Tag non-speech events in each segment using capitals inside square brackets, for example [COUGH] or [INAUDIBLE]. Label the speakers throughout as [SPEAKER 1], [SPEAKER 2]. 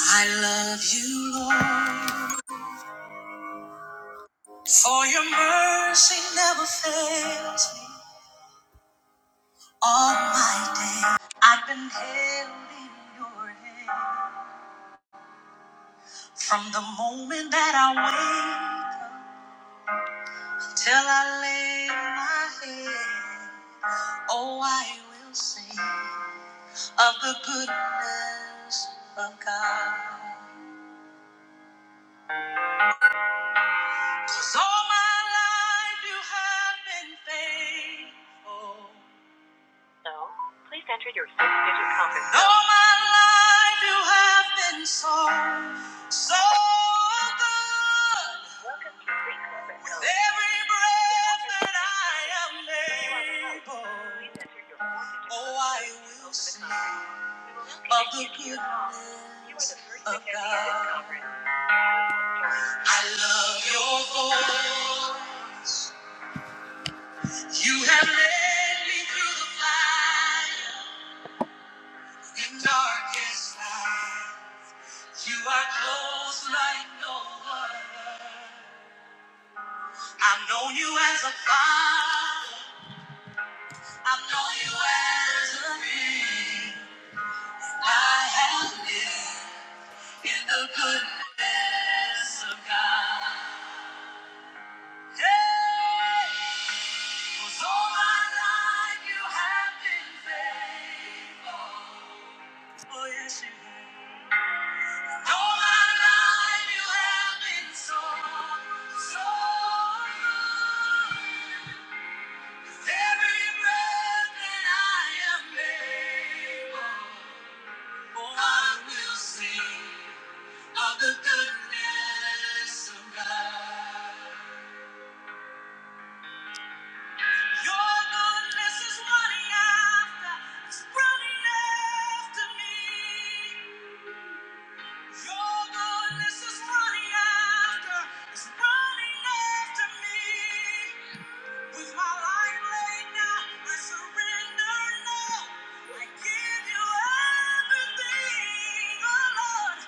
[SPEAKER 1] I love you, Lord, for your mercy never fails me all my day. I've been held in your hand from the moment that I wake up till I lay my head. Oh, I will sing of the goodness of God. 'Cause all my life you have been faithful. So, please enter your six-digit conference. code. All my life you have been so, so good. Welcome to free conference. code. With every breath that I am able, Please enter your four-digit oh, I will sing of the goodness of God. I love your voice. You have led me through the fire. In darkest night, you are close like no other. I've known you as a father. I've known you as a friend. I have lived in the goodness of God. Yeah, 'cause all my life you have been faithful. Oh yes, you have. All my life you have been so, so good. Every breath that I am able, I will sing of the goodness of God. Your goodness is running after, it's running after me. Your goodness is running after, is running after me. With my life laid down, I surrender now. I give you everything, oh Lord.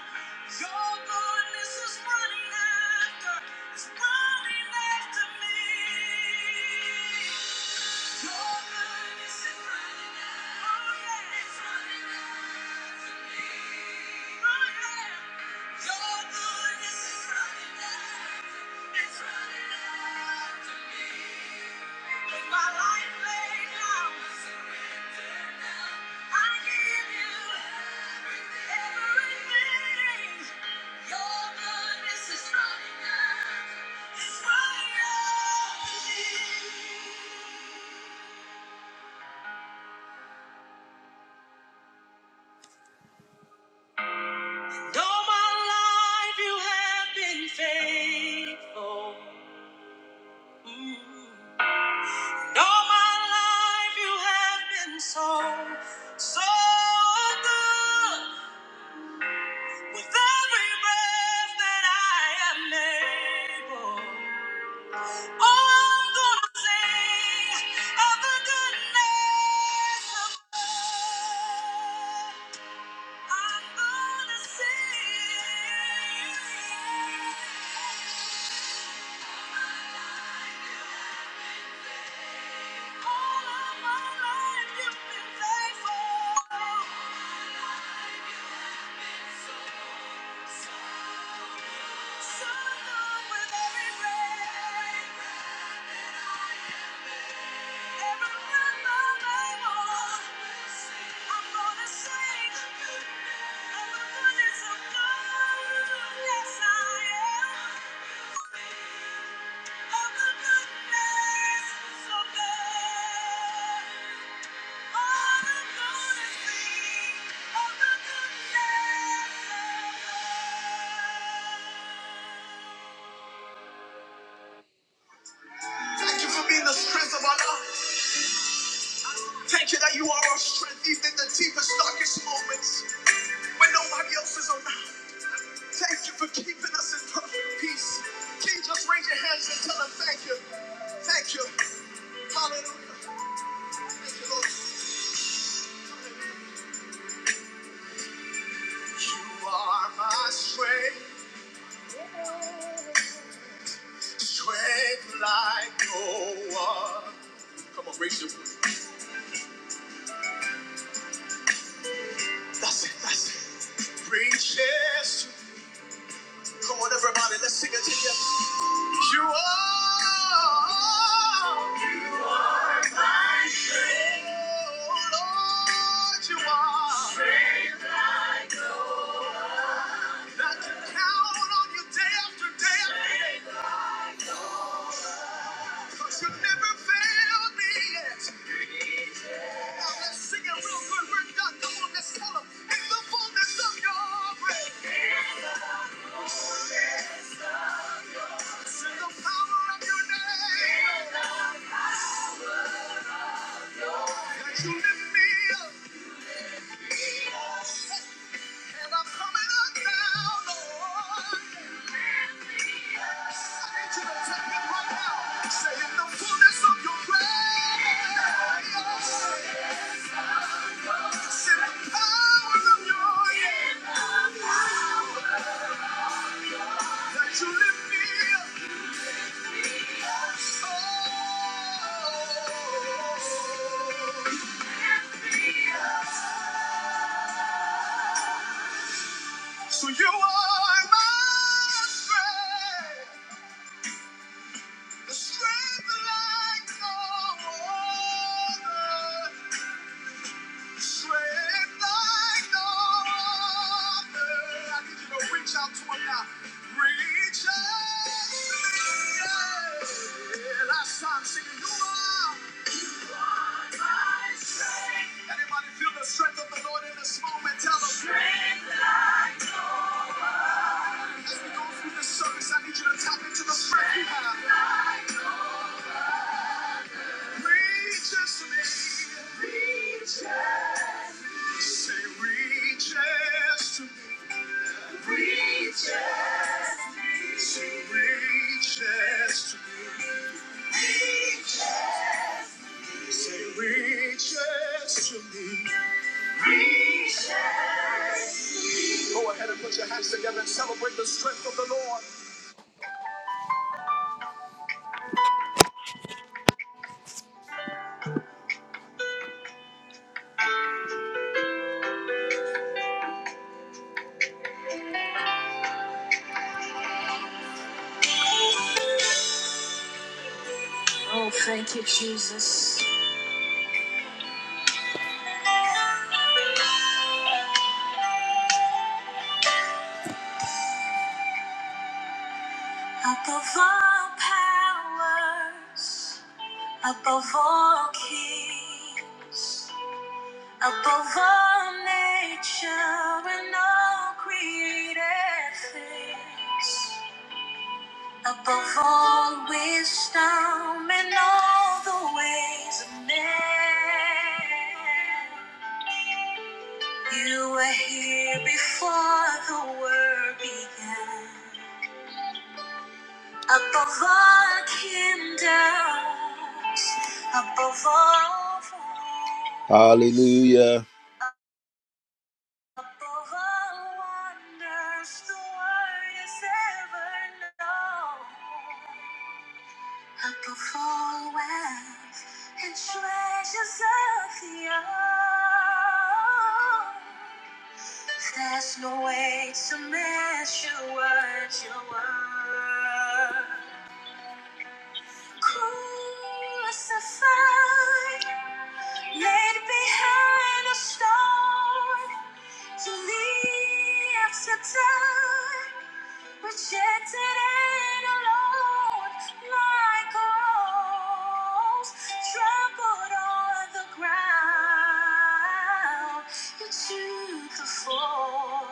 [SPEAKER 1] Your goodness is running after, is running after me. Your goodness is running after, oh yeah, it's running after. All my life you have been faithful. And all my life you have been so, so good. With every breath that I am able, oh, I'm gonna sing of the goodness of God. I'm gonna sing. of the Yes, I am. Thank you for being the strength of our lives. Thank you that you are our strength, even in the deepest, darkest moments when nobody else is around. Thank you for keeping us in perfect peace. Can you just raise your hands and tell them thank you? Thank you. Hallelujah. Thank you, Lord. You are my strength, strength like no one. Come on, raise your voice. That's it, that's it. Bring chairs to Come on, everybody, let's sing it together. You are my strength. Oh, Lord, you are. And I can count on you day after day. Cause you never failed me yet. Now let's sing it real good. We're done. Come on, let's tell 'em. In the fullness of your grace, in the power of your name, that you lift me up. i need you to tap in right now. Say the fullness of your grace, in the power of your hand, that you lift me up. Oh. So you are my strength. strength like no other. Strength like no other. I need you to reach out to him now. Reach out. Yeah. Last time singing, you are. Anybody feel the strength of the Lord in this moment? Tell him. As we go through this service, I need you to tap into the strength you have. to me. Reaches. Say, reaches to me. Reaches, reaches, reaches, reaches to me. Go ahead and put your hands together and celebrate the strength of the Lord. Above all powers, above all kings, above all nature and all created things. Above all wisdom and all the ways of man, you were here before the world began. Above all kingdoms, above all thrones, above all wonders the world has ever known. a full wells and treasures of the earth. There's no way to measure what you are. Crucified, laid behind a stone to live to die, rejected and alone, like a rose trampled on the ground. You took the fall.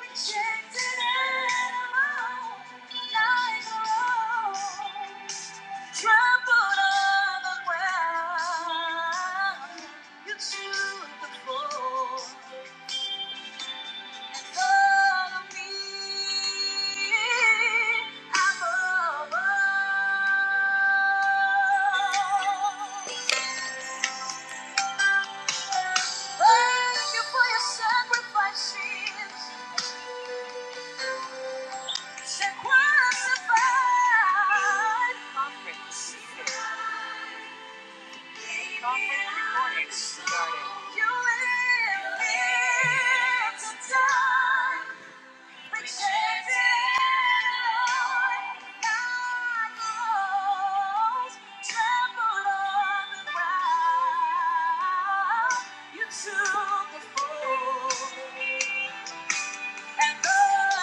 [SPEAKER 1] Rejected and alone, like a Trampled on the ground, you took the fall and followed me above all. Thank you for your sacrifices. Sacrifice. my friends. Conference recording started. You live here to die, rejected, Lord, God knows, trample on the ground. You took the fall, and though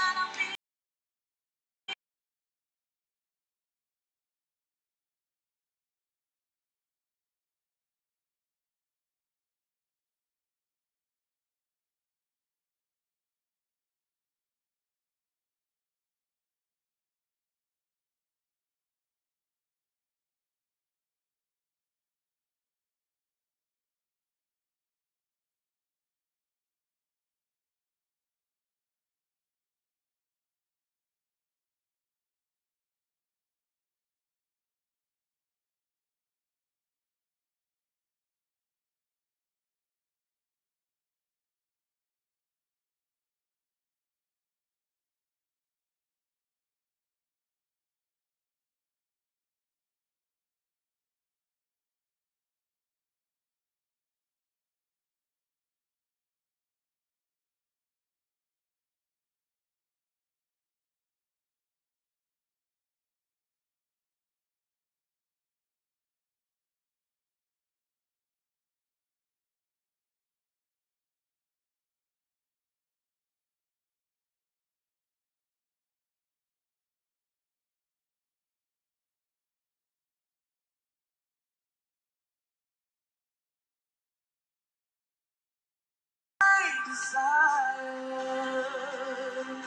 [SPEAKER 1] I don't be my desire,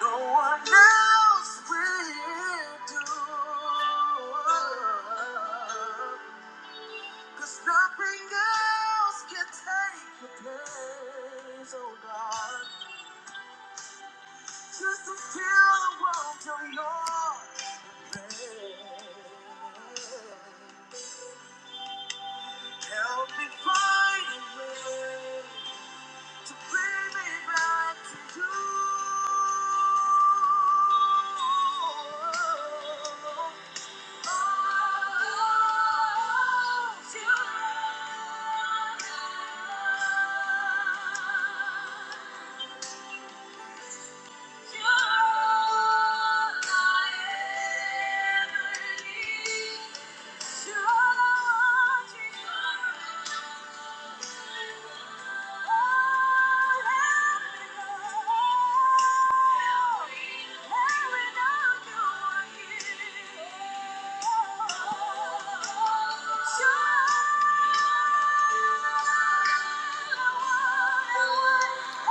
[SPEAKER 1] No one else will do. 'Cause nothing else can take your place, oh God. Just to feel the warmth of your embrace. Help me find a way to bring me back to you. Thank you.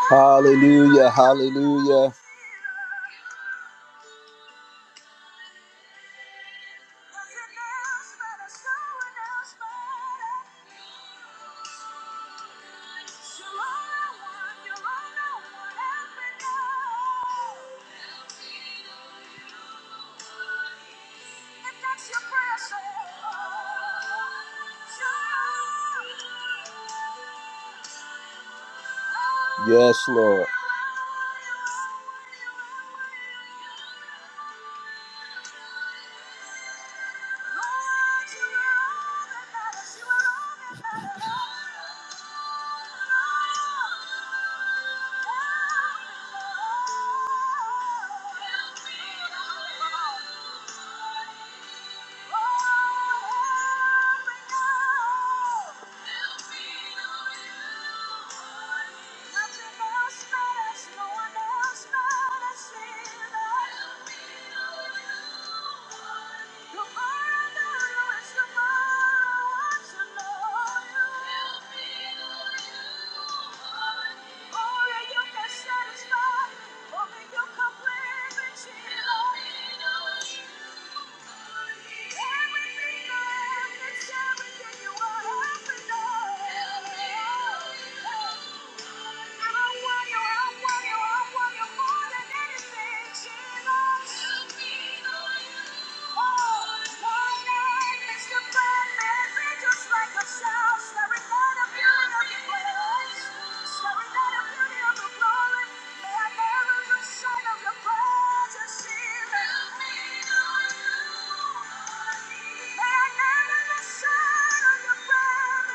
[SPEAKER 1] Hallelujah, hallelujah. Yes, Lord. May I Thank you.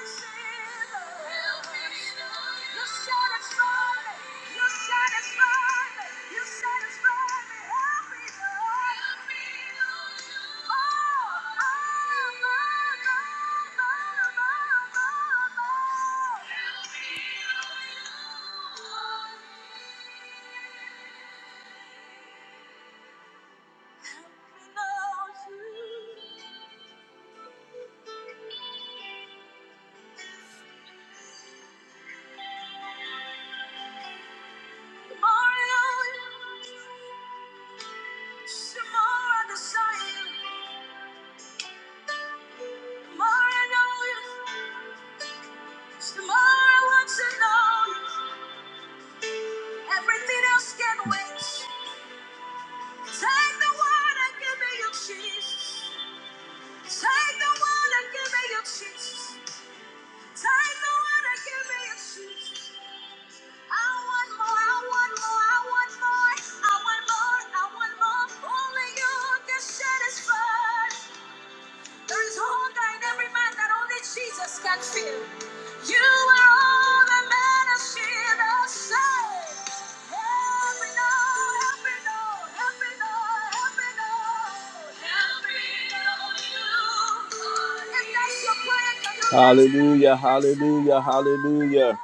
[SPEAKER 1] Some more I desire. Tomorrow I know you. 'Cause Tomorrow I want to know you. Everything else can wait. Take the one and give me your Jesus. Take the one and give me your Jesus. Take the one and give me your Jesus. I want more, I want more, I want more, I want more, I want more. Only you can satisfy. There is hunger in every man that only Jesus can fill. You are all the man of shield of sight. Every door, every door, every door, every door. every door you. If that's your prayer, can you raise it? Hallelujah, hallelujah, hallelujah.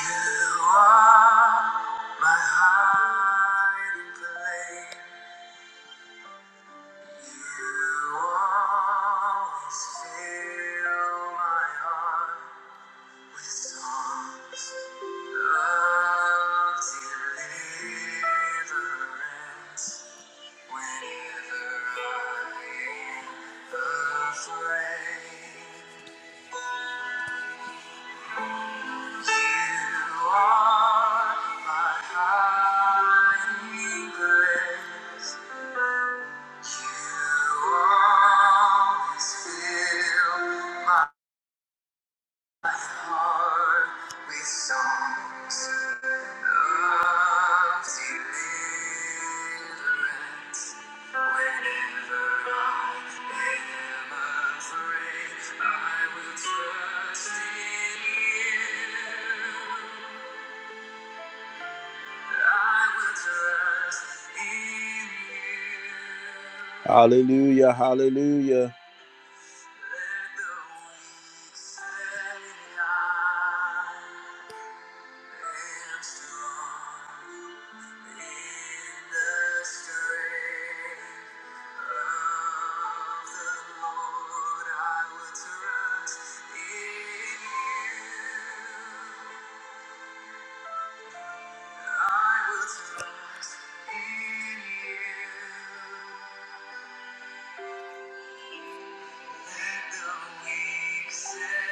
[SPEAKER 1] You are. My hiding place, you always fill my heart with songs of deliverance. Whenever I am afraid, you are my hiding place. Hallelujah, hallelujah. Say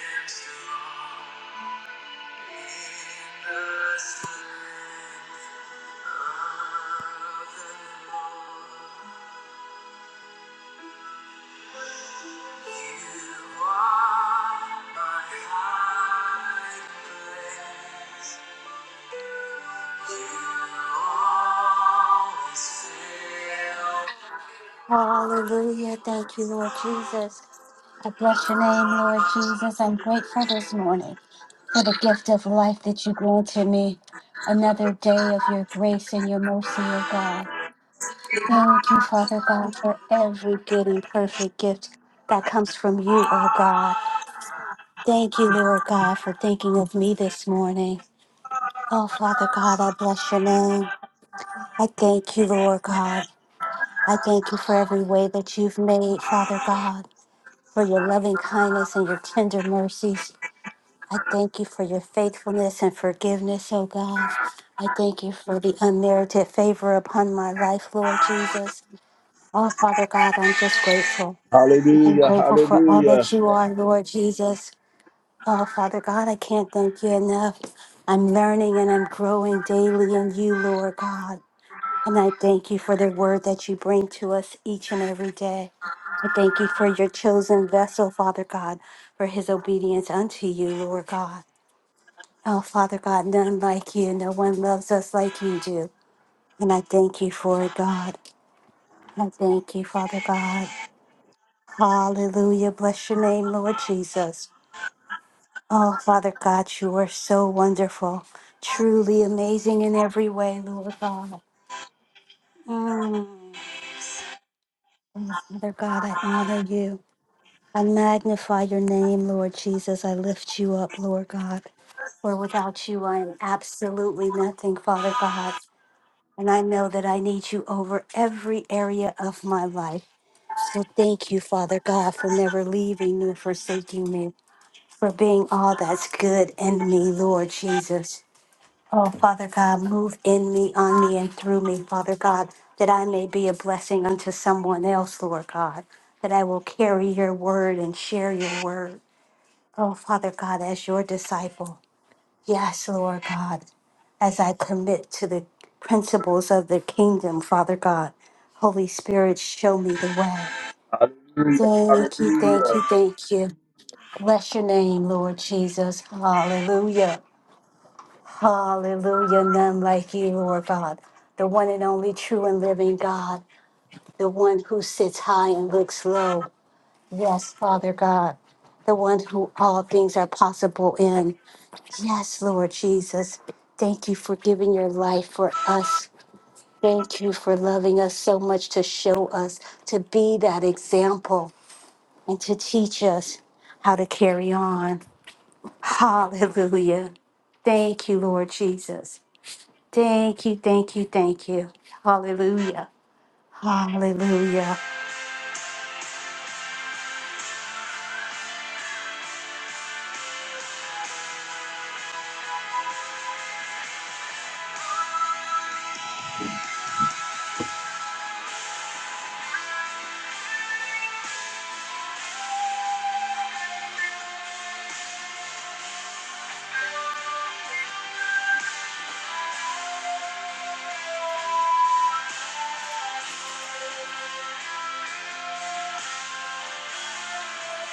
[SPEAKER 1] I am strong.
[SPEAKER 2] Hallelujah. Thank you, Lord Jesus. I bless your name, Lord Jesus. I'm grateful this morning for the gift of life that you granted me. Another day of your grace and your mercy, O God. Thank you, Father God, for every good and perfect gift that comes from you, O God. Thank you, Lord God, for thinking of me this morning. Oh, Father God, I bless your name. I thank you, Lord God. I thank you for every way that you've made, Father God. for your loving kindness and your tender mercies. I thank you for your faithfulness and forgiveness, oh God. I thank you for the unmerited favor upon my life, Lord Jesus. Oh, Father God, I'm just grateful. I'm
[SPEAKER 1] Hallelujah,
[SPEAKER 2] grateful for all
[SPEAKER 1] hallelujah,
[SPEAKER 2] that you are, Lord Jesus. Oh, Father God, I can't thank you enough. I'm learning and I'm growing daily in you, Lord God. And I thank you for the word that you bring to us each and every day. I thank you for your chosen vessel, Father God, for his obedience unto you, Lord God. Oh, Father God, none like you. No one loves us like you do. And I thank you for it, God. I thank you, Father God. Hallelujah. Bless your name, Lord Jesus. Oh, Father God, you are so wonderful, truly amazing in every way, Lord God. Mm. Yes, Father God, I honor you. I magnify your name, Lord Jesus. I lift you up, Lord God. For without you, I am absolutely nothing, Father God. And I know that I need you over every area of my life. So thank you, Father God, for never leaving nor forsaking me, for being all that's good in me, Lord Jesus. Oh, Father God, move in me, on me, and through me, Father God, that I may be a blessing unto someone else, Lord God, that I will carry your word and share your word. Oh, Father God, as your disciple, yes, Lord God, as I commit to the principles of the kingdom, Father God, Holy Spirit, show me the way.
[SPEAKER 1] hallelujah,
[SPEAKER 2] Thank you, thank
[SPEAKER 1] hallelujah,
[SPEAKER 2] you, thank you. Bless your name, Lord Jesus. Hallelujah. Hallelujah. None like you, Lord God, the one and only true and living God, the one who sits high and looks low. Yes, Father God the one who all things are possible in. Yes, Lord Jesus. Thank you for giving your life for us. Thank you for loving us so much to show us, to be that example, and to teach us how to carry on. Hallelujah. Thank you, Lord Jesus. Thank you, thank you, thank you. Hallelujah. Hallelujah.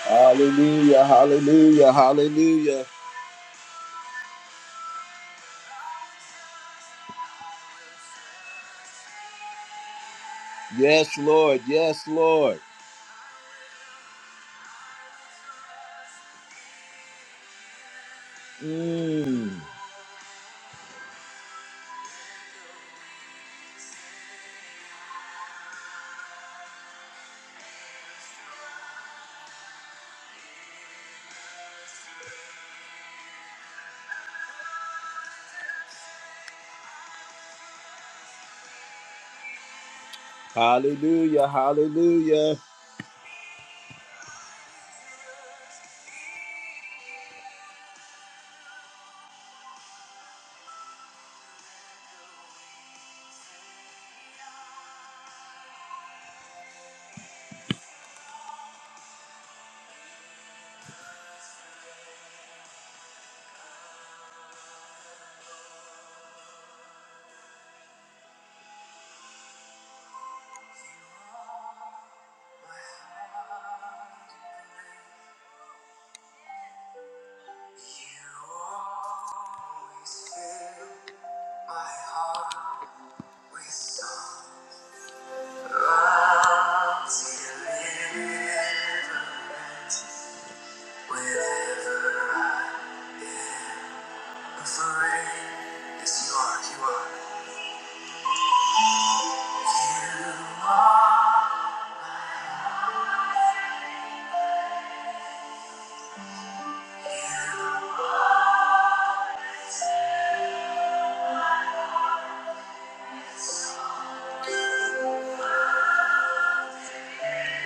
[SPEAKER 1] hallelujah, hallelujah, hallelujah. Yes, Lord, yes, Lord. Mm. Hallelujah, hallelujah.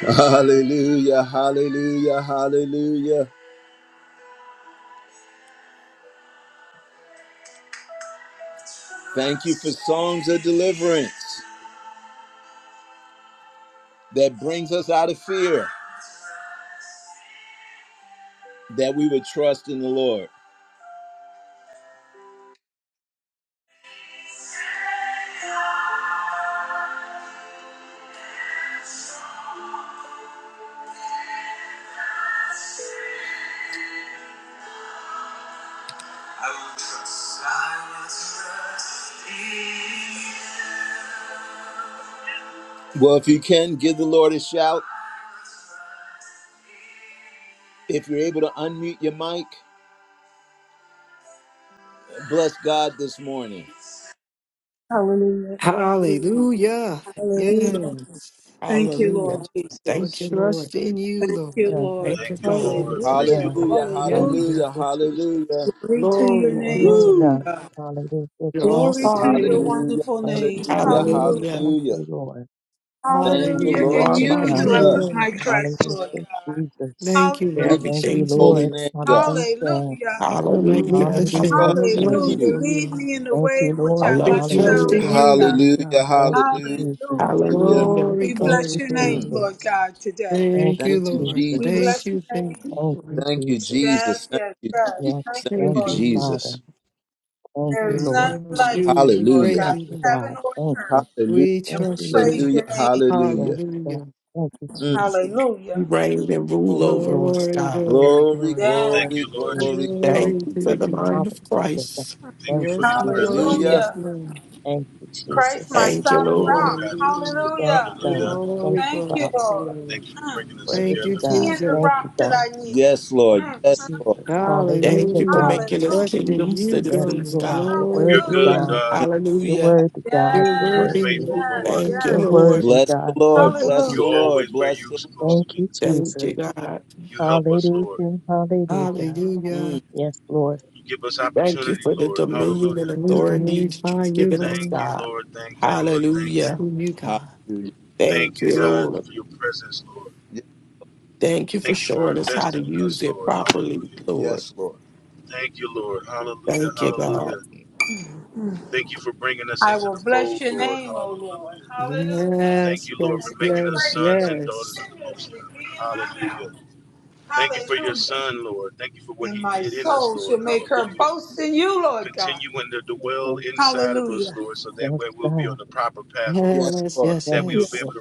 [SPEAKER 1] Hallelujah, hallelujah, hallelujah. Thank you for songs of deliverance that brings us out of fear, that we would trust in the Lord. Well, if you can, give the Lord a shout. If you're able to unmute your mic, bless God this morning.
[SPEAKER 3] Hallelujah.
[SPEAKER 4] Hallelujah.
[SPEAKER 3] Hallelujah.
[SPEAKER 4] Yes.
[SPEAKER 3] Thank you, Lord
[SPEAKER 5] Hallelujah.
[SPEAKER 4] We
[SPEAKER 5] Thank
[SPEAKER 3] Jesus.
[SPEAKER 5] you, Lord.
[SPEAKER 4] trust in you,
[SPEAKER 3] Thank you,
[SPEAKER 6] God.
[SPEAKER 3] Lord.
[SPEAKER 5] Thank you,
[SPEAKER 4] Lord.
[SPEAKER 5] Father.
[SPEAKER 6] Glory to
[SPEAKER 3] Hallelujah.
[SPEAKER 6] God.
[SPEAKER 1] Hallelujah,
[SPEAKER 4] Yes.
[SPEAKER 6] Hallelujah,
[SPEAKER 3] Hallelujah.
[SPEAKER 1] hallelujah,
[SPEAKER 6] Jesus.
[SPEAKER 1] hallelujah.
[SPEAKER 3] Glory to your
[SPEAKER 4] Glory,
[SPEAKER 6] Glory
[SPEAKER 3] name,
[SPEAKER 6] to
[SPEAKER 3] Lord
[SPEAKER 4] glory.
[SPEAKER 1] Woo!
[SPEAKER 6] God.
[SPEAKER 3] God.
[SPEAKER 6] Hallelujah,
[SPEAKER 5] You're
[SPEAKER 3] Glory
[SPEAKER 6] Jesus.
[SPEAKER 3] to
[SPEAKER 5] awesome.
[SPEAKER 3] your
[SPEAKER 5] Lord.
[SPEAKER 4] Hallelujah.
[SPEAKER 1] Hallelujah,
[SPEAKER 3] wonderful
[SPEAKER 6] Thank you,
[SPEAKER 3] name.
[SPEAKER 4] Trust
[SPEAKER 1] hallelujah,
[SPEAKER 4] in
[SPEAKER 6] Jesus.
[SPEAKER 4] you.
[SPEAKER 5] Hallelujah.
[SPEAKER 3] Hallelujah.
[SPEAKER 6] Thank
[SPEAKER 1] hallelujah.
[SPEAKER 6] you, Lord.
[SPEAKER 1] Thank you,
[SPEAKER 3] Hallelujah.
[SPEAKER 5] You
[SPEAKER 4] Hallelujah.
[SPEAKER 1] Lord
[SPEAKER 3] And
[SPEAKER 5] are
[SPEAKER 6] Hallelujah,
[SPEAKER 5] my
[SPEAKER 3] you
[SPEAKER 6] God.
[SPEAKER 4] Thank
[SPEAKER 3] do I
[SPEAKER 4] you,
[SPEAKER 5] king.
[SPEAKER 3] put
[SPEAKER 1] Jesus.
[SPEAKER 4] Lord
[SPEAKER 3] my
[SPEAKER 4] God.
[SPEAKER 3] trust, Lord
[SPEAKER 6] Hallelujah, Jesus.
[SPEAKER 4] Thank
[SPEAKER 3] God.
[SPEAKER 4] you,
[SPEAKER 5] You're
[SPEAKER 1] We bless
[SPEAKER 4] Lord
[SPEAKER 3] Hallelujah.
[SPEAKER 6] Thank you,
[SPEAKER 5] Everything
[SPEAKER 1] your
[SPEAKER 4] Jesus.
[SPEAKER 5] to
[SPEAKER 1] holy
[SPEAKER 6] Lord.
[SPEAKER 5] me.
[SPEAKER 4] You're
[SPEAKER 1] name, God.
[SPEAKER 6] Hallelujah.
[SPEAKER 3] Hallelujah.
[SPEAKER 1] We
[SPEAKER 5] Hallelujah.
[SPEAKER 1] will
[SPEAKER 6] Hallelujah,
[SPEAKER 4] magnificent. How
[SPEAKER 1] trust
[SPEAKER 5] Hallelujah.
[SPEAKER 1] in
[SPEAKER 3] Hallelujah.
[SPEAKER 6] Jesus.
[SPEAKER 1] you.
[SPEAKER 4] wonderful you
[SPEAKER 3] Lead
[SPEAKER 4] are.
[SPEAKER 3] me in the
[SPEAKER 6] Thank
[SPEAKER 3] way
[SPEAKER 6] you,
[SPEAKER 3] in which
[SPEAKER 5] I
[SPEAKER 6] Lord.
[SPEAKER 3] I
[SPEAKER 4] We
[SPEAKER 5] love
[SPEAKER 3] must
[SPEAKER 5] you,
[SPEAKER 4] trust
[SPEAKER 3] go,
[SPEAKER 4] in
[SPEAKER 5] Lord.
[SPEAKER 3] Lord
[SPEAKER 6] Hallelujah.
[SPEAKER 4] you, Lord
[SPEAKER 3] God.
[SPEAKER 1] Hallelujah,
[SPEAKER 4] God.
[SPEAKER 6] Thank you,
[SPEAKER 1] hallelujah,
[SPEAKER 6] Jesus.
[SPEAKER 3] Hallelujah.
[SPEAKER 1] hallelujah.
[SPEAKER 5] Hallelujah.
[SPEAKER 4] Glory,
[SPEAKER 3] We
[SPEAKER 6] Thank
[SPEAKER 3] bless
[SPEAKER 4] glory,
[SPEAKER 6] you,
[SPEAKER 3] your name,
[SPEAKER 1] Mm.
[SPEAKER 4] glory.
[SPEAKER 3] Lord
[SPEAKER 6] Jesus.
[SPEAKER 3] God, today.
[SPEAKER 6] Thank
[SPEAKER 4] Thank
[SPEAKER 6] you,
[SPEAKER 4] you,
[SPEAKER 1] Thank you,
[SPEAKER 4] Lord.
[SPEAKER 3] We
[SPEAKER 4] Thank
[SPEAKER 1] Jesus.
[SPEAKER 6] Jesus.
[SPEAKER 3] bless your
[SPEAKER 4] you, thank
[SPEAKER 3] name.
[SPEAKER 4] you,
[SPEAKER 6] Thank
[SPEAKER 4] Lord.
[SPEAKER 6] you,
[SPEAKER 1] Thank you,
[SPEAKER 6] Jesus.
[SPEAKER 3] Yes,
[SPEAKER 1] Jesus. Thank
[SPEAKER 3] yes,
[SPEAKER 1] you,
[SPEAKER 3] God.
[SPEAKER 6] Yes,
[SPEAKER 1] Jesus.
[SPEAKER 3] Thank
[SPEAKER 1] Thank
[SPEAKER 3] you,
[SPEAKER 1] you,
[SPEAKER 6] thank
[SPEAKER 4] Thank
[SPEAKER 3] Lord
[SPEAKER 4] you,
[SPEAKER 6] you,
[SPEAKER 4] Lord.
[SPEAKER 3] Jesus.
[SPEAKER 6] Father.
[SPEAKER 1] Jesus.
[SPEAKER 6] Thank
[SPEAKER 3] There
[SPEAKER 6] you,
[SPEAKER 4] We
[SPEAKER 3] is
[SPEAKER 6] Lord.
[SPEAKER 3] none
[SPEAKER 4] bless
[SPEAKER 5] You
[SPEAKER 4] you.
[SPEAKER 3] like you,
[SPEAKER 4] We
[SPEAKER 3] Lord
[SPEAKER 1] Hallelujah,
[SPEAKER 4] praise
[SPEAKER 3] God,
[SPEAKER 6] Thank
[SPEAKER 4] you.
[SPEAKER 6] you,
[SPEAKER 4] Lord.
[SPEAKER 3] heaven
[SPEAKER 6] God.
[SPEAKER 3] or
[SPEAKER 6] Thank you.
[SPEAKER 3] earth.
[SPEAKER 1] hallelujah,
[SPEAKER 4] We
[SPEAKER 3] And
[SPEAKER 6] Thank
[SPEAKER 3] we
[SPEAKER 6] you,
[SPEAKER 4] trust
[SPEAKER 3] praise
[SPEAKER 6] Lord.
[SPEAKER 1] hallelujah,
[SPEAKER 4] you.
[SPEAKER 3] your name.
[SPEAKER 6] Yes,
[SPEAKER 1] hallelujah.
[SPEAKER 6] God.
[SPEAKER 4] Hallelujah.
[SPEAKER 6] Thank you,
[SPEAKER 1] Mm.
[SPEAKER 6] Jesus.
[SPEAKER 3] Hallelujah.
[SPEAKER 5] reign and rule
[SPEAKER 6] Thank you,
[SPEAKER 5] over
[SPEAKER 6] Lord.
[SPEAKER 5] us,
[SPEAKER 4] Glory,
[SPEAKER 5] God.
[SPEAKER 3] Yeah.
[SPEAKER 4] glory,
[SPEAKER 1] Glory,
[SPEAKER 4] glory.
[SPEAKER 3] Yeah.
[SPEAKER 6] Thank
[SPEAKER 1] glory,
[SPEAKER 6] you,
[SPEAKER 1] glory,
[SPEAKER 6] Jesus.
[SPEAKER 1] glory.
[SPEAKER 5] Thank
[SPEAKER 4] Glory
[SPEAKER 5] you
[SPEAKER 4] to
[SPEAKER 5] for
[SPEAKER 4] the
[SPEAKER 5] the
[SPEAKER 4] King.
[SPEAKER 5] mind of
[SPEAKER 6] Hallelujah. God.
[SPEAKER 5] Christ.
[SPEAKER 6] Thank you,
[SPEAKER 4] Yes, Lord.
[SPEAKER 6] Jesus.
[SPEAKER 1] Hallelujah.
[SPEAKER 4] Yes,
[SPEAKER 3] Hallelujah.
[SPEAKER 4] Lord.
[SPEAKER 6] Thank you,
[SPEAKER 3] Christ, my
[SPEAKER 6] Jesus.
[SPEAKER 5] Thank you,
[SPEAKER 3] solid
[SPEAKER 5] Lord.
[SPEAKER 3] rock.
[SPEAKER 4] Hallelujah.
[SPEAKER 6] Yes,
[SPEAKER 3] Hallelujah.
[SPEAKER 1] Mm.
[SPEAKER 6] God. Thank
[SPEAKER 4] Glory,
[SPEAKER 6] you,
[SPEAKER 3] Thank
[SPEAKER 4] glory,
[SPEAKER 3] you,
[SPEAKER 6] Father.
[SPEAKER 3] Lord.
[SPEAKER 4] glory.
[SPEAKER 3] Mm.
[SPEAKER 4] Thank
[SPEAKER 6] Worthy
[SPEAKER 4] you,
[SPEAKER 3] Be
[SPEAKER 6] God.
[SPEAKER 3] in the
[SPEAKER 4] Jesus.
[SPEAKER 6] Thank you,
[SPEAKER 3] rock that
[SPEAKER 6] God.
[SPEAKER 3] I need.
[SPEAKER 1] Yes,
[SPEAKER 6] Thank
[SPEAKER 1] Lord.
[SPEAKER 3] Mm,
[SPEAKER 6] you,
[SPEAKER 1] Yes,
[SPEAKER 3] mm.
[SPEAKER 1] Lord.
[SPEAKER 6] Jesus.
[SPEAKER 5] Thank
[SPEAKER 6] Hallelujah,
[SPEAKER 5] you for
[SPEAKER 4] Hallelujah.
[SPEAKER 6] God.
[SPEAKER 5] making us
[SPEAKER 3] Hallelujah.
[SPEAKER 4] Trust in
[SPEAKER 5] kingdom
[SPEAKER 4] you,
[SPEAKER 6] Yes,
[SPEAKER 5] citizens,
[SPEAKER 4] God.
[SPEAKER 6] Lord.
[SPEAKER 5] God.
[SPEAKER 6] You're
[SPEAKER 4] Glory,
[SPEAKER 6] worthy,
[SPEAKER 4] glory.
[SPEAKER 3] Hallelujah.
[SPEAKER 6] God. You're
[SPEAKER 5] Hallelujah.
[SPEAKER 6] worthy, God.
[SPEAKER 4] You're
[SPEAKER 6] You're
[SPEAKER 3] Yes,
[SPEAKER 4] worthy.
[SPEAKER 6] worthy.
[SPEAKER 3] yes,
[SPEAKER 5] Thank you,
[SPEAKER 3] yes.
[SPEAKER 6] You're
[SPEAKER 5] Lord.
[SPEAKER 6] worthy,
[SPEAKER 1] Bless the
[SPEAKER 6] God.
[SPEAKER 1] Lord.
[SPEAKER 6] Thank you,
[SPEAKER 1] Bless the
[SPEAKER 3] Hallelujah.
[SPEAKER 6] Jesus.
[SPEAKER 1] Lord. Bless the Lord.
[SPEAKER 6] Thank you,
[SPEAKER 5] Thank you,
[SPEAKER 6] Jesus.
[SPEAKER 5] God.
[SPEAKER 6] Hallelujah. Hallelujah.
[SPEAKER 4] Hallelujah.
[SPEAKER 1] Mm.
[SPEAKER 6] Yes, Lord.
[SPEAKER 5] Thank you for the dominion and
[SPEAKER 4] We
[SPEAKER 5] authority that
[SPEAKER 4] glorify
[SPEAKER 5] you've
[SPEAKER 4] you,
[SPEAKER 5] given us,
[SPEAKER 4] Lord.
[SPEAKER 5] God.
[SPEAKER 4] It's
[SPEAKER 5] Hallelujah.
[SPEAKER 4] from you, God.
[SPEAKER 1] Hallelujah.
[SPEAKER 5] Thank you, Lord.
[SPEAKER 1] Ye-
[SPEAKER 5] Thank you for showing us how to use it properly, Lord.
[SPEAKER 1] Yes, Lord.
[SPEAKER 5] Thank you, God.
[SPEAKER 3] I will bless your name, O Lord. Hallelujah.
[SPEAKER 4] Yes, yes,
[SPEAKER 3] And your
[SPEAKER 4] yes,
[SPEAKER 3] praise shall
[SPEAKER 4] yes.
[SPEAKER 3] continuously be in my mouth. Hallelujah. And my soul shall make her boast in you, Lord God.
[SPEAKER 6] Yes, yes,
[SPEAKER 3] Hallelujah.
[SPEAKER 6] yes, God.
[SPEAKER 1] Yes,
[SPEAKER 4] Yes,
[SPEAKER 1] Lord.
[SPEAKER 4] yes,
[SPEAKER 6] Yes,
[SPEAKER 3] Yes,
[SPEAKER 4] yes.
[SPEAKER 6] Lord.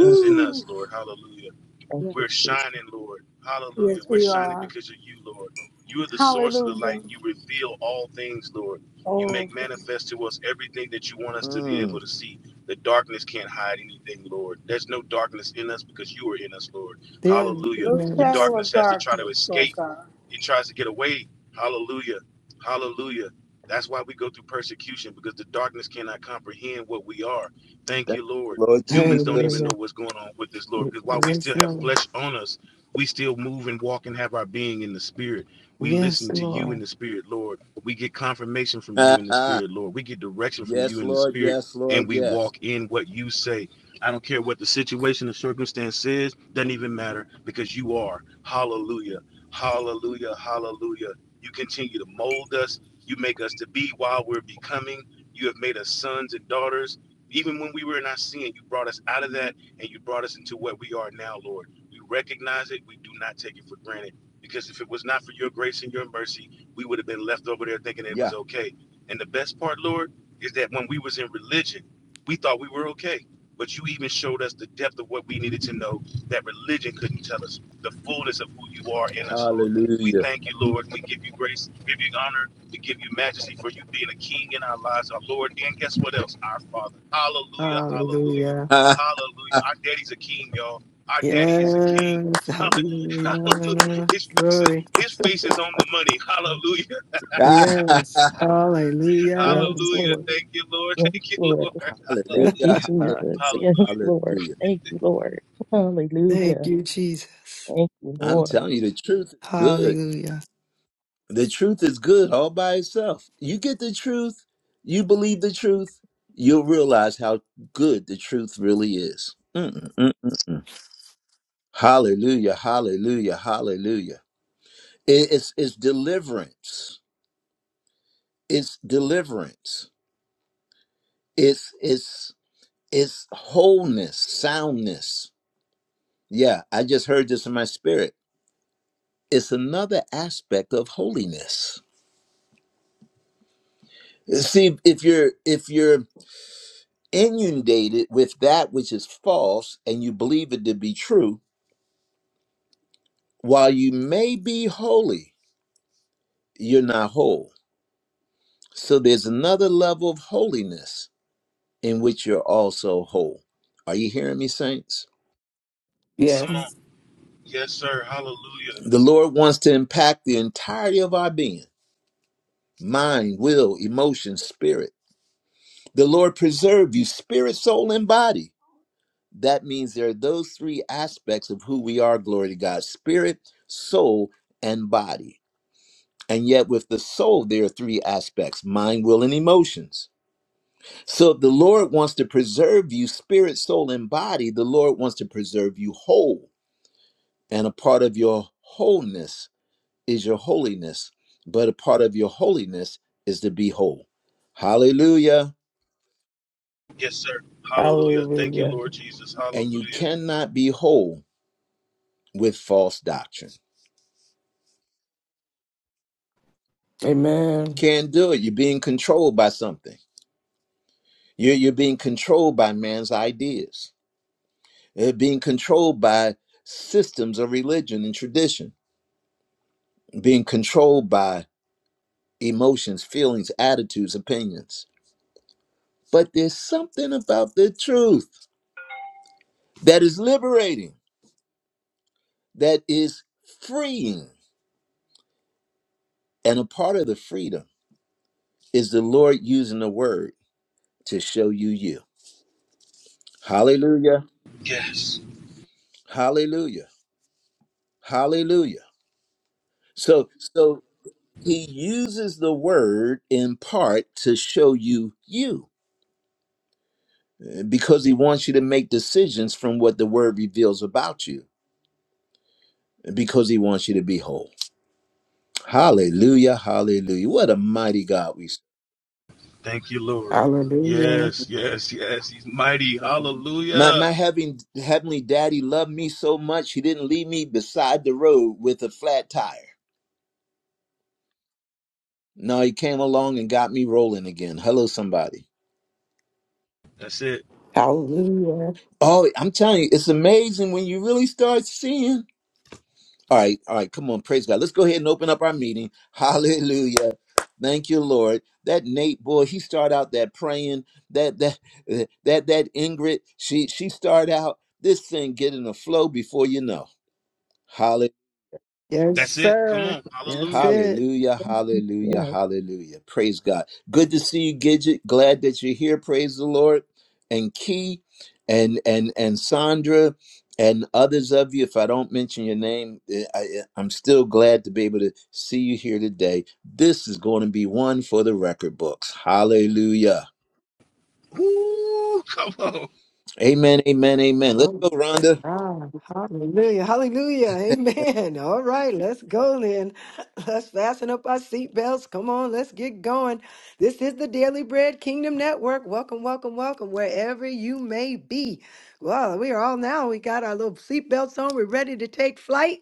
[SPEAKER 6] Oh, yes. Thank
[SPEAKER 3] yes,
[SPEAKER 6] you, Jesus.
[SPEAKER 3] yes, we are. Hallelujah. Oh,
[SPEAKER 1] Mm.
[SPEAKER 4] Yes,
[SPEAKER 3] no
[SPEAKER 4] yes.
[SPEAKER 3] shadow of darkness, Lord God.
[SPEAKER 1] Thank you, Lord Jesus.
[SPEAKER 4] Hallelujah. Yes, Lord. Yes, Lord.
[SPEAKER 1] [LAUGHS] yes, Lord. Yes, Lord. Yes. Yeah. Hallelujah.
[SPEAKER 4] Hallelujah.
[SPEAKER 1] [LAUGHS] hallelujah.
[SPEAKER 4] Yes, hallelujah. Glory. Yes, hallelujah.
[SPEAKER 6] Yes, Lord. Yes, Lord. Thank you,
[SPEAKER 4] Uh,
[SPEAKER 6] Jesus.
[SPEAKER 1] Hallelujah.
[SPEAKER 6] Yes, Lord.
[SPEAKER 1] Hallelujah.
[SPEAKER 6] Thank you, Lord.
[SPEAKER 4] Thank
[SPEAKER 6] Hallelujah.
[SPEAKER 4] you, Jesus.
[SPEAKER 6] Thank you,
[SPEAKER 1] I'm
[SPEAKER 6] Lord.
[SPEAKER 1] telling you, the truth is good.
[SPEAKER 4] Hallelujah.
[SPEAKER 1] The truth is good all by itself. You get the truth, you believe the truth, you'll realize how good the truth really is. Mm, mm, mm, mm. Hallelujah, hallelujah, hallelujah. It- It's it's deliverance. It's deliverance. It's it's it's wholeness, soundness. Yeah, I just heard this in my spirit. It's another aspect of holiness. See, if you're if you're inundated with that which is false and you believe it to be true, while you may be holy, you're not whole. So there's another level of holiness in which you're also whole. Are you hearing me, saints?
[SPEAKER 5] Yes.
[SPEAKER 1] The Lord wants to impact the entirety of our being mind, will, emotion, spirit. The Lord preserve you, spirit, soul, and body. That means there are those three aspects of who we are, glory to God spirit, soul, and body And yet, with the soul, there are three aspects mind, will, and emotions. So, if the Lord wants to preserve you, spirit, soul, and body, the Lord wants to preserve you whole. And a part of your wholeness is your holiness, but a part of your holiness is to be whole. Hallelujah.
[SPEAKER 5] Hallelujah.
[SPEAKER 1] And you cannot be whole with false doctrine.
[SPEAKER 5] Amen.
[SPEAKER 1] Can't do it. You're being controlled by something, you're, you're being controlled by man's ideas. uh, being controlled by systems of religion and tradition, being controlled by emotions, feelings, attitudes, opinions. But there's something about the truth that is liberating, that is freeing. And a part of the freedom is the Lord using the word to show you you. Hallelujah. Hallelujah. Hallelujah. So so he uses the word in part to show you you because he wants you to make decisions from what the word reveals about you because he wants you to be whole hallelujah hallelujah what a mighty god we serve.
[SPEAKER 5] Hallelujah.
[SPEAKER 6] Like I'm
[SPEAKER 1] my, my having heavenly daddy loved me so much he didn't leave me beside the road with a flat tire no he came along and got me rolling again hello somebody
[SPEAKER 5] Hallelujah.
[SPEAKER 1] oh i'm telling you it's amazing when you really start seeing All right, all right, come on, praise God. Let's go ahead and open up our meeting. [LAUGHS] Hallelujah. Thank you, Lord. That Nate boy, he started out that praying. That that uh, that that Ingrid, she she started out this thing getting a flow before you know.
[SPEAKER 4] Yes, sir. That's it.
[SPEAKER 1] Hallelujah, hallelujah,
[SPEAKER 6] Yes.
[SPEAKER 1] hallelujah. Praise God. Good to see you, Gidget. Glad that you're here. Praise the Lord. And Key and and and Sandra and others of you. If I don't mention your name, eh, I, eh, I'm still glad to be able to see you here today. This is going to be one for the record books. Hallelujah. Amen, amen, amen. Let's
[SPEAKER 4] Glory
[SPEAKER 1] go,
[SPEAKER 4] to
[SPEAKER 1] Rhonda.
[SPEAKER 4] God. Hallelujah. Hallelujah. Amen. [LAUGHS] All right, let's go then. [LAUGHS] Let's fasten up our seatbelts. Come on, let's get going. This is the Daily Bread Kingdom Network. Welcome, welcome, welcome, wherever you may be. Well, we are all now. We got our little seatbelts on. We're ready to take flight.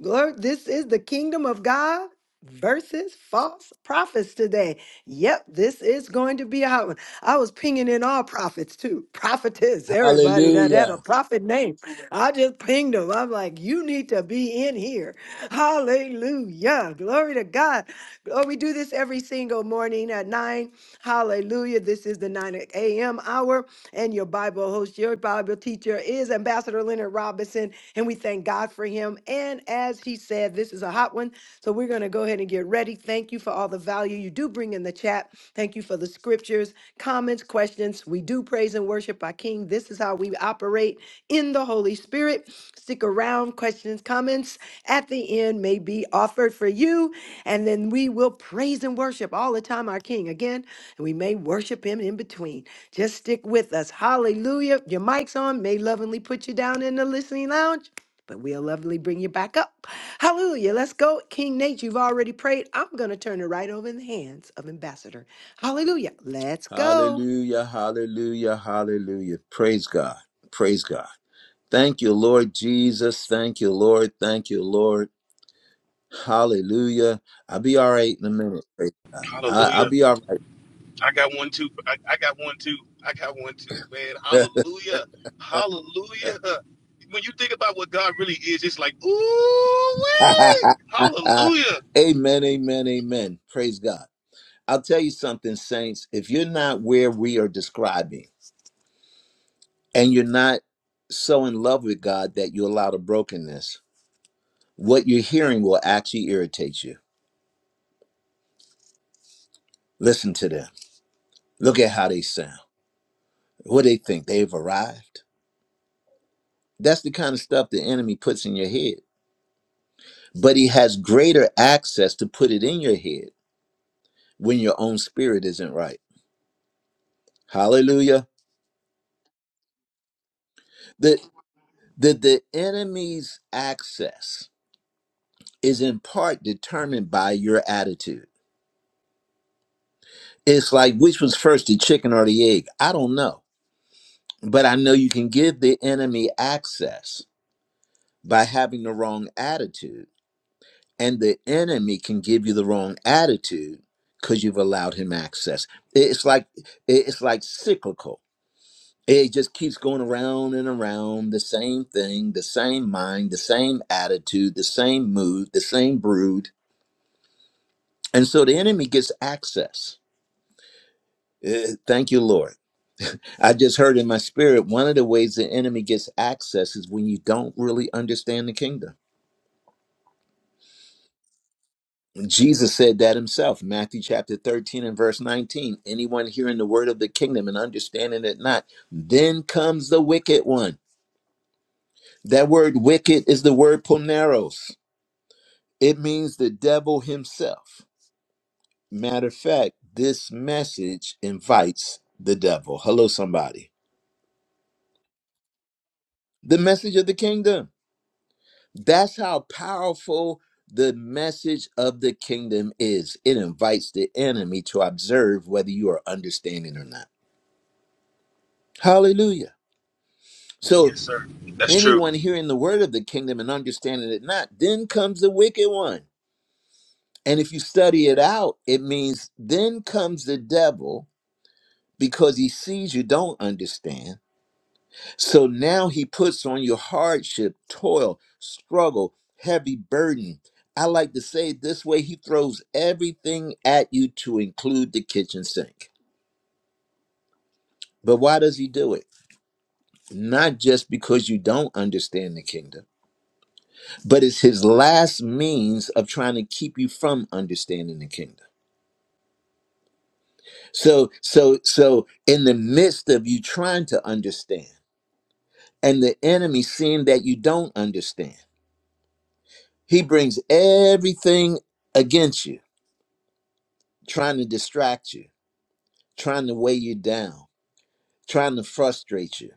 [SPEAKER 4] Glory. This is the kingdom of God versus false prophets today. Yep, this is going to be a hot one. I was pinging in all prophets too, prophetess, everybody that had a
[SPEAKER 1] Hallelujah.
[SPEAKER 4] prophet name. I just pinged them. I'm like, you need to be in here. Hallelujah. Glory to God. Oh, we do this every single morning at 9. Hallelujah. This is the 9 a.m. hour, and your Bible host, your Bible teacher is Ambassador Leonard Robinson and we thank God for him. And as he said, this is a hot one. So we're going to go ahead and get ready. Thank you for all the value you do bring in the chat. Thank you for the scriptures, comments, questions. We do praise and worship our King. This is how we operate in the Holy Spirit. Stick around. Questions, comments at the end may be offered for you. And then we will praise and worship all the time our King again. And we may worship him in between. Just stick with us. Hallelujah. Your mic's on. May lovingly put you down in the listening lounge. But we'll lovingly bring you back up. Hallelujah. Let's go. King Nate, you've already prayed. I'm going to turn it right over in the hands of Ambassador. Hallelujah. Let's go.
[SPEAKER 1] Hallelujah, hallelujah, hallelujah. Praise God. Praise God. Thank you, Lord Jesus. Thank you, Lord. Thank you, Lord. Hallelujah. I'll be all right in a minute. Praise God. I, I'll be all right. [LAUGHS] amen, amen, amen. Praise God. I'll tell you something, saints. If you're not where we are describing and you're not so in love with God that you allow the brokenness, what you're hearing will actually irritate you. Listen to them. Look at how they sound. What they think they've arrived. That's the kind of stuff the enemy puts in your head but he has greater access to put it in your head when your own spirit isn't right hallelujah the the, the enemy's access is in part determined by your attitude it's like which was first the chicken or the egg i don't know but i know you can give the enemy access by having the wrong attitude and the enemy can give you the wrong attitude because you've allowed him access it's like it's like cyclical It just keeps going around and around the same thing, the same mind, the same attitude, the same mood, the same brood. And so the enemy gets access. Eh, thank you, Lord. I just heard in my spirit one of the ways the enemy gets access is when you don't really understand the kingdom. And Jesus said that himself, Matthew chapter 13 and verse 19. Anyone hearing the word of the kingdom and understanding it not, then comes the wicked one. That word wicked is the word poneros. It means the devil himself. Matter of fact, this message invites the devil. Hello, somebody. The message of the kingdom. That's how powerful the message of the kingdom is. It invites the enemy to observe whether you are understanding or not. Hallelujah. So, anyone hearing the word of the kingdom and understanding it not, then comes the wicked one. And if you study it out, it means then comes the devil because he sees you don't understand. So now he puts on your hardship, toil, struggle, heavy burden. I like to say it this way he throws everything at you to include the kitchen sink. But why does he do it? Not just because you don't understand the kingdom, but it's his last means of trying to keep you from understanding the kingdom. So, so, so, in the midst of you trying to understand, and the enemy seeing that you don't understand. He brings everything against you, trying to distract you, trying to weigh you down, trying to frustrate you,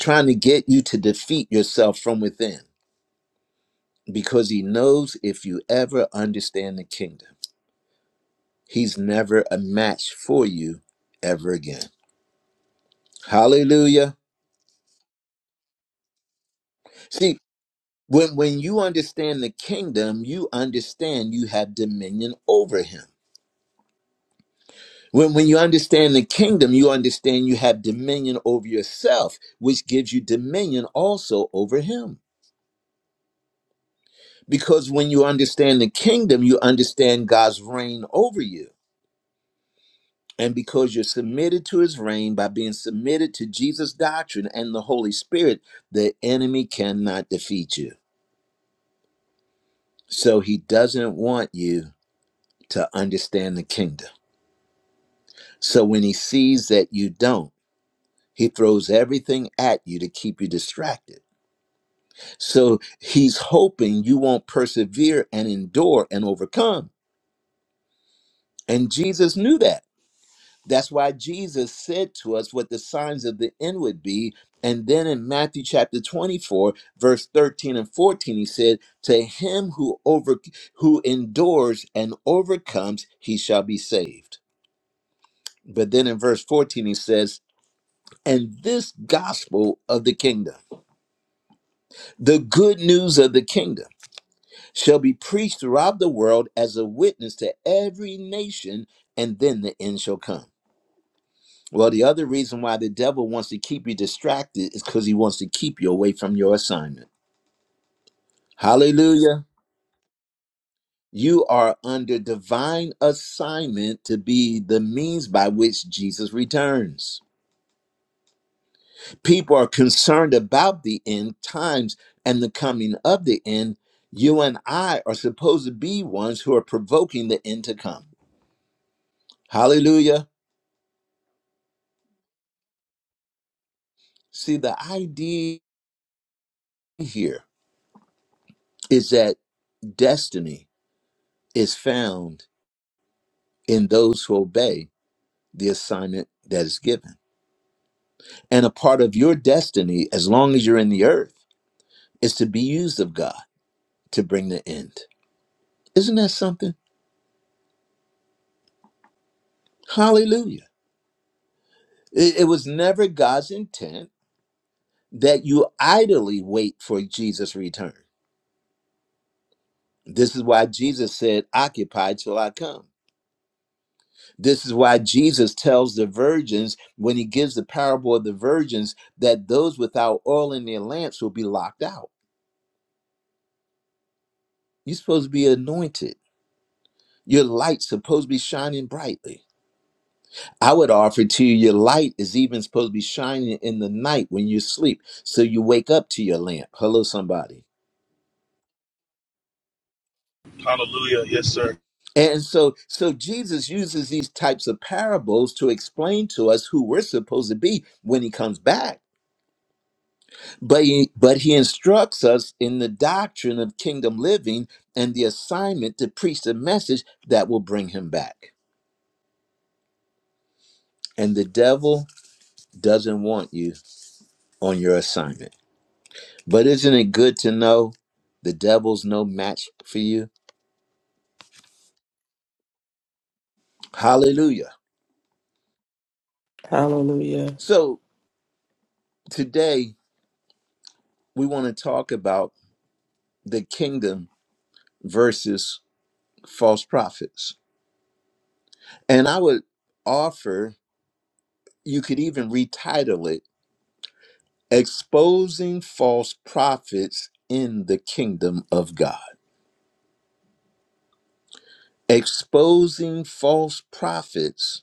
[SPEAKER 1] trying to get you to defeat yourself from within. Because he knows if you ever understand the kingdom, he's never a match for you ever again. Hallelujah. See, when, when you understand the kingdom, you understand you have dominion over him. When, when you understand the kingdom, you understand you have dominion over yourself, which gives you dominion also over him. Because when you understand the kingdom, you understand God's reign over you. And because you're submitted to his reign by being submitted to Jesus' doctrine and the Holy Spirit, the enemy cannot defeat you. So he doesn't want you to understand the kingdom. So when he sees that you don't, he throws everything at you to keep you distracted So he's hoping you won't persevere and endure and overcome. And Jesus knew that. That's why Jesus said to us what the signs of the end would be. And then in Matthew chapter 24, verse 13 and 14, he said, To him who over who endures and overcomes, he shall be saved. But then in verse 14, he says, And this gospel of the kingdom, the good news of the kingdom shall be preached throughout the world as a witness to every nation, and then the end shall come. Well, the other reason why the devil wants to keep you distracted is because he wants to keep you away from your assignment. Hallelujah. You are under divine assignment to be the means by which Jesus returns. People are concerned about the end times and the coming of the end. You and I are supposed to be ones who are provoking the end to come. Hallelujah. See, the idea here is that destiny is found in those who obey the assignment that is given. And a part of your destiny, as long as you're in the earth, is to be used of God to bring the end. Isn't that something? Hallelujah. It, it was never God's intent that you idly wait for Jesus' return. This is why Jesus said, Occupy till I come. This is why Jesus tells the virgins when he gives the parable of the virgins that those without oil in their lamps will be locked out. You're supposed to be anointed. Your light's supposed to be shining brightly. I would offer to you your light is even supposed to be shining in the night when you sleep. So you wake up to your lamp. Hello, somebody. And so so Jesus uses these types of parables to explain to us who we're supposed to be when he comes back. But he, but he instructs us in the doctrine of kingdom living and the assignment to preach the message that will bring him back. And the devil doesn't want you on your assignment. But isn't it good to know the devil's no match for you? Hallelujah.
[SPEAKER 5] Hallelujah.
[SPEAKER 1] So today we want to talk about the kingdom versus false prophets. And I would offer, you could even retitle it exposing false prophets in the kingdom of God. Exposing false prophets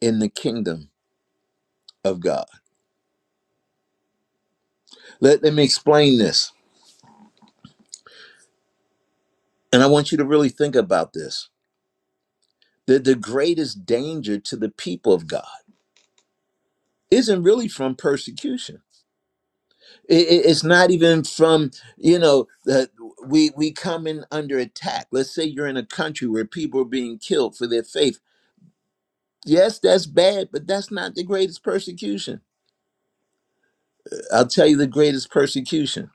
[SPEAKER 1] in the kingdom of God. Let, let me explain this. And I want you to really think about this. That the greatest danger to the people of God isn't really from persecution. I- I- it's not even from, you know, that we we come in under attack. Let's say you're in a country where people are being killed for their faith Yes, that's bad, but that's not the greatest persecution. I'll tell you the greatest persecution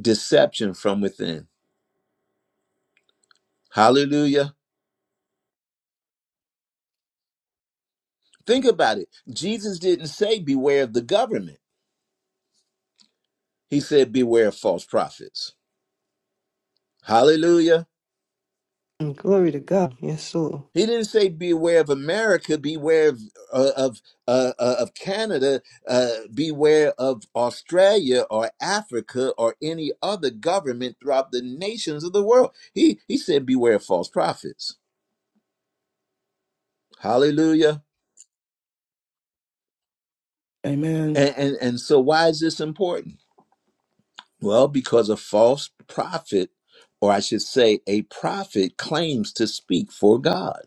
[SPEAKER 1] deception from within. Hallelujah. Think about it. Jesus didn't say, Beware of the government, he said, Beware of false prophets. Hallelujah.
[SPEAKER 4] Mm, Glory to God. Yes, Lord.
[SPEAKER 1] He didn't say, Beware of America, beware of, uh, of, uh, uh, of Canada, uh, beware of Australia or Africa or any other government throughout the nations of the world. He, he said, Beware of false prophets. Hallelujah.
[SPEAKER 5] Amen.
[SPEAKER 1] And, and and so why is this important? Well, because a false prophet, or I should say a prophet claims to speak for God.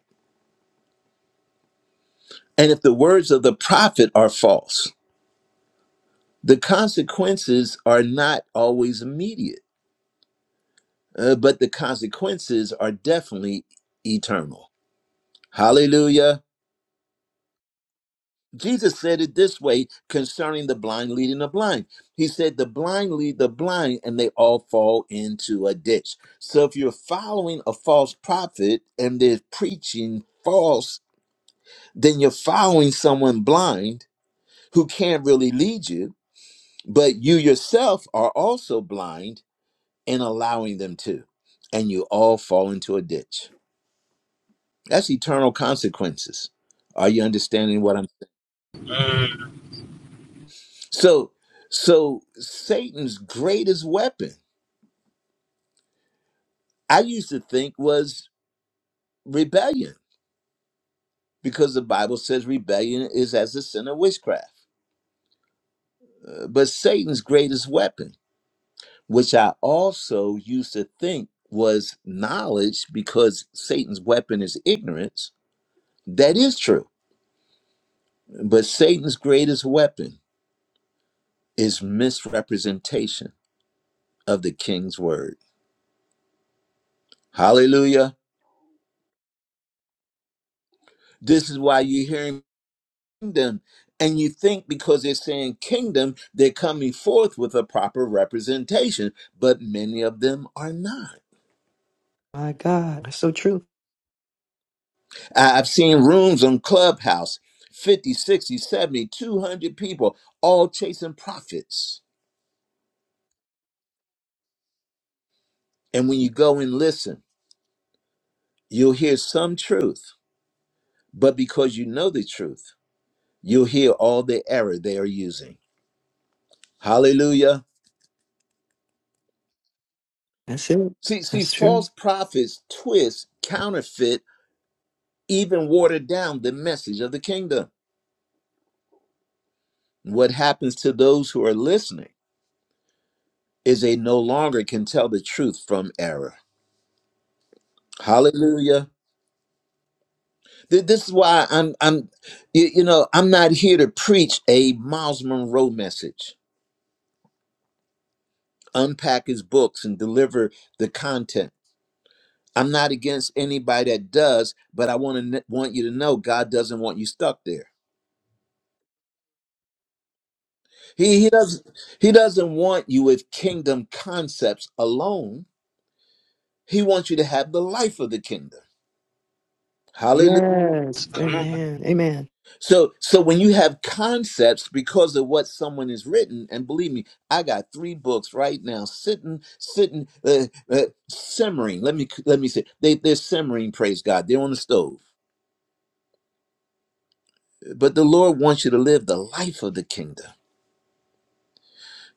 [SPEAKER 1] And if the words of the prophet are false, the consequences are not always immediate, uh, but the consequences are definitely eternal. Hallelujah. Jesus said it this way concerning the blind leading the blind. He said, The blind lead the blind, and they all fall into a ditch. So if you're following a false prophet and they're preaching false, then you're following someone blind who can't really lead you, but you yourself are also blind and allowing them to. And you all fall into a ditch. That's eternal consequences. Are you understanding what I'm saying? So, so Satan's greatest weapon, I used to think, was rebellion, because the Bible says rebellion is as a sin of witchcraft. Uh, but Satan's greatest weapon, which I also used to think was knowledge, because Satan's weapon is ignorance, that is true. But Satan's greatest weapon is misrepresentation of the king's word. Hallelujah. This is why you're hearing kingdom. And you think because they're saying kingdom, they're coming forth with a proper representation, but many of them are not.
[SPEAKER 4] My God. That's so true.
[SPEAKER 1] I- I've seen rooms on Clubhouse 50, 60, 70, 200 people all chasing prophets. And when you go and listen, you'll hear some truth, but because you know the truth, you'll hear all the error they are using. Hallelujah.
[SPEAKER 4] That's it.
[SPEAKER 1] See, see,
[SPEAKER 4] That's true.
[SPEAKER 1] false prophets twist, counterfeit even watered down the message of the kingdom. What happens to those who are listening is they no longer can tell the truth from error. Hallelujah. Th- This is why I'm I'm y- you know, I'm not here to preach a Miles Monroe message, unpack his books and deliver the content. I'm not against anybody that does, but I want to want you to know God doesn't want you stuck there. He he doesn't he doesn't want you with kingdom concepts alone. He wants you to have the life of the kingdom. Hallelujah.
[SPEAKER 4] Yes. Amen. Amen.
[SPEAKER 1] So so when you have concepts because of what someone has written, and believe me, I got three books right now sitting, sitting, uh, uh, simmering. Let me let me say they they're simmering. Praise God. They're on the stove. But the Lord wants you to live the life of the kingdom.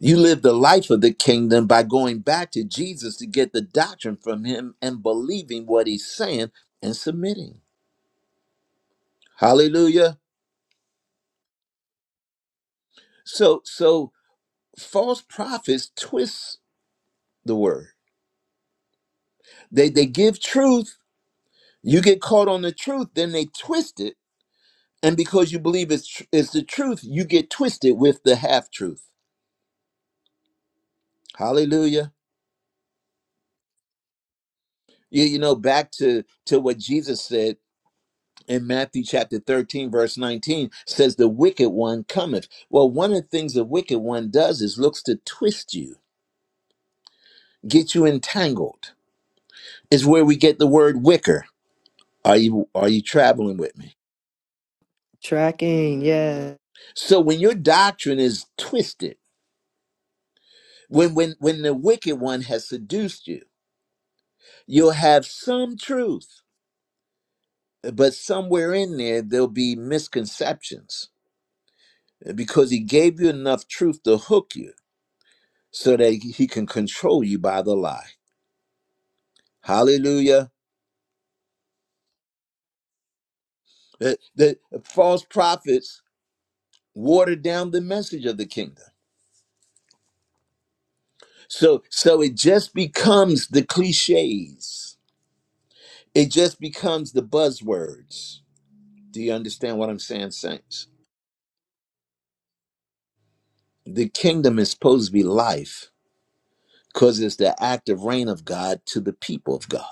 [SPEAKER 1] You live the life of the kingdom by going back to Jesus to get the doctrine from him and believing what he's saying and submitting. Hallelujah. So so false prophets twist the word. They they give truth. You get caught on the truth, then they twist it, and because you believe it's tr- it's the truth, you get twisted with the half truth. Hallelujah. You, you know back to to what Jesus said in Matthew chapter 13 verse 19 says the wicked one cometh. Well, one of the things the wicked one does is looks to twist you, get you entangled. Is where we get the word wicker. Are you are you traveling with me?
[SPEAKER 4] Tracking. Yes.
[SPEAKER 1] So when your doctrine is twisted, when when when the wicked one has seduced you, you'll have some truth, but somewhere in there there'll be misconceptions eh, because he gave you enough truth to hook you so that he can control you by the lie. Hallelujah. The, the false prophets watered down the message of the kingdom. So so it just becomes the clichés. It just becomes the buzzwords Do you understand what I'm saying, saints? The kingdom is supposed to be life because it's the active reign of God to the people of God.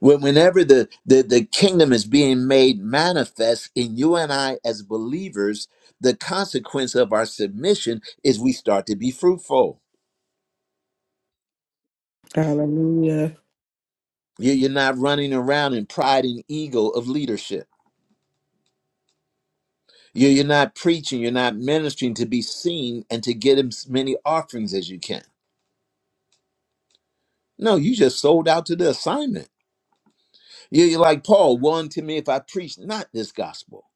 [SPEAKER 1] When, whenever the, the, the kingdom is being made manifest in you and I as believers, the consequence of our submission is we start to be fruitful.
[SPEAKER 5] Hallelujah.
[SPEAKER 1] You- You're not running around in pride and ego of leadership. You- You're not preaching, you're not ministering to be seen and to get as many offerings as you can. No, you just sold out to the assignment You, you're like Paul, woe unto me if I preach not this gospel.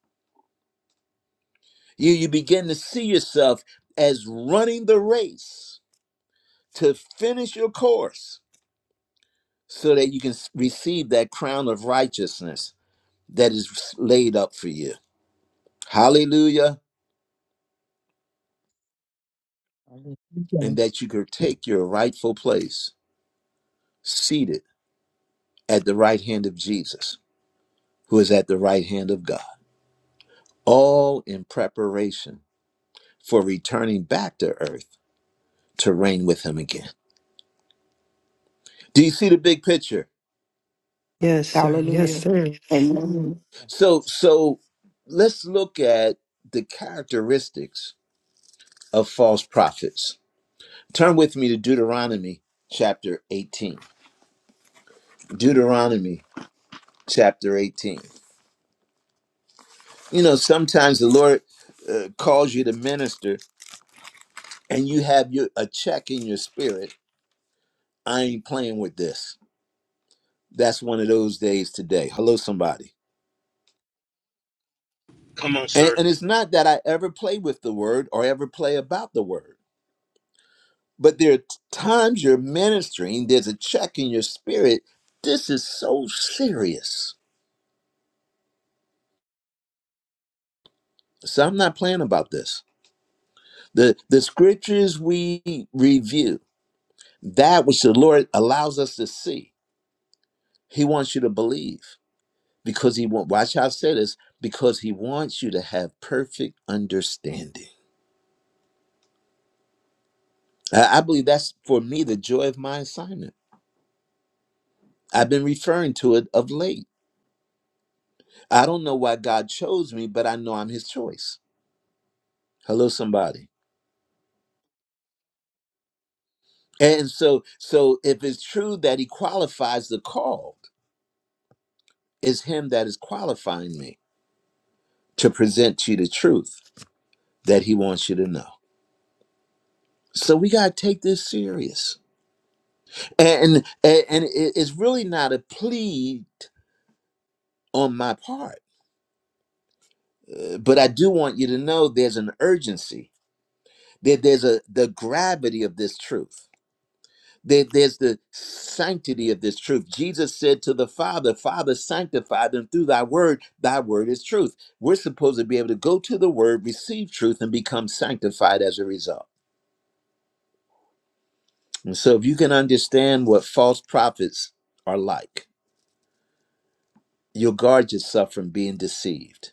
[SPEAKER 1] You, you begin to see yourself as running the race to finish your course so that you can s- receive that crown of righteousness that is laid up for you. Hallelujah. And
[SPEAKER 6] Hallelujah.
[SPEAKER 1] that you could take your rightful place seated at the right hand of Jesus, who is at the right hand of God, all in preparation for returning back to earth to reign with him again. Do you see the big picture?
[SPEAKER 4] Yes, sir. Yes,
[SPEAKER 5] Hallelujah.
[SPEAKER 4] sir.
[SPEAKER 5] Amen.
[SPEAKER 6] Yes.
[SPEAKER 1] So so let's look at the characteristics of false prophets. Turn with me to Deuteronomy chapter 18. Deuteronomy chapter 18. You know, sometimes the Lord uh, calls you to minister and you have your a check in your spirit. I ain't playing with this. That's one of those days today. Hello somebody. And, and it's not that I ever play with the word or ever play about the word But there are times you're ministering, there's a check in your spirit. This is so serious. So I'm not playing about this. The the scriptures we review, that which the Lord allows us to see, He wants you to believe. Because he want watch how I say this, because he wants you to have perfect understanding. I I believe that's for me the joy of my assignment. I've been referring to it of late. I don't know why God chose me, but I know I'm his choice. Hello, somebody. And so, so if it's true that he qualifies the called, it's him that is qualifying me to present to you the truth that he wants you to know. So we gotta take this serious, and and, and it- it's really not a plea on my part, uh, but I do want you to know there's an urgency that there's a the gravity of this truth There- there's the sanctity of this truth. Jesus said to the Father, Father, sanctify them through thy word. Thy word is truth. We're supposed to be able to go to the word, receive truth, and become sanctified as a result. And so, if you can understand what false prophets are like, you'll guard yourself from being deceived.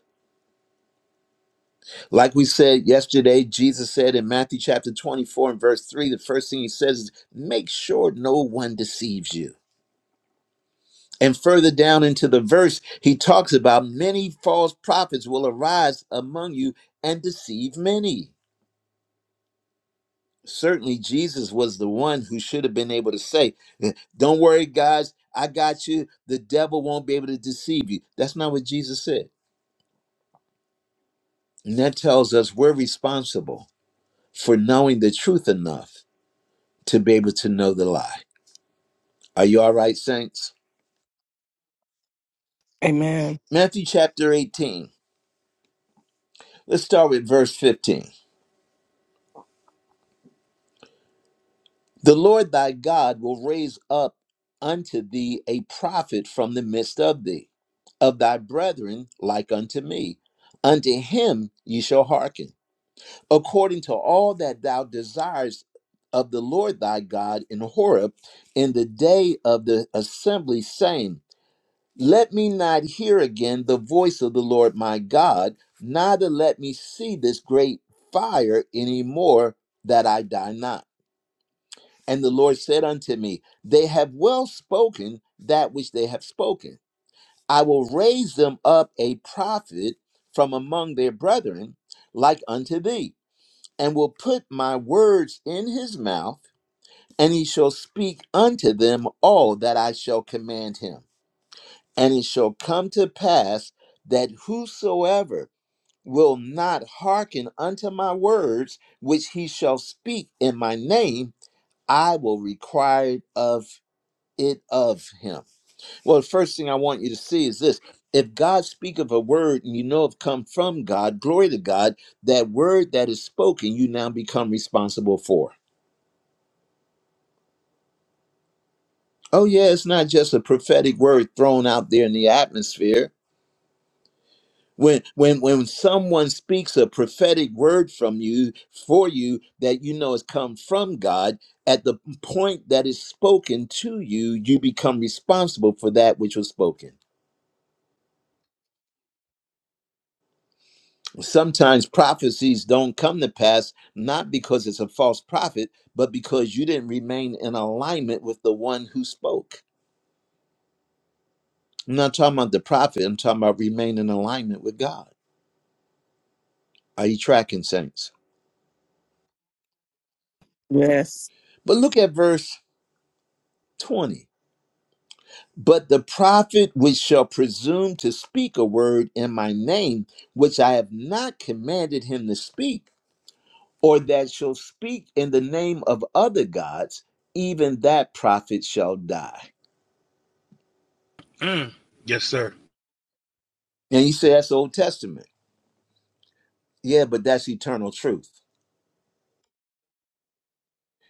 [SPEAKER 1] Like we said yesterday, Jesus said in Matthew chapter 24 and verse 3, the first thing he says is, Make sure no one deceives you. And further down into the verse, he talks about many false prophets will arise among you and deceive many. Certainly, Jesus was the one who should have been able to say, "Eh, Don't worry, guys, I got you. The devil won't be able to deceive you. That's not what Jesus said. And that tells us we're responsible for knowing the truth enough to be able to know the lie. Are you all right, saints?
[SPEAKER 5] Amen.
[SPEAKER 1] Matthew chapter 18. Let's start with verse 15. The Lord thy God will raise up unto thee a prophet from the midst of thee, of thy brethren like unto me. Unto him ye shall hearken, according to all that thou desirest of the Lord thy God in Horeb in the day of the assembly, saying, Let me not hear again the voice of the Lord my God, neither let me see this great fire any more, that I die not. And the Lord said unto me, They have well spoken that which they have spoken. I will raise them up a prophet from among their brethren, like unto thee, and will put my words in his mouth, and he shall speak unto them all that I shall command him. And it shall come to pass that whosoever will not hearken unto my words, which he shall speak in my name, I will require of it of him. Well, the first thing I want you to see is this. If God speak of a word and you know it come from God, glory to God, that word that is spoken, you now become responsible for. Oh yeah, it's not just a prophetic word thrown out there in the atmosphere. When when when someone speaks a prophetic word from you for you that you know has come from God, at the point that is spoken to you, you become responsible for that which was spoken. sometimes prophecies don't come to pass not because it's a false prophet but because you didn't remain in alignment with the one who spoke i'm not talking about the prophet i'm talking about remain in alignment with god are you tracking saints
[SPEAKER 5] Yes.
[SPEAKER 1] but look at verse 20 but the prophet which shall presume to speak a word in my name which i have not commanded him to speak or that shall speak in the name of other gods even that prophet shall die And you say that's Old Testament. Yeah, but that's eternal truth.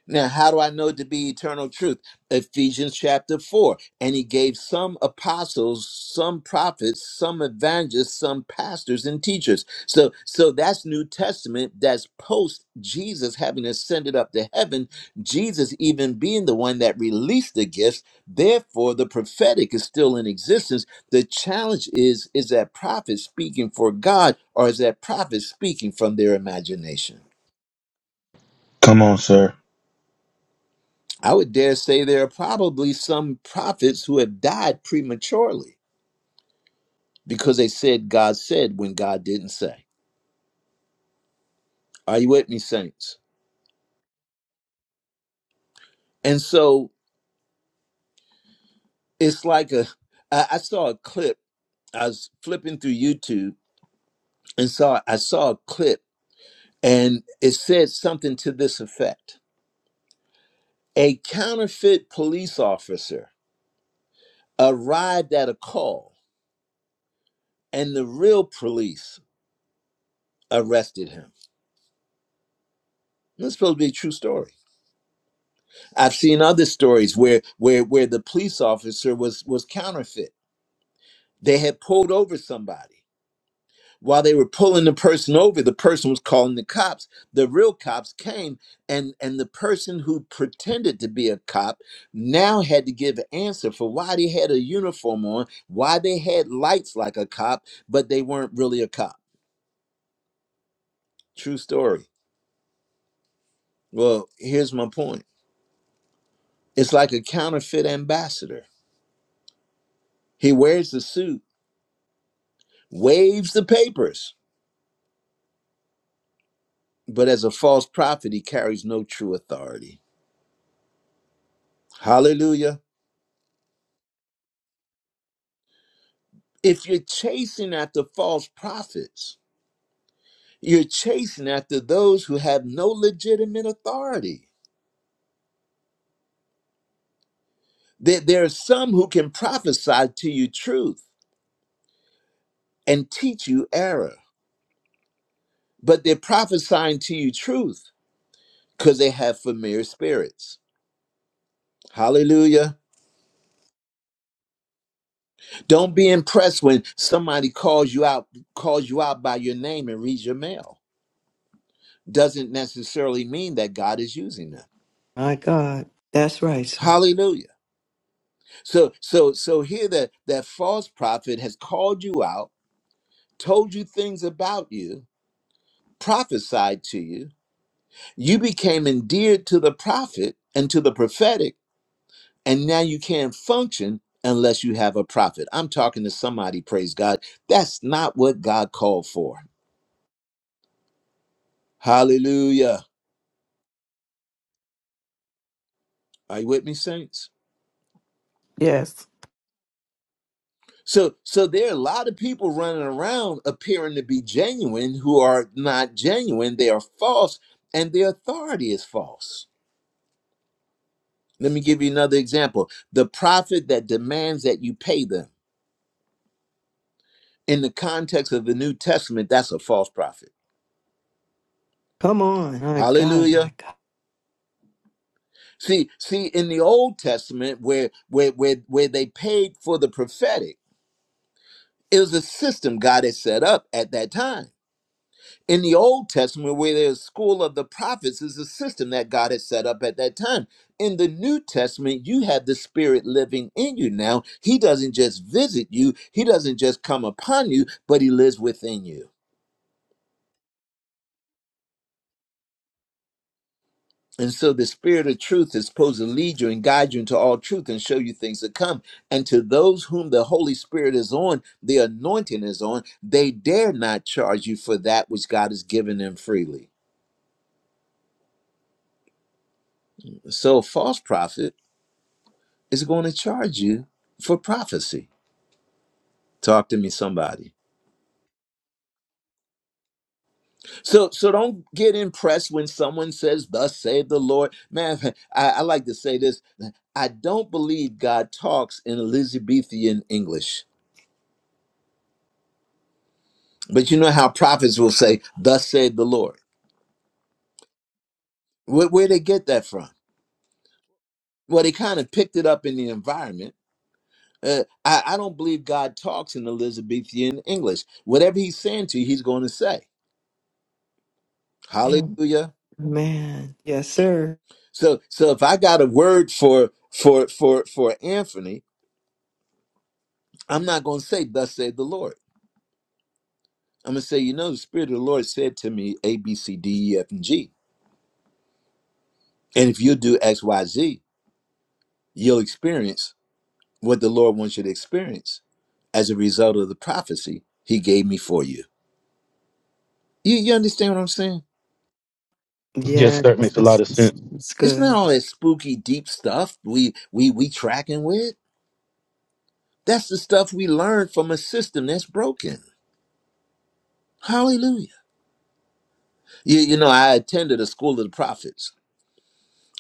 [SPEAKER 1] Now, how do I know to be eternal truth? Ephesians chapter 4. And he gave some apostles, some prophets, some evangelists, some pastors and teachers. So so that's New Testament. That's post Jesus having ascended up to heaven, Jesus even being the one that released the gifts. Therefore, the prophetic is still in existence. The challenge is is that prophet speaking for God or is that prophet speaking from their imagination? I would dare say there are probably some prophets who have died prematurely because they said God said when God didn't say. Are you with me, saints? And so it's like a. I, I saw a clip. I was flipping through YouTube and saw I saw a clip, and it said something to this effect: A counterfeit police officer arrived at a call, and the real police arrested him. That's supposed to be a true story I've seen other stories where where where the police officer was was counterfeit. They had pulled over somebody. While they were pulling the person over, the person was calling the cops. The real cops came and and the person who pretended to be a cop now had to give an answer for why they had a uniform on, why they had lights like a cop, but they weren't really a cop. True story. Well, here's my point. It's like a counterfeit ambassador. He wears the suit, waves the papers but as a false prophet, he carries no true authority. Hallelujah. If you're chasing after false prophets, you're chasing after those who have no legitimate authority. There, there are some who can prophesy to you truth and teach you error, but they're prophesying to you truth because they have familiar spirits. Hallelujah. Don't be impressed when somebody calls you out, calls you out by your name and reads your mail doesn't necessarily mean that God is using them.
[SPEAKER 4] My God. That's right, sir.
[SPEAKER 1] Hallelujah. So so so here that that false prophet has called you out, told you things about you, prophesied to you. You became endeared to the prophet and to the prophetic, and now you can't function unless you have a prophet. I'm talking to somebody, praise God. That's not what God called for. Hallelujah. Are you with me, saints?
[SPEAKER 5] Yes.
[SPEAKER 1] So, so there are a lot of people running around appearing to be genuine who are not genuine. They are false, and their authority is false. Let me give you another example. The prophet that demands that you pay them in the context of the New Testament, that's a false prophet.
[SPEAKER 4] Come on. My God. My
[SPEAKER 1] Hallelujah.
[SPEAKER 4] God.
[SPEAKER 1] See, see, in the Old Testament, where where where, where they paid for the prophetic, it was a system God had set up at that time in the Old Testament, where there's school of the prophets, is a system that God had set up at that time. In the New Testament, you have the Spirit living in you now. He doesn't just visit you, He doesn't just come upon you, but He lives within you. And so the Spirit of truth is supposed to lead you and guide you into all truth and show you things to come. And to those whom the Holy Spirit is on, the anointing is on, they dare not charge you for that which God has given them freely. So, a false prophet is going to charge you for prophecy. Talk to me, somebody. So, so don't get impressed when someone says, "Thus save the Lord." Man, [LAUGHS] I, I like to say this. I don't believe God talks in Elizabethan English, but you know how prophets will say, "Thus save the Lord." Where, where they get that from? Well, they kind of picked it up in the environment. Uh, I, I don't believe God talks in Elizabethan English. Whatever He's saying to you, He's going to say.
[SPEAKER 4] Man.
[SPEAKER 1] Hallelujah.
[SPEAKER 4] Man. Yes, sir.
[SPEAKER 1] So so if I got a word for for for for Anthony, I'm not going to say thus said the Lord. I'm going to say, you know, the spirit of the Lord said to me A B C D E F and G. And if you do X Y Z, you'll experience what the Lord wants you to experience as a result of the prophecy he gave me for you. You you understand what I'm saying?
[SPEAKER 4] Yes. That's, that's, that's
[SPEAKER 1] It's not
[SPEAKER 4] good.
[SPEAKER 1] all that spooky deep stuff we we we tracking with. That's the stuff we learned from a system that's broken. Hallelujah. You, you know, I attended a school of the prophets.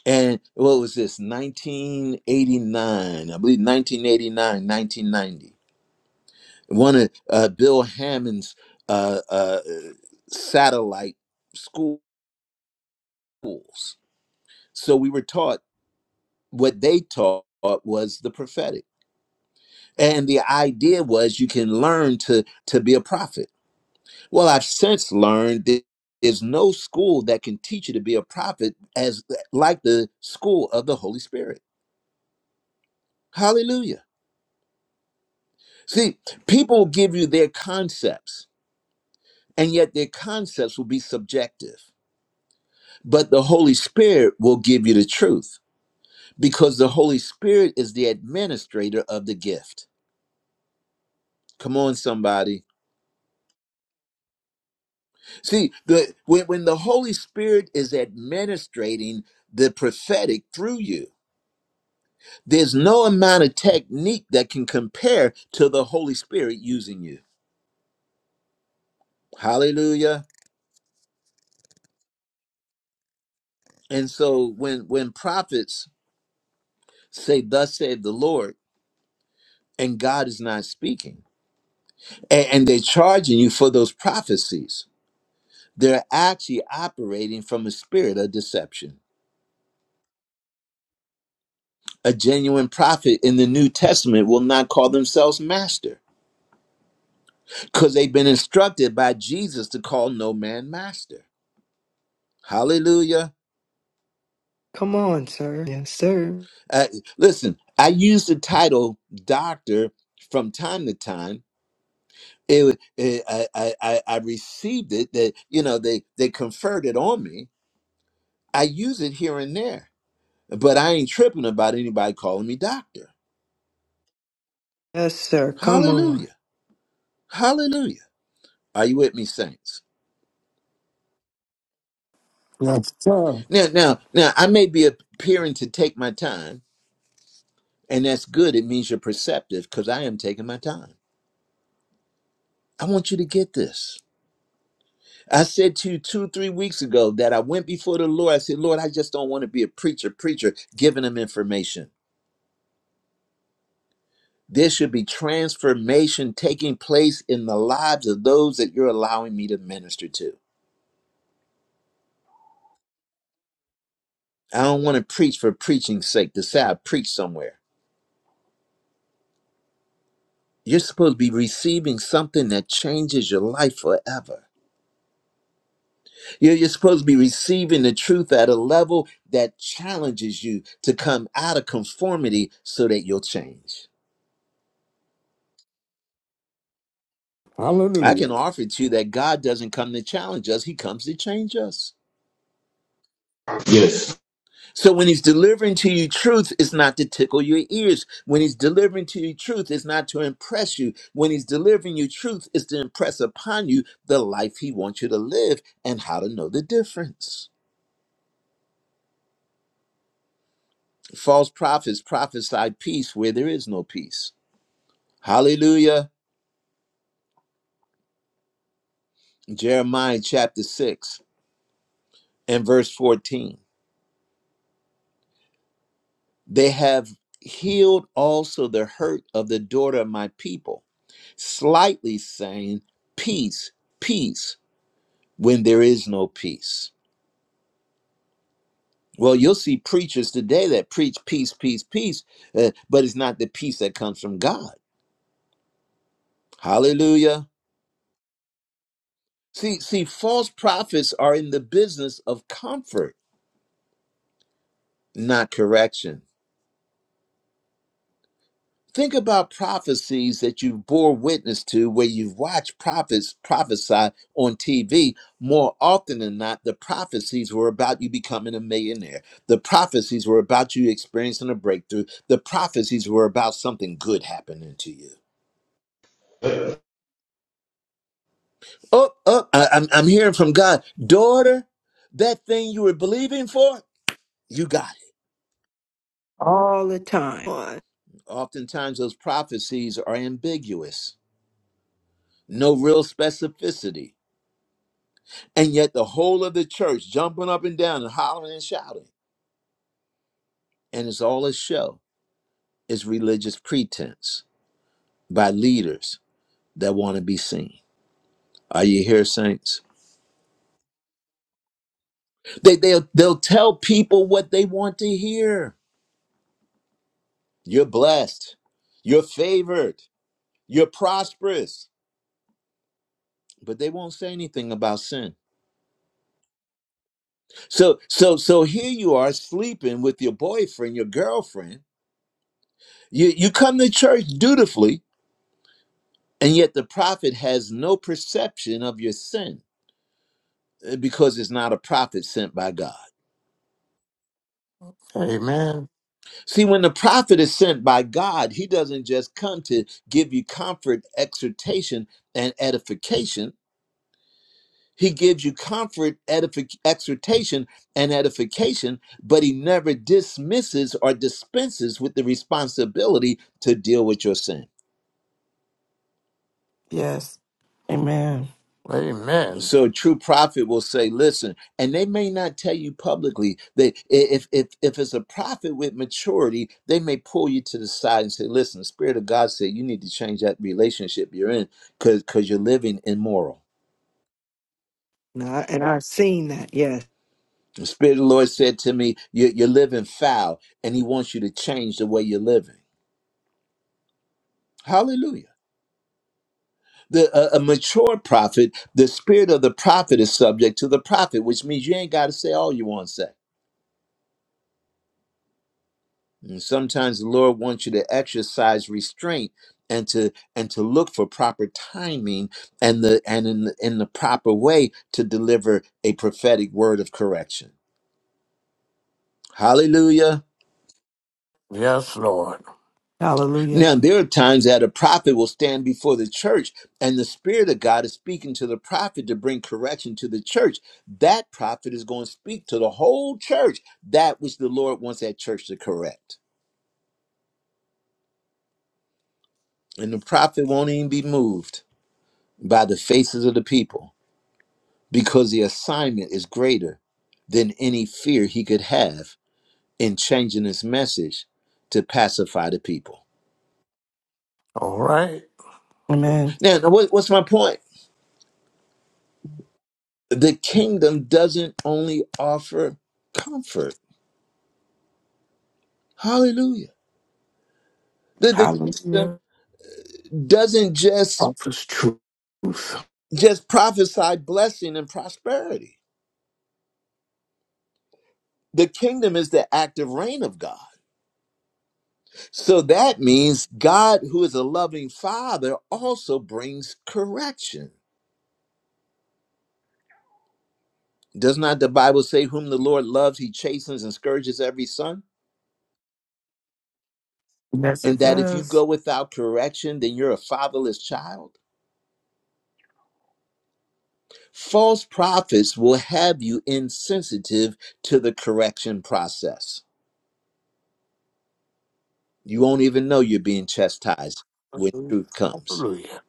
[SPEAKER 1] And what was this? 1989, I believe 1989, 1990. One of uh, Bill Hammond's uh, uh, satellite schools. So we were taught what they taught was the prophetic. And the idea was you can learn to, to be a prophet. Well, I've since learned that there's no school that can teach you to be a prophet as like the school of the Holy Spirit Hallelujah. See, people will give you their concepts, and yet their concepts will be subjective. But the Holy Spirit will give you the truth because the Holy Spirit is the administrator of the gift. Come on, somebody. See, the, when, when the Holy Spirit is administrating the prophetic through you, there's no amount of technique that can compare to the Holy Spirit using you. Hallelujah. And so when when prophets say, Thus saith the Lord, and God is not speaking. A- And, they're charging you for those prophecies. They're actually operating from a spirit of deception. A genuine prophet in the New Testament will not call themselves master because they've been instructed by Jesus to call no man master. Hallelujah.
[SPEAKER 4] Come on, sir. Yes, sir.
[SPEAKER 1] Uh, listen, I use the title doctor from time to time. It, it, I, I, I I received it that, you know, they, they conferred it on me I use it here and there, but I ain't tripping about anybody calling me doctor.
[SPEAKER 4] Yes, sir. Come on.
[SPEAKER 1] Hallelujah. Hallelujah. Are you with me, saints?
[SPEAKER 7] Yes, sir.
[SPEAKER 1] Now, now, now, I may be appearing to take my time, and that's good. It means you're perceptive because I am taking my time. I want you to get this. I said to you two, three weeks ago that I went before the Lord. I said, Lord, I just don't want to be a preacher, preacher, giving them information. There should be transformation taking place in the lives of those that you're allowing me to minister to. I don't want to preach for preaching's sake to say I preach somewhere. You're supposed to be receiving something that changes your life forever. You're, you're supposed to be receiving the truth at a level that challenges you to come out of conformity so that you'll change. I can
[SPEAKER 7] Hallelujah.
[SPEAKER 1] offer to you that God doesn't come to challenge us, He comes to change us. So when he's delivering to you truth, it's not to tickle your ears. When he's delivering to you truth, it's not to impress you. When he's delivering you truth, it's to impress upon you the life he wants you to live and how to know the difference. False prophets prophesy peace where there is no peace. Hallelujah. Jeremiah chapter 6 and verse 14. They have healed also the hurt of the daughter of my people, slightly saying, Peace, peace when there is no peace. Well, you'll see preachers today that preach peace, peace, peace, uh, but it's not the peace that comes from God. Hallelujah. See, see, false prophets are in the business of comfort, not correction. Think about prophecies that you bore witness to, where you've watched prophets prophesy on TV. More often than not, the prophecies were about you becoming a millionaire. The prophecies were about you experiencing a breakthrough. The prophecies were about something good happening to you. Oh, oh, I, I'm, I'm hearing from God. Daughter, that thing you were believing for, you got it.
[SPEAKER 4] All the time. Come on.
[SPEAKER 1] Oftentimes, those prophecies are ambiguous, no real specificity And yet the whole of the church jumping up and down and hollering and shouting. And it's all a show. It's religious pretense by leaders that want to be seen. Are you here, saints? They, they'll, they'll tell people what they want to hear. You're blessed. You're favored. You're prosperous. But they won't say anything about sin. So, so, so here you are sleeping with your boyfriend, your girlfriend. You, you come to church dutifully, And yet the prophet has no perception of your sin uh, because it's not a prophet sent by God.
[SPEAKER 7] Amen.
[SPEAKER 1] See, when the prophet is sent by God, he doesn't just come to give you comfort, exhortation, and edification. He gives you comfort, edific- exhortation, and edification, but he never dismisses or dispenses with the responsibility to deal with your sin.
[SPEAKER 5] Yes. Amen.
[SPEAKER 7] Amen.
[SPEAKER 1] So a true prophet will say, "Listen," and they may not tell you publicly. They, if if if it's a prophet with maturity, they may pull you to the side and say, "Listen, the Spirit of God said you need to change that relationship you're in because because you're living immoral."
[SPEAKER 4] And, I, and I've seen that. Yes.
[SPEAKER 1] The Spirit of the Lord said to me, "You- are "You're living foul, and He wants you to change the way you're living." Hallelujah. The, a, a mature prophet, the spirit of the prophet is subject to the prophet, which means you ain't got to say all you want to say. And sometimes the Lord wants you to exercise restraint and to and to look for proper timing and the and in the, in the proper way to deliver a prophetic word of correction. Hallelujah.
[SPEAKER 7] Yes, Lord.
[SPEAKER 5] Hallelujah.
[SPEAKER 1] Now there are times that a prophet will stand before the church and the spirit of God is speaking to the prophet to bring correction to the church. That prophet is going to speak to the whole church that which the Lord wants that church to correct. And the prophet won't even be moved by the faces of the people because the assignment is greater than any fear he could have in changing his message to pacify the people.
[SPEAKER 7] All right.
[SPEAKER 5] Amen.
[SPEAKER 1] Now, now what, what's my point? The kingdom doesn't only offer comfort. Hallelujah. The, the
[SPEAKER 5] Hallelujah.
[SPEAKER 1] kingdom doesn't just
[SPEAKER 7] Office truth.
[SPEAKER 1] just prophesy blessing and prosperity. The kingdom is the active reign of God. So that means God, who is a loving father, also brings correction. Does not the Bible say, Whom the Lord loves, he chastens and scourges every son?
[SPEAKER 5] Yes, it
[SPEAKER 1] And that if you
[SPEAKER 5] does.
[SPEAKER 1] go without correction, then you're a fatherless child? False prophets will have you insensitive to the correction process. You won't even know you're being chastised when truth comes.
[SPEAKER 7] Hallelujah.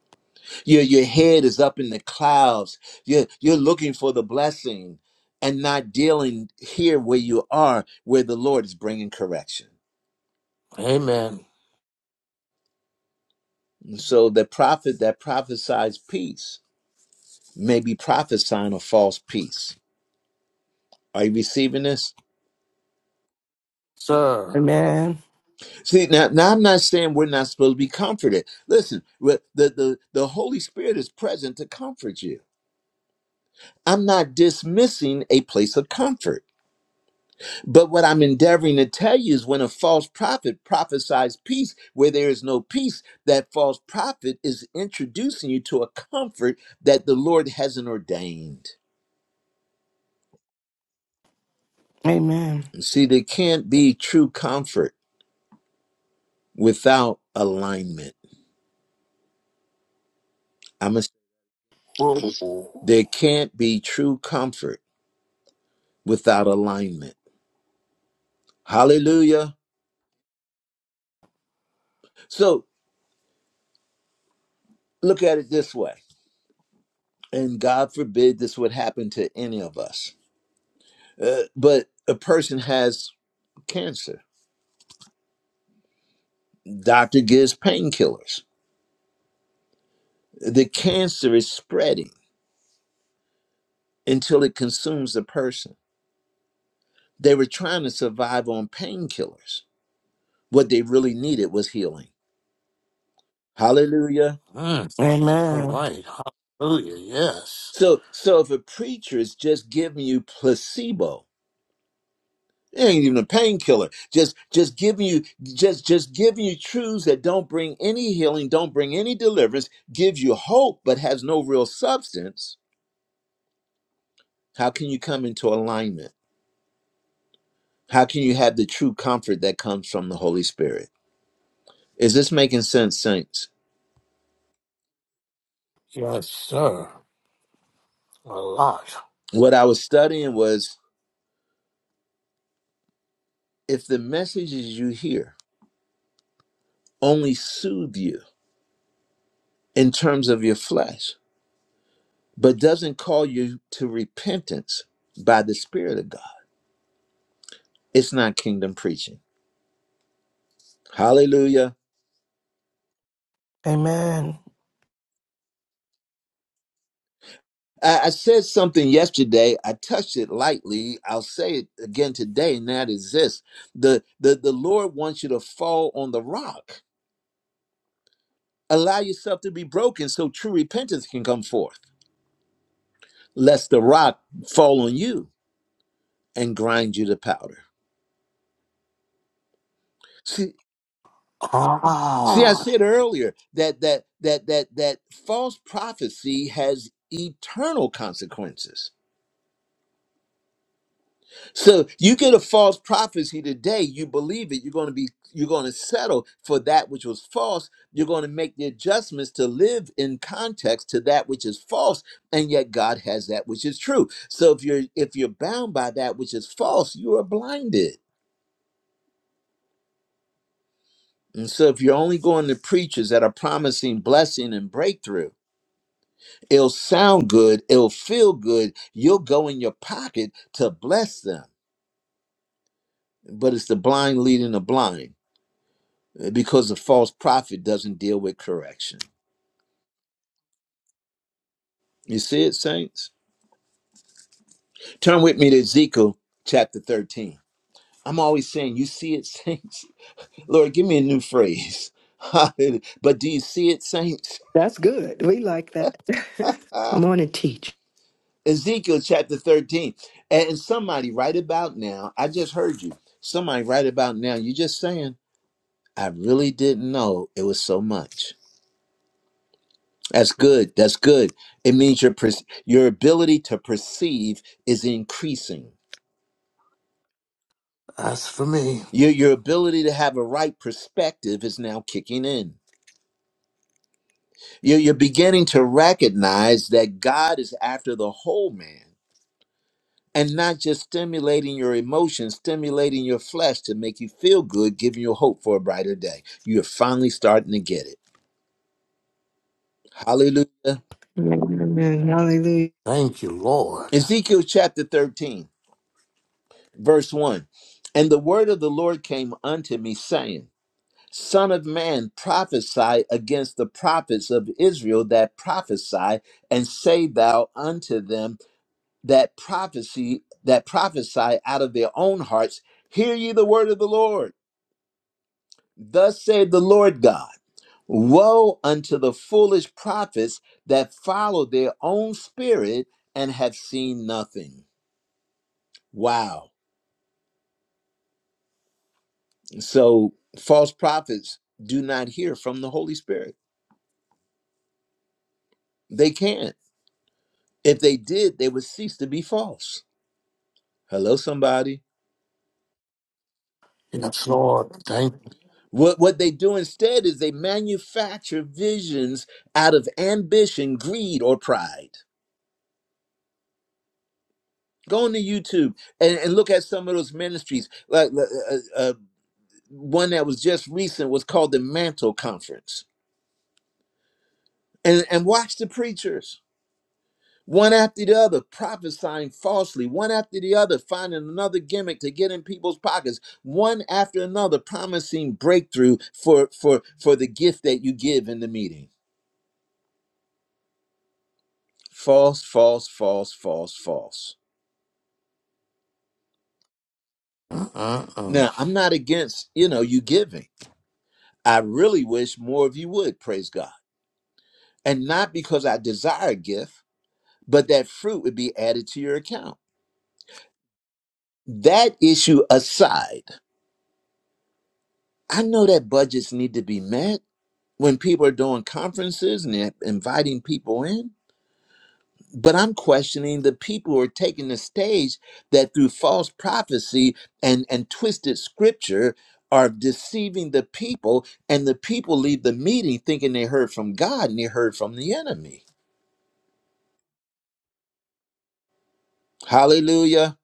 [SPEAKER 1] Your, your head is up in the clouds. You're, you're looking for the blessing and not dealing here where you are, where the Lord is bringing correction.
[SPEAKER 7] Amen.
[SPEAKER 1] And so the prophet that prophesies peace may be prophesying a false peace. Are you receiving this?
[SPEAKER 7] Sir.
[SPEAKER 5] Amen.
[SPEAKER 1] See, now, now I'm not saying we're not supposed to be comforted. Listen, the, the, the Holy Spirit is present to comfort you. I'm not dismissing a place of comfort. But what I'm endeavoring to tell you is when a false prophet prophesies peace where there is no peace, that false prophet is introducing you to a comfort that the Lord hasn't ordained.
[SPEAKER 5] Amen.
[SPEAKER 1] See, there can't be true comfort without alignment. I
[SPEAKER 7] Whoa.
[SPEAKER 1] There can't be true comfort without alignment. Hallelujah. So look at it this way, and God forbid this would happen to any of us. Uh, but a person has cancer, doctor gives painkillers. The cancer is spreading until it consumes the person. They were trying to survive on painkillers. What they really needed was healing. Hallelujah.
[SPEAKER 7] Mm. All
[SPEAKER 5] Amen.
[SPEAKER 7] right. Hallelujah. Yes.
[SPEAKER 1] So, so if a preacher is just giving you placebo, It ain't even a painkiller. Just just giving you just just giving you truths that don't bring any healing, don't bring any deliverance, gives you hope but has no real substance. How can you come into alignment? How can you have the true comfort that comes from the Holy Spirit? Is this making sense, saints?
[SPEAKER 7] Yes, sir. A lot.
[SPEAKER 1] What I was studying was if the messages you hear only soothe you in terms of your flesh, but doesn't call you to repentance by the Spirit of God, it's not kingdom preaching. Hallelujah.
[SPEAKER 5] Amen.
[SPEAKER 1] I, I said something yesterday. I touched it lightly. I'll say it again today, and that is this the, the, the Lord wants you to fall on the rock. Allow yourself to be broken so true repentance can come forth, lest the rock fall on you and grind you to powder. See, see, I
[SPEAKER 7] Ah,
[SPEAKER 1] said earlier that that that that that false prophecy has eternal consequences So you get a false prophecy today, you believe it, you're going to be you're going to settle for that which was false. You're going to make the adjustments to live in context to that which is false, and yet God has that which is true. So if you're if you're bound by that which is false, you are blinded. And so if you're only going to preachers that are promising blessing and breakthrough, it'll sound good, it'll feel good, you'll go in your pocket to bless them. But it's the blind leading the blind uh, because the false prophet doesn't deal with correction. You see it, saints? Turn with me to Ezekiel chapter 13. I'm always saying, You see it, saints? [LAUGHS] Lord, give me a new phrase. [LAUGHS] Hallelujah. but do you see it, saints? [LAUGHS]
[SPEAKER 4] That's good. We like that. [LAUGHS]
[SPEAKER 1] Ah,
[SPEAKER 4] Come on and teach.
[SPEAKER 1] Ezekiel chapter 13. And somebody right about now, I just heard you. Somebody right about now, you just saying, I really didn't know it was so much. That's good. That's good. It means your per- your ability to perceive is increasing.
[SPEAKER 7] that's for me.
[SPEAKER 1] Your, your ability to have a right perspective is now kicking in. You're, you're beginning to recognize that God is after the whole man and not just stimulating your emotions, stimulating your flesh to make you feel good, giving you hope for a brighter day. You're finally starting to get it. Hallelujah.
[SPEAKER 4] Amen. Hallelujah.
[SPEAKER 7] Thank you, Lord.
[SPEAKER 1] Ezekiel chapter 13, verse 1. And the word of the Lord came unto me, saying, Son of man, prophesy against the prophets of Israel that prophesy, and say thou unto them that prophecy that prophesy out of their own hearts, hear ye the word of the Lord. Thus saith the Lord God. Woe unto the foolish prophets that follow their own spirit and have seen nothing. Wow. So false prophets do not hear from the Holy Spirit. They can't If they did, they would cease to be false. Hello, somebody.
[SPEAKER 7] Yes, Lord. Thank you.
[SPEAKER 1] What, what they do instead is they manufacture visions out of ambition, greed, or pride. Go on to YouTube and, and look at some of those ministries. Like uh, uh, uh, uh, one that was just recent was called the Mantle Conference, and and watch the preachers. one after the other prophesying falsely, one after the other finding another gimmick to get in people's pockets, one after another promising breakthrough for for for the gift that you give in the meeting. False, false, false, false, false.
[SPEAKER 7] Mm-mm-mm.
[SPEAKER 1] Now, I'm not against, you know, you giving. I really wish more of you would, praise God. And not because I desire a gift, but that fruit would be added to your account. That issue aside, I know that budgets need to be met. when people are doing conferences and they're inviting people in. But I'm questioning the people who are taking the stage that through false prophecy and, and twisted scripture are deceiving the people, and the people leave the meeting thinking they heard from God and they heard from the enemy. Hallelujah.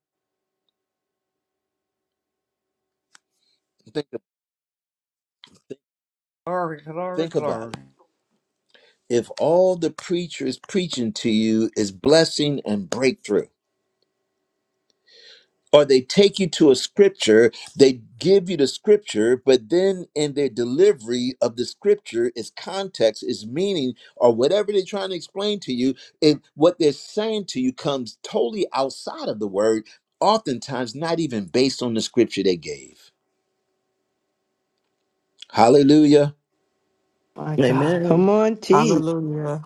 [SPEAKER 1] Think,
[SPEAKER 8] Glory, glory,
[SPEAKER 1] think about
[SPEAKER 8] glory.
[SPEAKER 1] it. If all the preacher is preaching to you is blessing and breakthrough, or they take you to a scripture, they give you the scripture, but then in their delivery of the scripture, its context, its meaning, or whatever they're trying to explain to you, and what they're saying to you comes totally outside of the word, oftentimes not even based on the scripture they gave. Hallelujah.
[SPEAKER 4] My God.
[SPEAKER 5] Amen.
[SPEAKER 4] Come on, teach.
[SPEAKER 5] Hallelujah.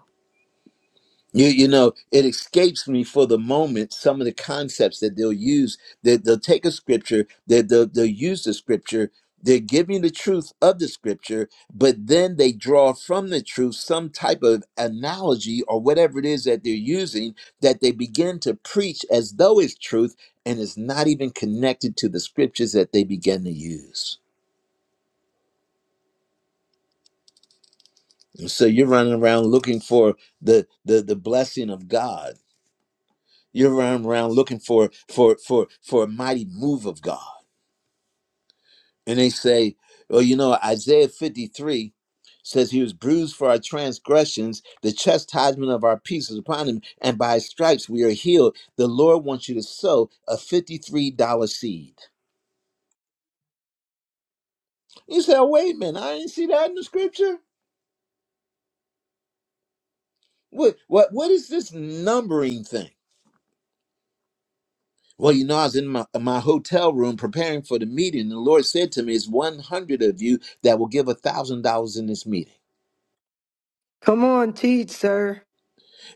[SPEAKER 1] You, you know, it escapes me for the moment some of the concepts that they'll use. That they'll take a scripture, that they'll, they'll use the scripture, they're giving the truth of the scripture, but then they draw from the truth some type of analogy or whatever it is that they're using that they begin to preach as though it's truth and is not even connected to the scriptures that they begin to use. And so you're running around looking for the the, the blessing of God You're running around looking for for for for a mighty move of God. And they say, well, you know, Isaiah 53 says he was bruised for our transgressions, the chastisement of our peace is upon him, and by his stripes we are healed. The Lord wants you to sow a $53 seed. You say, oh, wait a minute, I didn't see that in the scripture. What what what is this numbering thing? Well, you know, I was in my, my hotel room preparing for the meeting. And the Lord said to me, It's 100 of you that will give $1,000 in this meeting.
[SPEAKER 4] Come on, teach, sir.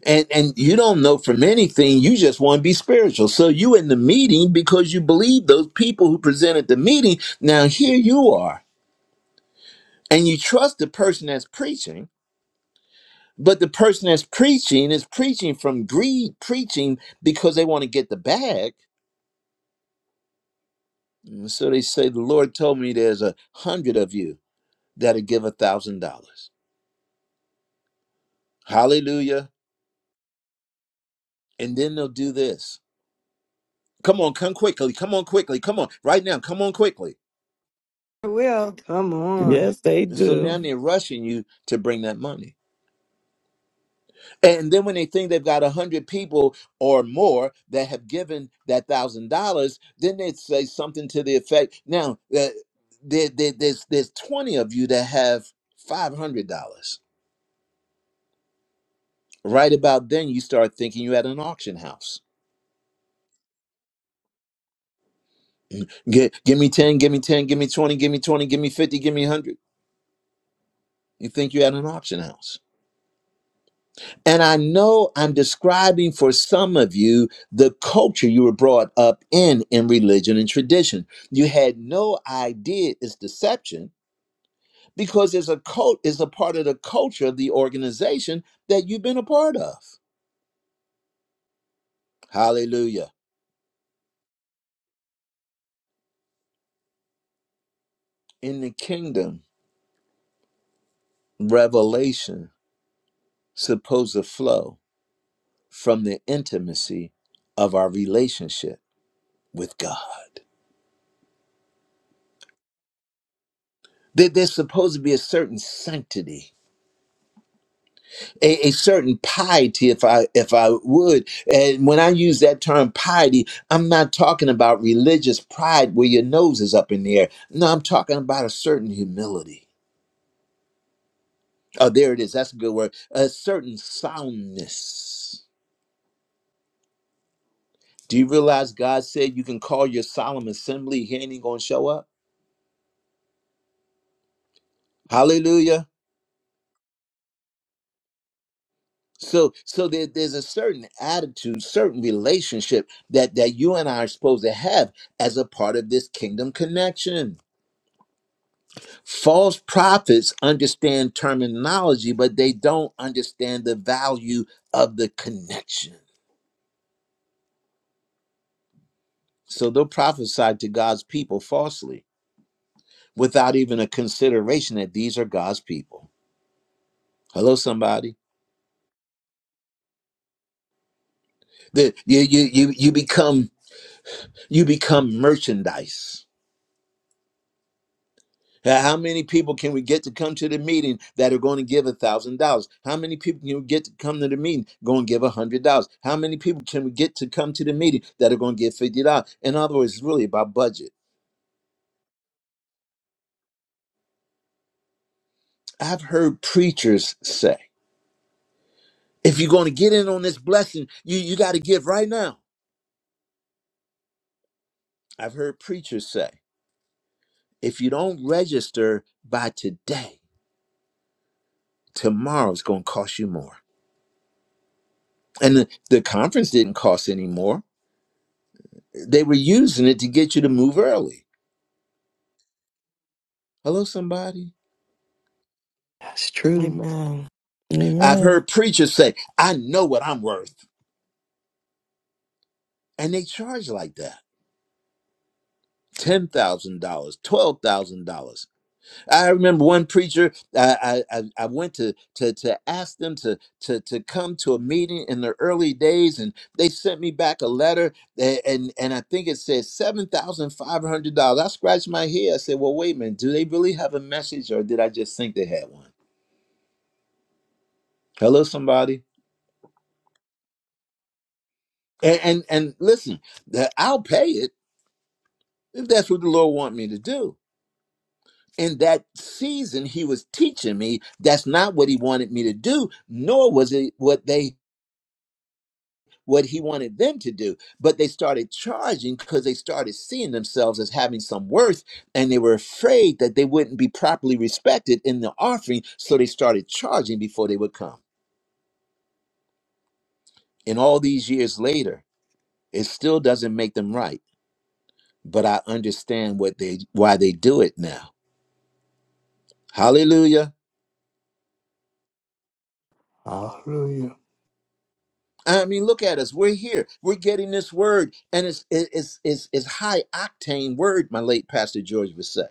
[SPEAKER 1] And, and you don't know from anything. You just want to be spiritual. So you in the meeting because you believe those people who presented the meeting. Now here you are and you trust the person that's preaching, but the person that's preaching is preaching from greed, preaching because they want to get the bag. And so they say, the Lord told me there's a hundred of you that'll give a thousand dollars. Hallelujah. And then they'll do this. Come on, come quickly. Come on, quickly. Come on, right now. Come on, quickly.
[SPEAKER 4] I will. Come on.
[SPEAKER 5] Yes, they
[SPEAKER 1] And so now
[SPEAKER 5] do.
[SPEAKER 1] they're rushing you to bring that money. And then when they think they've got a 100 people or more that have given that $1,000, then they say something to the effect now, uh, there, there, there's, there's 20 of you that have $500. Right about then, you start thinking you're at an auction house. Gi- give me 10, give me 10, give me 20, give me 20, give me 50, give me 100. You think you're at an auction house And I know I'm describing for some of you the culture you were brought up in, in religion and tradition. You had no idea it's deception because it's a cult, is a part of the culture of the organization that you've been a part of. Hallelujah. In the kingdom, revelation supposed to flow from the intimacy of our relationship with God. There- There's supposed to be a certain sanctity a, a certain piety if i if i would and when i use that term piety i'm not talking about religious pride where your nose is up in the air no i'm talking about a certain humility oh there it is that's a good word a certain soundness do you realize god said you can call your solemn assembly he ain't gonna show up hallelujah so so there, there's a certain attitude certain relationship that that you and i are supposed to have as a part of this kingdom connection False prophets understand terminology, but they don't understand the value of the connection. So they'll prophesy to God's people falsely without even a consideration that these are God's people. Hello, somebody. That you you you you become you become merchandise Uh, How many people can we get to come to the meeting that are going to give a thousand dollars? How many people can we get to come to the meeting going to give a hundred dollars? How many people can we get to come to the meeting that are going to give fifty dollars? In other words, it's really about budget. I've heard preachers say, if you're going to get in on this blessing, you, you got to give right now. I've heard preachers say, if you don't register by today, tomorrow's going to cost you more. And the, the conference didn't cost any more. They were using it to get you to move early Hello, somebody.
[SPEAKER 4] That's true.
[SPEAKER 5] Amen.
[SPEAKER 1] I've
[SPEAKER 5] Amen.
[SPEAKER 1] heard preachers say, I know what I'm worth. And they charge like that $10,000, $12,000. I remember one preacher, I, I, I I went to, to, to ask them to, to, to come to a meeting in the early days, and they sent me back a letter, a- and, and I think it said $7,500. I scratched my head. I said, Well, wait a minute, do they really have a message, or did I just think they had one? Hello, somebody. And, and, and listen, that I'll pay it if that's what the Lord want me to do. In that season, He was teaching me that's not what He wanted me to do, nor was it what they what He wanted them to do. But they started charging because they started seeing themselves as having some worth, and they were afraid that they wouldn't be properly respected in the offering, so they started charging before they would come. And all these years later, it still doesn't make them right, but I understand what they why they do it now. Hallelujah.
[SPEAKER 7] Hallelujah.
[SPEAKER 1] I mean, look at us. We're here. We're getting this word, and it's it- it's it's it's high octane word. My late pastor George would say.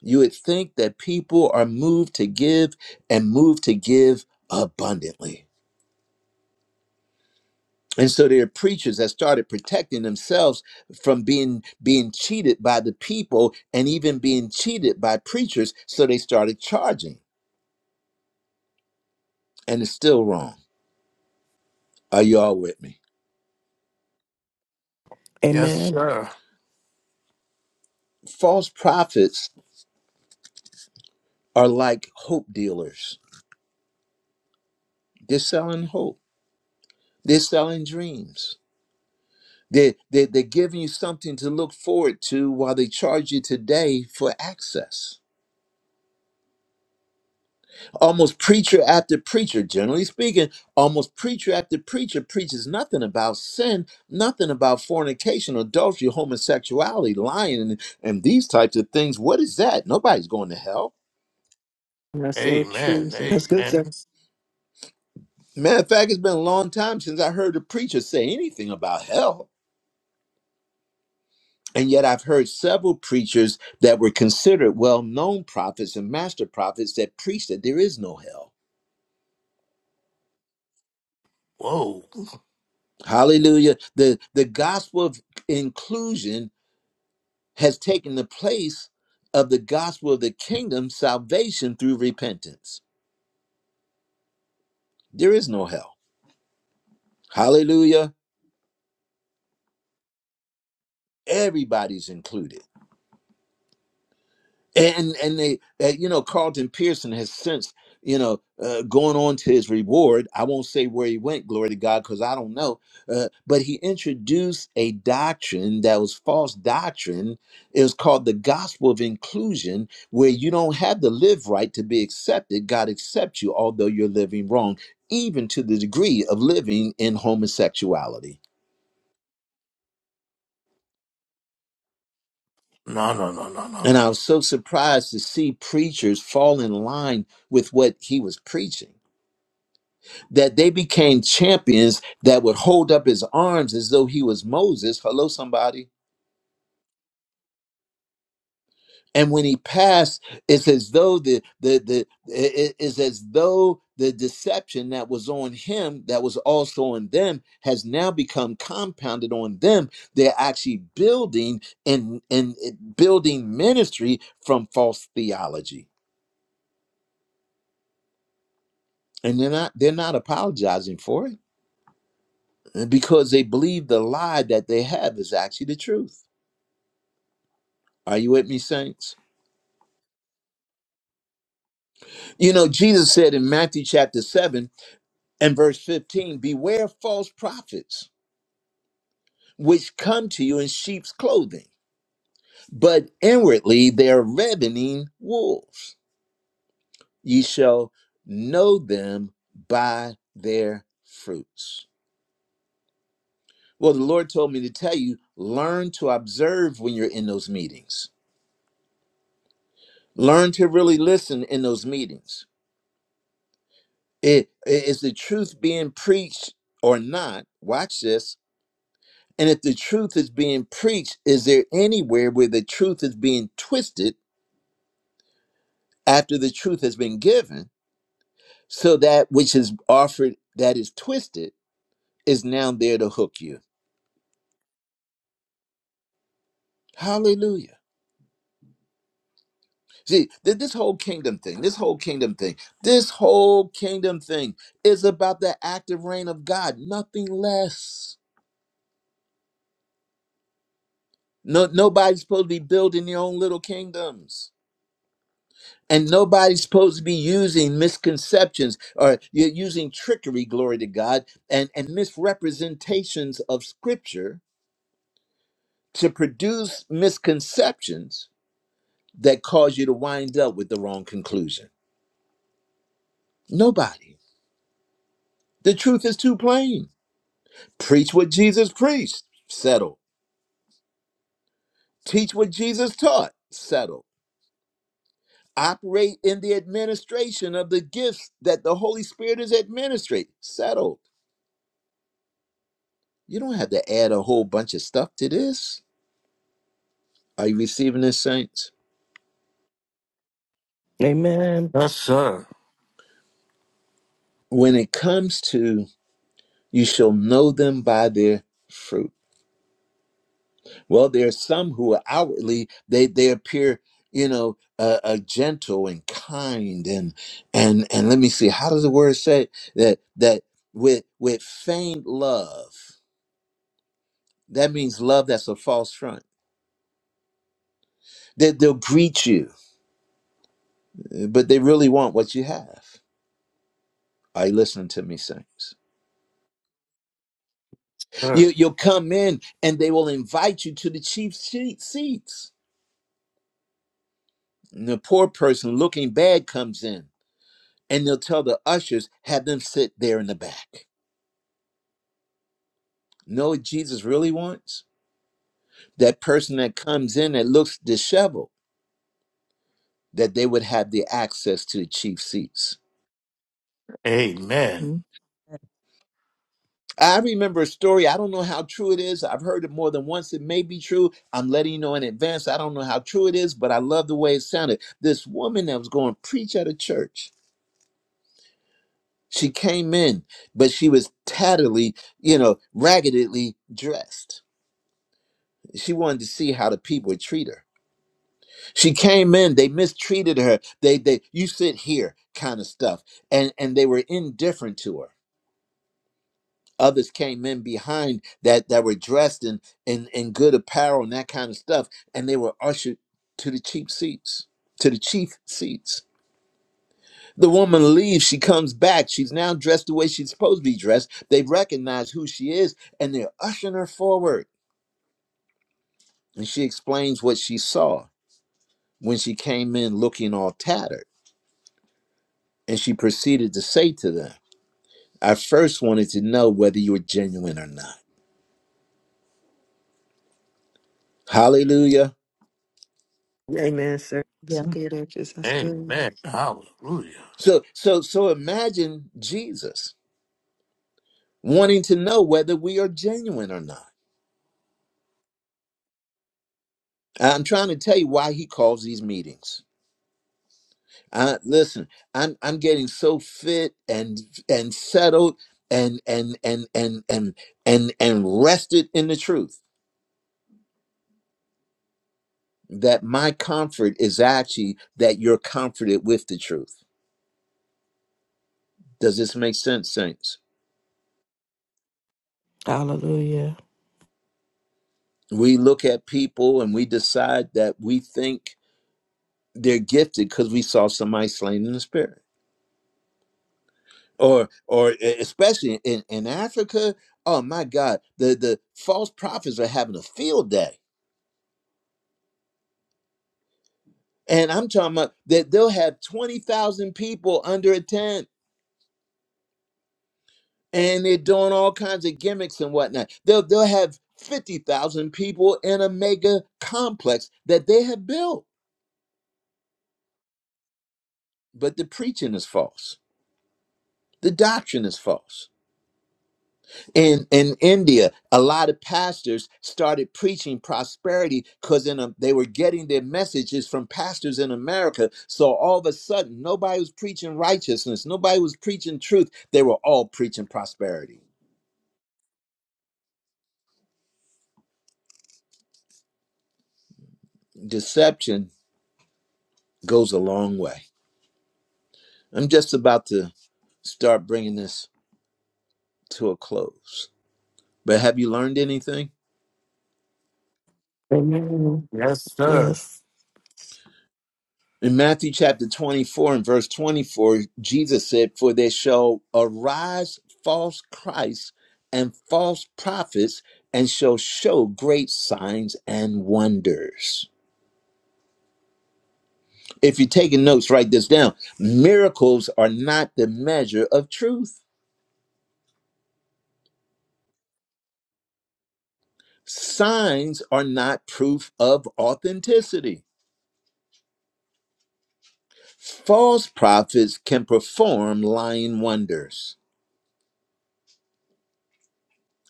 [SPEAKER 1] You would think that people are moved to give and moved to give abundantly. And so there are preachers that started protecting themselves from being being cheated by the people and even being cheated by preachers. So they started charging, and it's still wrong. Are y'all with me?
[SPEAKER 7] Yes,
[SPEAKER 5] Amen.
[SPEAKER 7] sir.
[SPEAKER 1] False prophets are like hope dealers. They're selling hope They're selling dreams. They're, they're, they're giving you something to look forward to while they charge you today for access. Almost preacher after preacher, generally speaking, almost preacher after preacher preaches nothing about sin, nothing about fornication, adultery, homosexuality, lying, and, and these types of things. What is that? Nobody's going to hell.
[SPEAKER 4] That's so true,
[SPEAKER 7] Amen.
[SPEAKER 4] sir. That's good, sir.
[SPEAKER 7] Amen.
[SPEAKER 1] Matter of fact, it's been a long time since I heard a preacher say anything about hell. And yet, I've heard several preachers that were considered well known prophets and master prophets that preached that there is no hell.
[SPEAKER 7] Whoa.
[SPEAKER 1] Hallelujah. The, the gospel of inclusion has taken the place of the gospel of the kingdom, salvation through repentance. There is no hell. Hallelujah. Everybody's included. and and they uh, you know Carlton Pearson has since you know uh, going on to his reward. I won't say where he went, glory to God, because I don't know. Uh, but he introduced a doctrine that was false doctrine. It was called the gospel of inclusion, where you don't have to live right to be accepted. God accepts you, although you're living wrong, even to the degree of living in homosexuality.
[SPEAKER 7] No, no, no, no, no, no.
[SPEAKER 1] And I was so surprised to see preachers fall in line with what he was preaching that they became champions that would hold up his arms as though he was Moses. Hello, somebody. And when he passed, it's as though the the the it it is as though the deception that was on him, that was also on them, has now become compounded on them. They're actually building and and it- building ministry from false theology, and they're not they're not apologizing for it eh, because they believe the lie that they have is actually the truth. Are you with me, saints? You know, Jesus said in Matthew chapter 7 and verse 15 Beware false prophets, which come to you in sheep's clothing, but inwardly they are ravening wolves. Ye shall know them by their fruits. Well, the Lord told me to tell you learn to observe when you're in those meetings, learn to really listen in those meetings. It, is the truth being preached or not? Watch this And if the truth is being preached, is there anywhere where the truth is being twisted after the truth has been given? So that which is offered that is twisted is now there to hook you. Hallelujah. See, th- this whole kingdom thing, this whole kingdom thing, this whole kingdom thing is about the active reign of God, nothing less. No, nobody's supposed to be building their own little kingdoms. And nobody's supposed to be using misconceptions or you're using trickery, glory to God, and, and misrepresentations of scripture to produce misconceptions that cause you to wind up with the wrong conclusion. Nobody. The truth is too plain. Preach what Jesus preached, settle. Teach what Jesus taught, settle. Operate in the administration of the gifts that the Holy Spirit is administering, settle You don't have to add a whole bunch of stuff to this. Are you receiving this, saints?
[SPEAKER 5] Amen.
[SPEAKER 7] Yes, sir.
[SPEAKER 1] When it comes to you shall know them by their fruit. Well, there are some who are outwardly they they appear, you know, uh, uh, gentle and kind and and and let me see, how does the word say that that with with feigned love? That means love that's a false front. That they'll greet you, but they really want what you have. Are you listening to me, saints?
[SPEAKER 7] sir.
[SPEAKER 1] You, you'll come in and they will invite you to the cheap seat, seats. And the poor person looking bad comes in and they'll tell the ushers, have them sit there in the back. Know what Jesus really wants? That person that comes in that looks disheveled, that they would have the access to the cheap seats.
[SPEAKER 7] Amen.
[SPEAKER 6] Mhm.
[SPEAKER 1] I remember a story. I don't know how true it is. I've heard it more than once. It may be true. I'm letting you know in advance. I don't know how true it is, but I love the way it sounded. This woman that was going to preach at a church She came in, but she was tatterly, you know, raggedly dressed. She wanted to see how the people would treat her. She came in, they mistreated her. They they you sit here kind of stuff. And and they were indifferent to her. Others came in behind that that were dressed in in, in good apparel and that kind of stuff. And they were ushered to the cheap seats, to the chief seats. The woman leaves, she comes back. She's now dressed the way she's supposed to be dressed. They recognize who she is and they're ushering her forward. And she explains what she saw when she came in looking all tattered. And she proceeded to say to them, I first wanted to know whether you were genuine or not. Hallelujah.
[SPEAKER 4] Amen, sir. That's
[SPEAKER 6] Yes.
[SPEAKER 4] good, actress. That's good.
[SPEAKER 7] Amen. Hallelujah.
[SPEAKER 1] So so so imagine Jesus wanting to know whether we are genuine or not. I'm trying to tell you why he calls these meetings. I, listen, I'm I'm getting so fit and and settled and and and and and and and rested in the truth that my comfort is actually that you're comforted with the truth. Does this make sense, saints?
[SPEAKER 5] Hallelujah.
[SPEAKER 1] We look at people and we decide that we think they're gifted because we saw somebody slain in the spirit, or or e, especially in in Africa. Oh my God, the the false prophets are having a field day And I'm talking about that they'll have 20,000 people under a tent and they're doing all kinds of gimmicks and whatnot. They'll, they'll have 50,000 people in a mega complex that they have built. But the preaching is false, the doctrine is false. In, in India, a lot of pastors started preaching prosperity because in a, they were getting their messages from pastors in America. So all of a sudden, nobody was preaching righteousness, nobody was preaching truth. They were all preaching prosperity. deception goes a long way. I'm just about to start bringing this to a close. But have you learned anything?
[SPEAKER 5] Amen.
[SPEAKER 7] Yes, sir.
[SPEAKER 5] Yes.
[SPEAKER 1] In Matthew chapter 24 and verse 24, Jesus said, For there shall arise false Christs and false prophets, and shall show great signs and wonders. If you're taking notes, write this down. Miracles are not the measure of truth, signs are not proof of authenticity False prophets can perform lying wonders.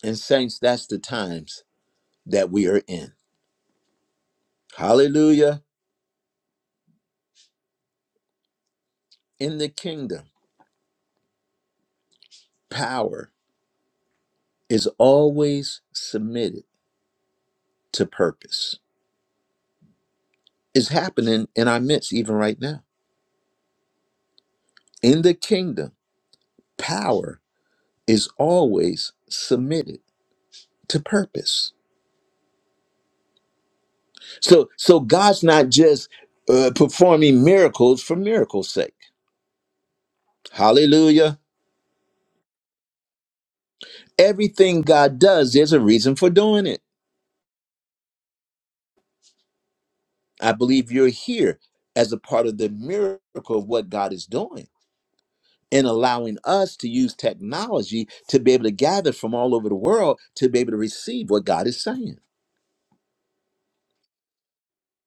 [SPEAKER 1] And, saints, that's the times that we are in. Hallelujah. In the kingdom, power is always submitted to purpose. It's happening in our midst, even right now. In the kingdom, power is always submitted to purpose. So, so God's not just uh, performing miracles for miracles' sake. Hallelujah. Everything God does, there's a reason for doing it. I believe you're here as a part of the miracle of what God is doing and allowing us to use technology to be able to gather from all over the world to be able to receive what God is saying.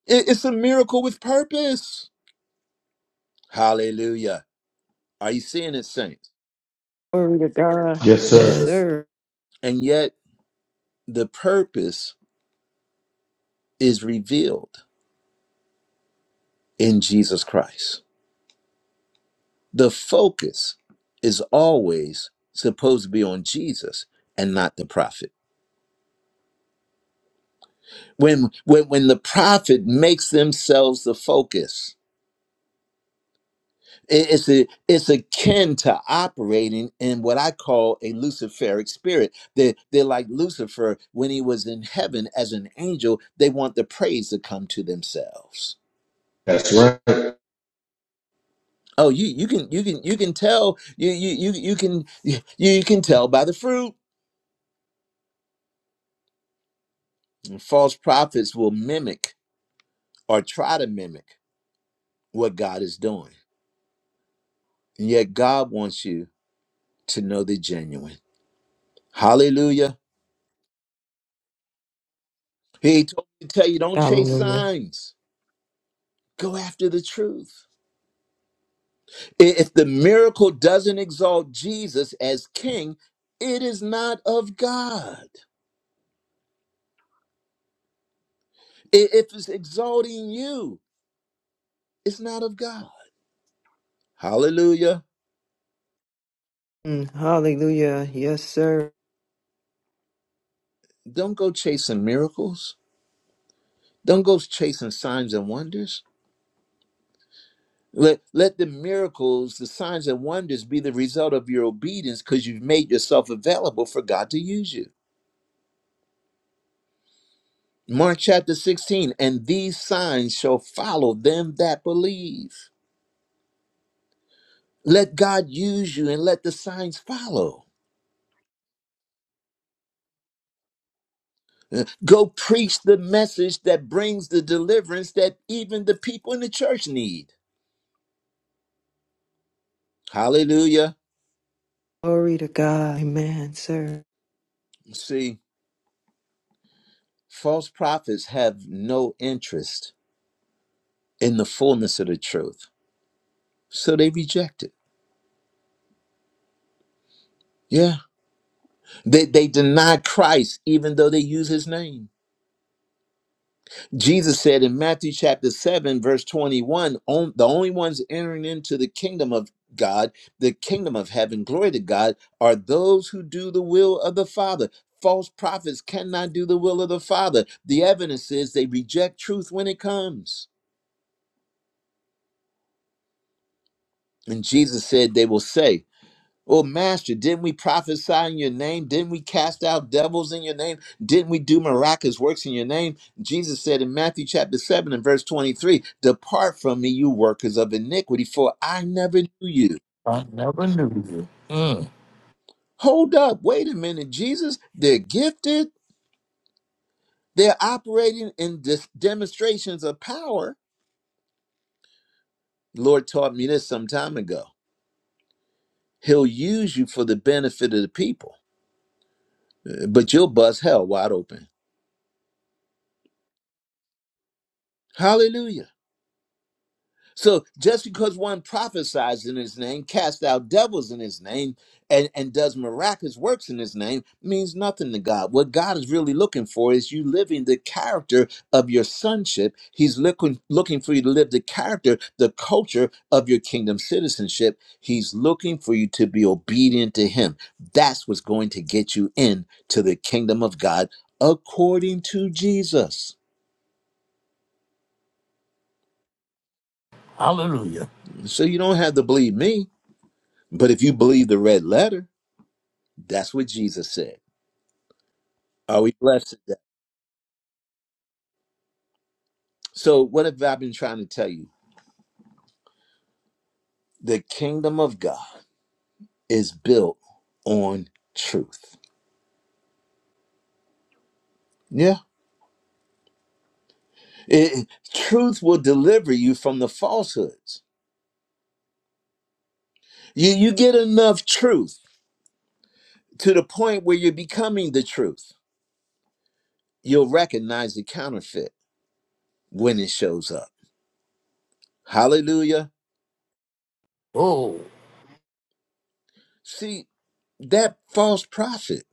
[SPEAKER 1] It- It's a miracle with purpose. Hallelujah. Are you seeing it, saints?
[SPEAKER 4] Glory to God.
[SPEAKER 9] Yes,
[SPEAKER 4] Yes,
[SPEAKER 9] sir.
[SPEAKER 5] Yes.
[SPEAKER 4] sir.
[SPEAKER 1] And yet, the purpose is revealed in Jesus Christ. The focus is always supposed to be on Jesus and not the prophet. when when when the prophet makes themselves the focus i- it's a, it's akin to operating in what I call a Luciferic spirit. they they're like Lucifer when he was in heaven as an angel. They want the praise to come to themselves.
[SPEAKER 9] That's right.
[SPEAKER 1] Oh, you you can you can you can tell you you you you can you, you can tell by the fruit. False prophets will mimic or try to mimic what God is doing, and yet God wants you to know the genuine. Hallelujah. He told me to tell you, don't chase
[SPEAKER 5] Hallelujah.
[SPEAKER 1] signs. Go after the truth. If the miracle doesn't exalt Jesus as king, it is not of God. I- If it's exalting you, it's not of God. Hallelujah.
[SPEAKER 4] Mm, hallelujah. Yes, sir.
[SPEAKER 1] Don't go chasing miracles. Don't go chasing signs and wonders. Let, let the miracles, the signs and wonders be the result of your obedience because you've made yourself available for God to use you. Mark chapter 16, and these signs shall follow them that believe. Let God use you and let the signs follow. Uh, Go preach the message that brings the deliverance that even the people in the church need. Hallelujah.
[SPEAKER 4] Glory to God. Amen, sir.
[SPEAKER 1] See, false prophets have no interest in the fullness of the truth, so they reject it. Yeah. They, they deny Christ even though they use his name. Jesus said in Matthew chapter 7, verse 21, on, the only ones entering into the kingdom of God, the kingdom of heaven, glory to God, are those who do the will of the Father. False prophets cannot do the will of the Father. The evidence is they reject truth when it comes. And Jesus said, They will say, Oh Master, didn't we prophesy in your name? Didn't we cast out devils in your name? Didn't we do miraculous works in your name? Jesus said in Matthew chapter 7 and verse 23 Depart from me, you workers of iniquity, for I never knew you.
[SPEAKER 7] I never knew you. Mm.
[SPEAKER 1] Hold up, wait a minute, Jesus. They're gifted, they're operating in dis- demonstrations of power. Lord taught me this some time ago. He'll use you for the benefit of the people, uh, but you'll bust hell wide open. Hallelujah. So just because one prophesies in his name, casts out devils in his name, and, and does miraculous works in his name means nothing to God. What God is really looking for is you living the character of your sonship. He's looking looking for you to live the character, the culture of your kingdom citizenship. He's looking for you to be obedient to him. That's what's going to get you in to the kingdom of God according to Jesus.
[SPEAKER 7] Hallelujah.
[SPEAKER 1] So you don't have to believe me, but if you believe the red letter. That's what Jesus said. Are we blessed today? So, what have I been trying to tell you? The kingdom of God is built on truth. Yeah. It- truth will deliver you from the falsehoods. You, you get enough truth to the point where you're becoming the truth. You'll recognize the counterfeit when it shows up. Hallelujah.
[SPEAKER 7] Oh,
[SPEAKER 1] See, that false prophet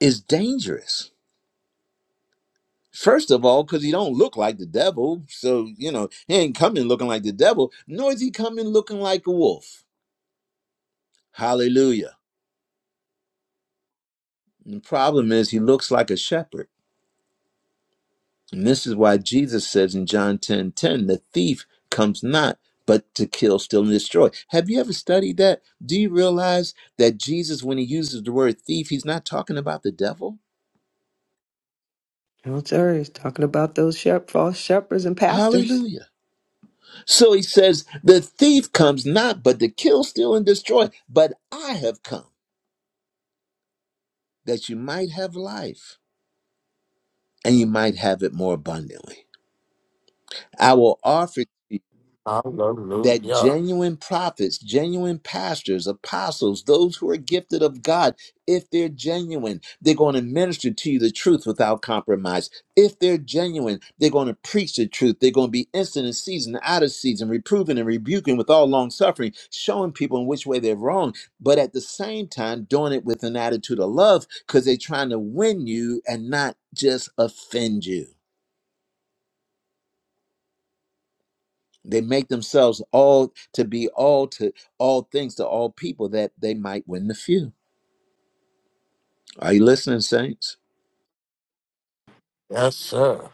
[SPEAKER 1] is dangerous First of all, because he don't look like the devil, so you know he ain't coming looking like the devil, nor is he coming looking like a wolf. Hallelujah. And the problem is he looks like a shepherd, and this is why Jesus says in John ten ten, the thief comes not but to kill, steal, and destroy. Have you ever studied that? Do you realize that Jesus, when he uses the word thief, he's not talking about the devil?
[SPEAKER 4] No, sir. He's talking about those shep- false shepherds and pastors.
[SPEAKER 1] Hallelujah. So he says, the thief comes not but to kill, steal, and destroy, but I have come. that you might have life and you might have it more abundantly. I will offer that
[SPEAKER 7] hallelujah.
[SPEAKER 1] genuine prophets, genuine pastors, apostles, those who are gifted of God, if they're genuine, they're going to minister to you the truth without compromise. If they're genuine, they're going to preach the truth. They're going to be instant in season, out of season, reproving and rebuking with all long suffering, showing people in which way they're wrong, but at the same time, doing it with an attitude of love because they're trying to win you and not just offend you. they make themselves all to be all to all things to all people that they might win the few are you listening saints
[SPEAKER 7] Yes, sir.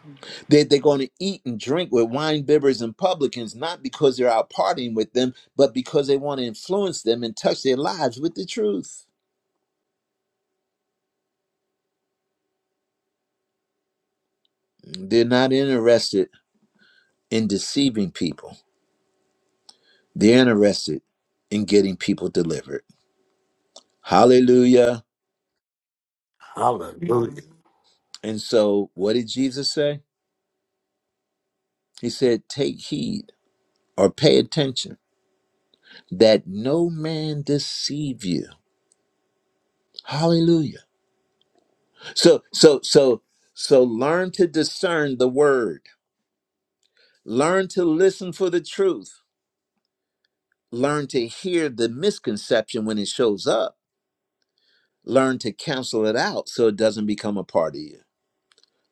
[SPEAKER 1] they, they're going to eat and drink with wine bibbers and publicans not because they're out partying with them but because they want to influence them and touch their lives with the truth they're not interested in deceiving people they're interested in getting people delivered hallelujah
[SPEAKER 7] Hallelujah.
[SPEAKER 1] and so what did jesus say he said take heed or pay attention that no man deceive you. Hallelujah. So so so so learn to discern the word. Learn to listen for the truth. Learn to hear the misconception when it shows up. Learn to cancel it out so it doesn't become a part of you.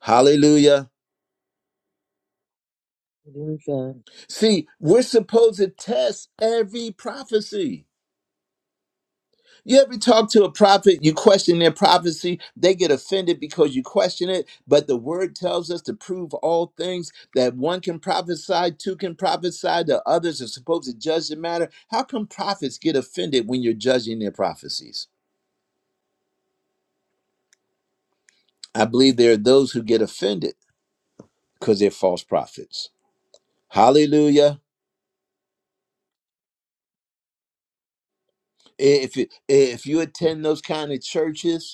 [SPEAKER 1] Hallelujah.
[SPEAKER 6] Hallelujah.
[SPEAKER 1] See, we're supposed to test every prophecy. You ever talk to a prophet, you question their prophecy, they get offended because you question it, but the word tells us to prove all things that one can prophesy, two can prophesy, the others are supposed to judge the matter. How come prophets get offended when you're judging their prophecies? I believe there are those who get offended because they're false prophets. Hallelujah. If you, if you attend those kind of churches,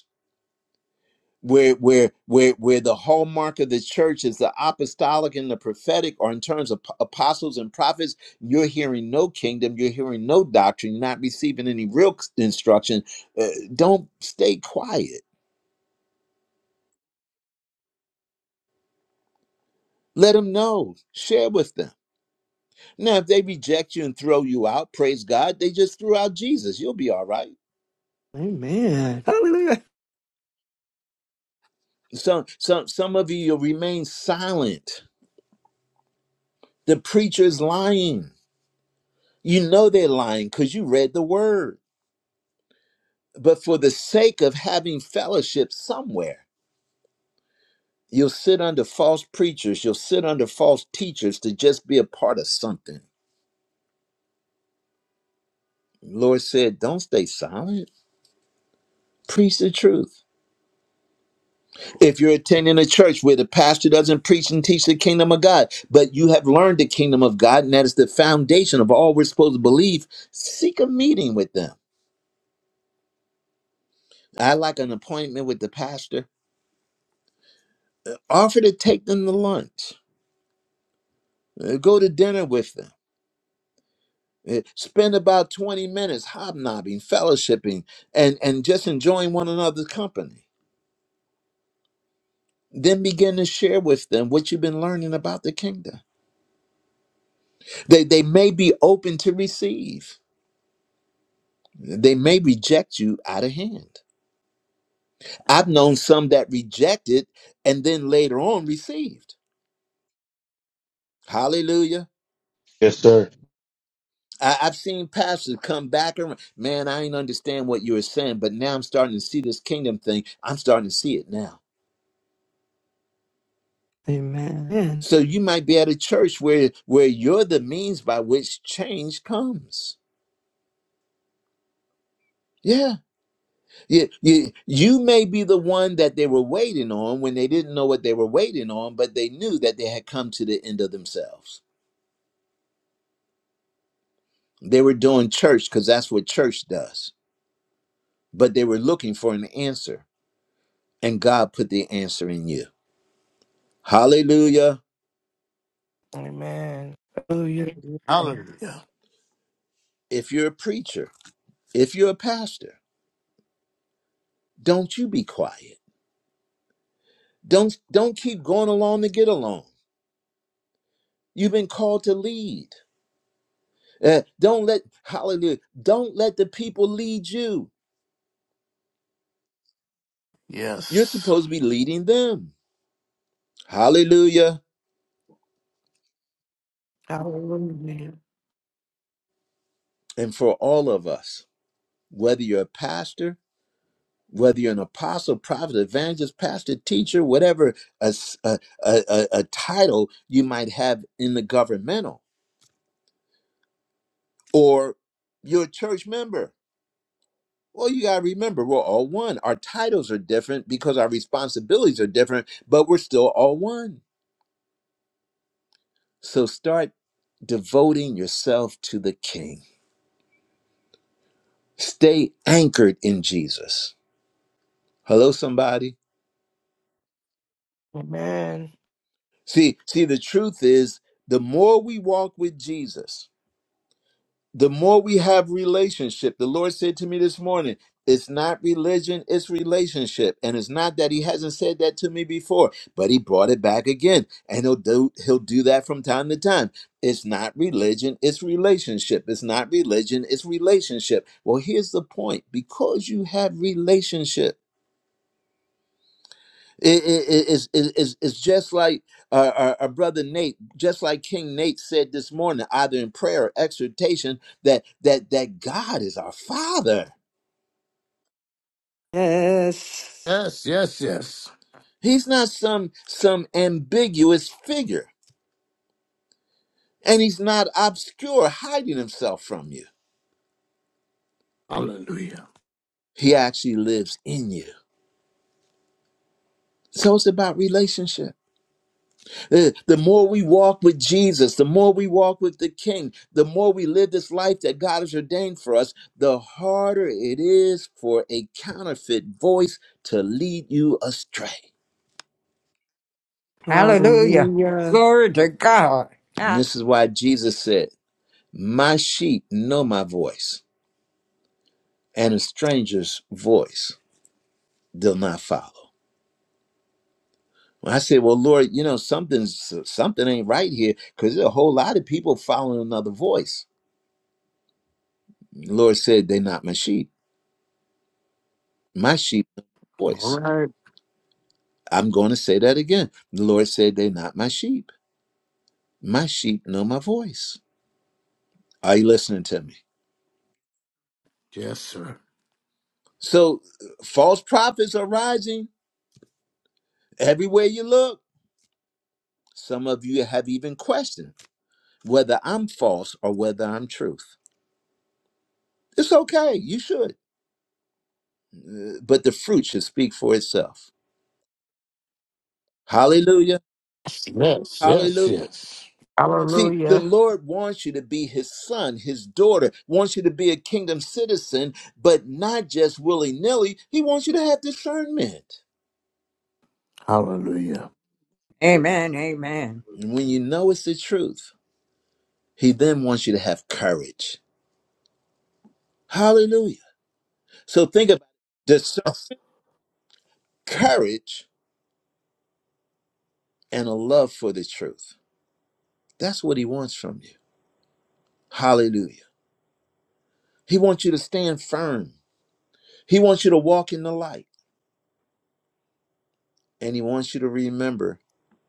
[SPEAKER 1] where where where where the hallmark of the church is the apostolic and the prophetic or in terms of p- apostles and prophets you're hearing no kingdom you're hearing no doctrine you're not receiving any real c- instruction uh, don't stay quiet let them know share with them now if they reject you and throw you out praise god they just threw out jesus you'll be all right
[SPEAKER 4] Amen. Hallelujah.
[SPEAKER 1] some some some of you you'll remain silent the preacher's lying you know they're lying because you read the word but for the sake of having fellowship somewhere, you'll sit under false preachers, you'll sit under false teachers to just be a part of something. Lord said, don't stay silent, preach the truth. If you're attending a church where the pastor doesn't preach and teach the kingdom of God, but you have learned the kingdom of God, and that is the foundation of all we're supposed to believe, seek a meeting with them. I like an appointment with the pastor. Offer to take them to lunch, Uh, go to dinner with them Eh, Spend about 20 minutes hobnobbing, fellowshipping, and, and just enjoying one another's company. Then begin to share with them what you've been learning about the kingdom. They, they may be open to receive, they may reject you out of hand. I've known some that rejected and then later on received. Hallelujah.
[SPEAKER 9] Yes, sir.
[SPEAKER 1] I, I've seen pastors come back and man, I ain't understand what you were saying, but now I'm starting to see this kingdom thing. I'm starting to see it now.
[SPEAKER 4] Amen.
[SPEAKER 1] So you might be at a church where where you're the means by which change comes. Yeah. You, you, you may be the one that they were waiting on when they didn't know what they were waiting on, but they knew that they had come to the end of themselves. They were doing church because that's what church does, but they were looking for an answer, and God put the answer in you. Hallelujah.
[SPEAKER 5] Amen. Hallelujah.
[SPEAKER 6] Hallelujah.
[SPEAKER 7] Hallelujah.
[SPEAKER 1] If you're a preacher, if you're a pastor, don't you be quiet. Don't don't keep going along to get along You've been called to lead. Uh, don't let hallelujah. Don't let the people lead you. You're
[SPEAKER 7] Yes.
[SPEAKER 1] supposed to be leading them. Hallelujah.
[SPEAKER 5] Hallelujah.
[SPEAKER 1] And for all of us, whether you're a pastor, whether you're an apostle, prophet, evangelist, pastor, teacher, whatever a a a a title you might have in the governmental, or you're a church member. Well, you got to remember, we're all one. Our titles are different because our responsibilities are different, but we're still all one. So start devoting yourself to the King. Stay anchored in Jesus. Hello, somebody.
[SPEAKER 5] Amen.
[SPEAKER 1] See, see, the truth is the more we walk with Jesus, the more we have relationship the lord said to me this morning it's not religion it's relationship and it's not that he hasn't said that to me before but he brought it back again and he'll do he'll do that from time to time it's not religion it's relationship it's not religion it's relationship well here's the point because you have relationship it, it, it's, it- it's, it's just like our, our, our brother Nate, just like King Nate said this morning, either in prayer or exhortation, that that that God is our Father.
[SPEAKER 4] Yes.
[SPEAKER 7] Yes, yes, yes.
[SPEAKER 1] He's not some some ambiguous figure, and he's not obscure, hiding himself from you.
[SPEAKER 7] Hallelujah.
[SPEAKER 1] He actually lives in you. So it's about relationship. Uh, The more we walk with Jesus, the more we walk with the King, the more we live this life that God has ordained for us, the harder it is for a counterfeit voice to lead you astray.
[SPEAKER 8] Hallelujah.
[SPEAKER 4] Hallelujah.
[SPEAKER 8] Glory to God.
[SPEAKER 1] And this is why Jesus said, My sheep know my voice, and a stranger's voice they'll not follow. When I say, Well, Lord, you know, something's something ain't right here, because there's a whole lot of people following another voice. The Lord said, They're not my sheep. My sheep know my
[SPEAKER 7] All
[SPEAKER 1] voice
[SPEAKER 7] right.
[SPEAKER 1] I'm going to say that again. The Lord said, They're not my sheep. My sheep know my voice. Are you listening to me?
[SPEAKER 7] Yes, sir.
[SPEAKER 1] So, false prophets are rising everywhere you look. Some of you have even questioned whether I'm false or whether I'm truth. It's okay. You should. Uh, But the fruit should speak for itself. Hallelujah.
[SPEAKER 7] Yes, yes,
[SPEAKER 1] Hallelujah.
[SPEAKER 7] yes.
[SPEAKER 1] See, the
[SPEAKER 5] Hallelujah.
[SPEAKER 1] Lord wants you to be his son, his daughter, wants you to be a kingdom citizen, but not just willy nilly. He wants you to have discernment.
[SPEAKER 7] Hallelujah.
[SPEAKER 8] Amen, amen.
[SPEAKER 1] And when you know it's the truth, he then wants you to have courage. Hallelujah. So think about discern courage and a love for the truth. That's what he wants from you. Hallelujah. He wants you to stand firm. He wants you to walk in the light. And he wants you to remember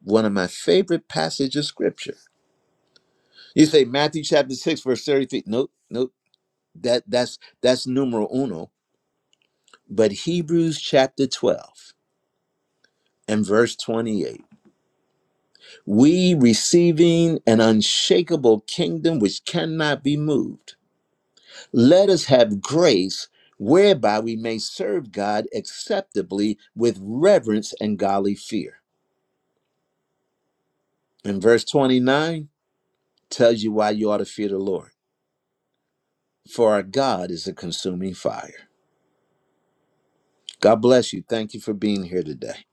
[SPEAKER 1] one of my favorite passages of scripture. You say Matthew chapter 6, verse 33. Nope, nope. That that's that's numeral uno. But Hebrews chapter 12 and verse 28. We receiving an unshakable kingdom which cannot be moved. Let us have grace whereby we may serve God acceptably with reverence and godly fear. And verse 29 tells you why you ought to fear the Lord. For our God is a consuming fire. God bless you. Thank you for being here today.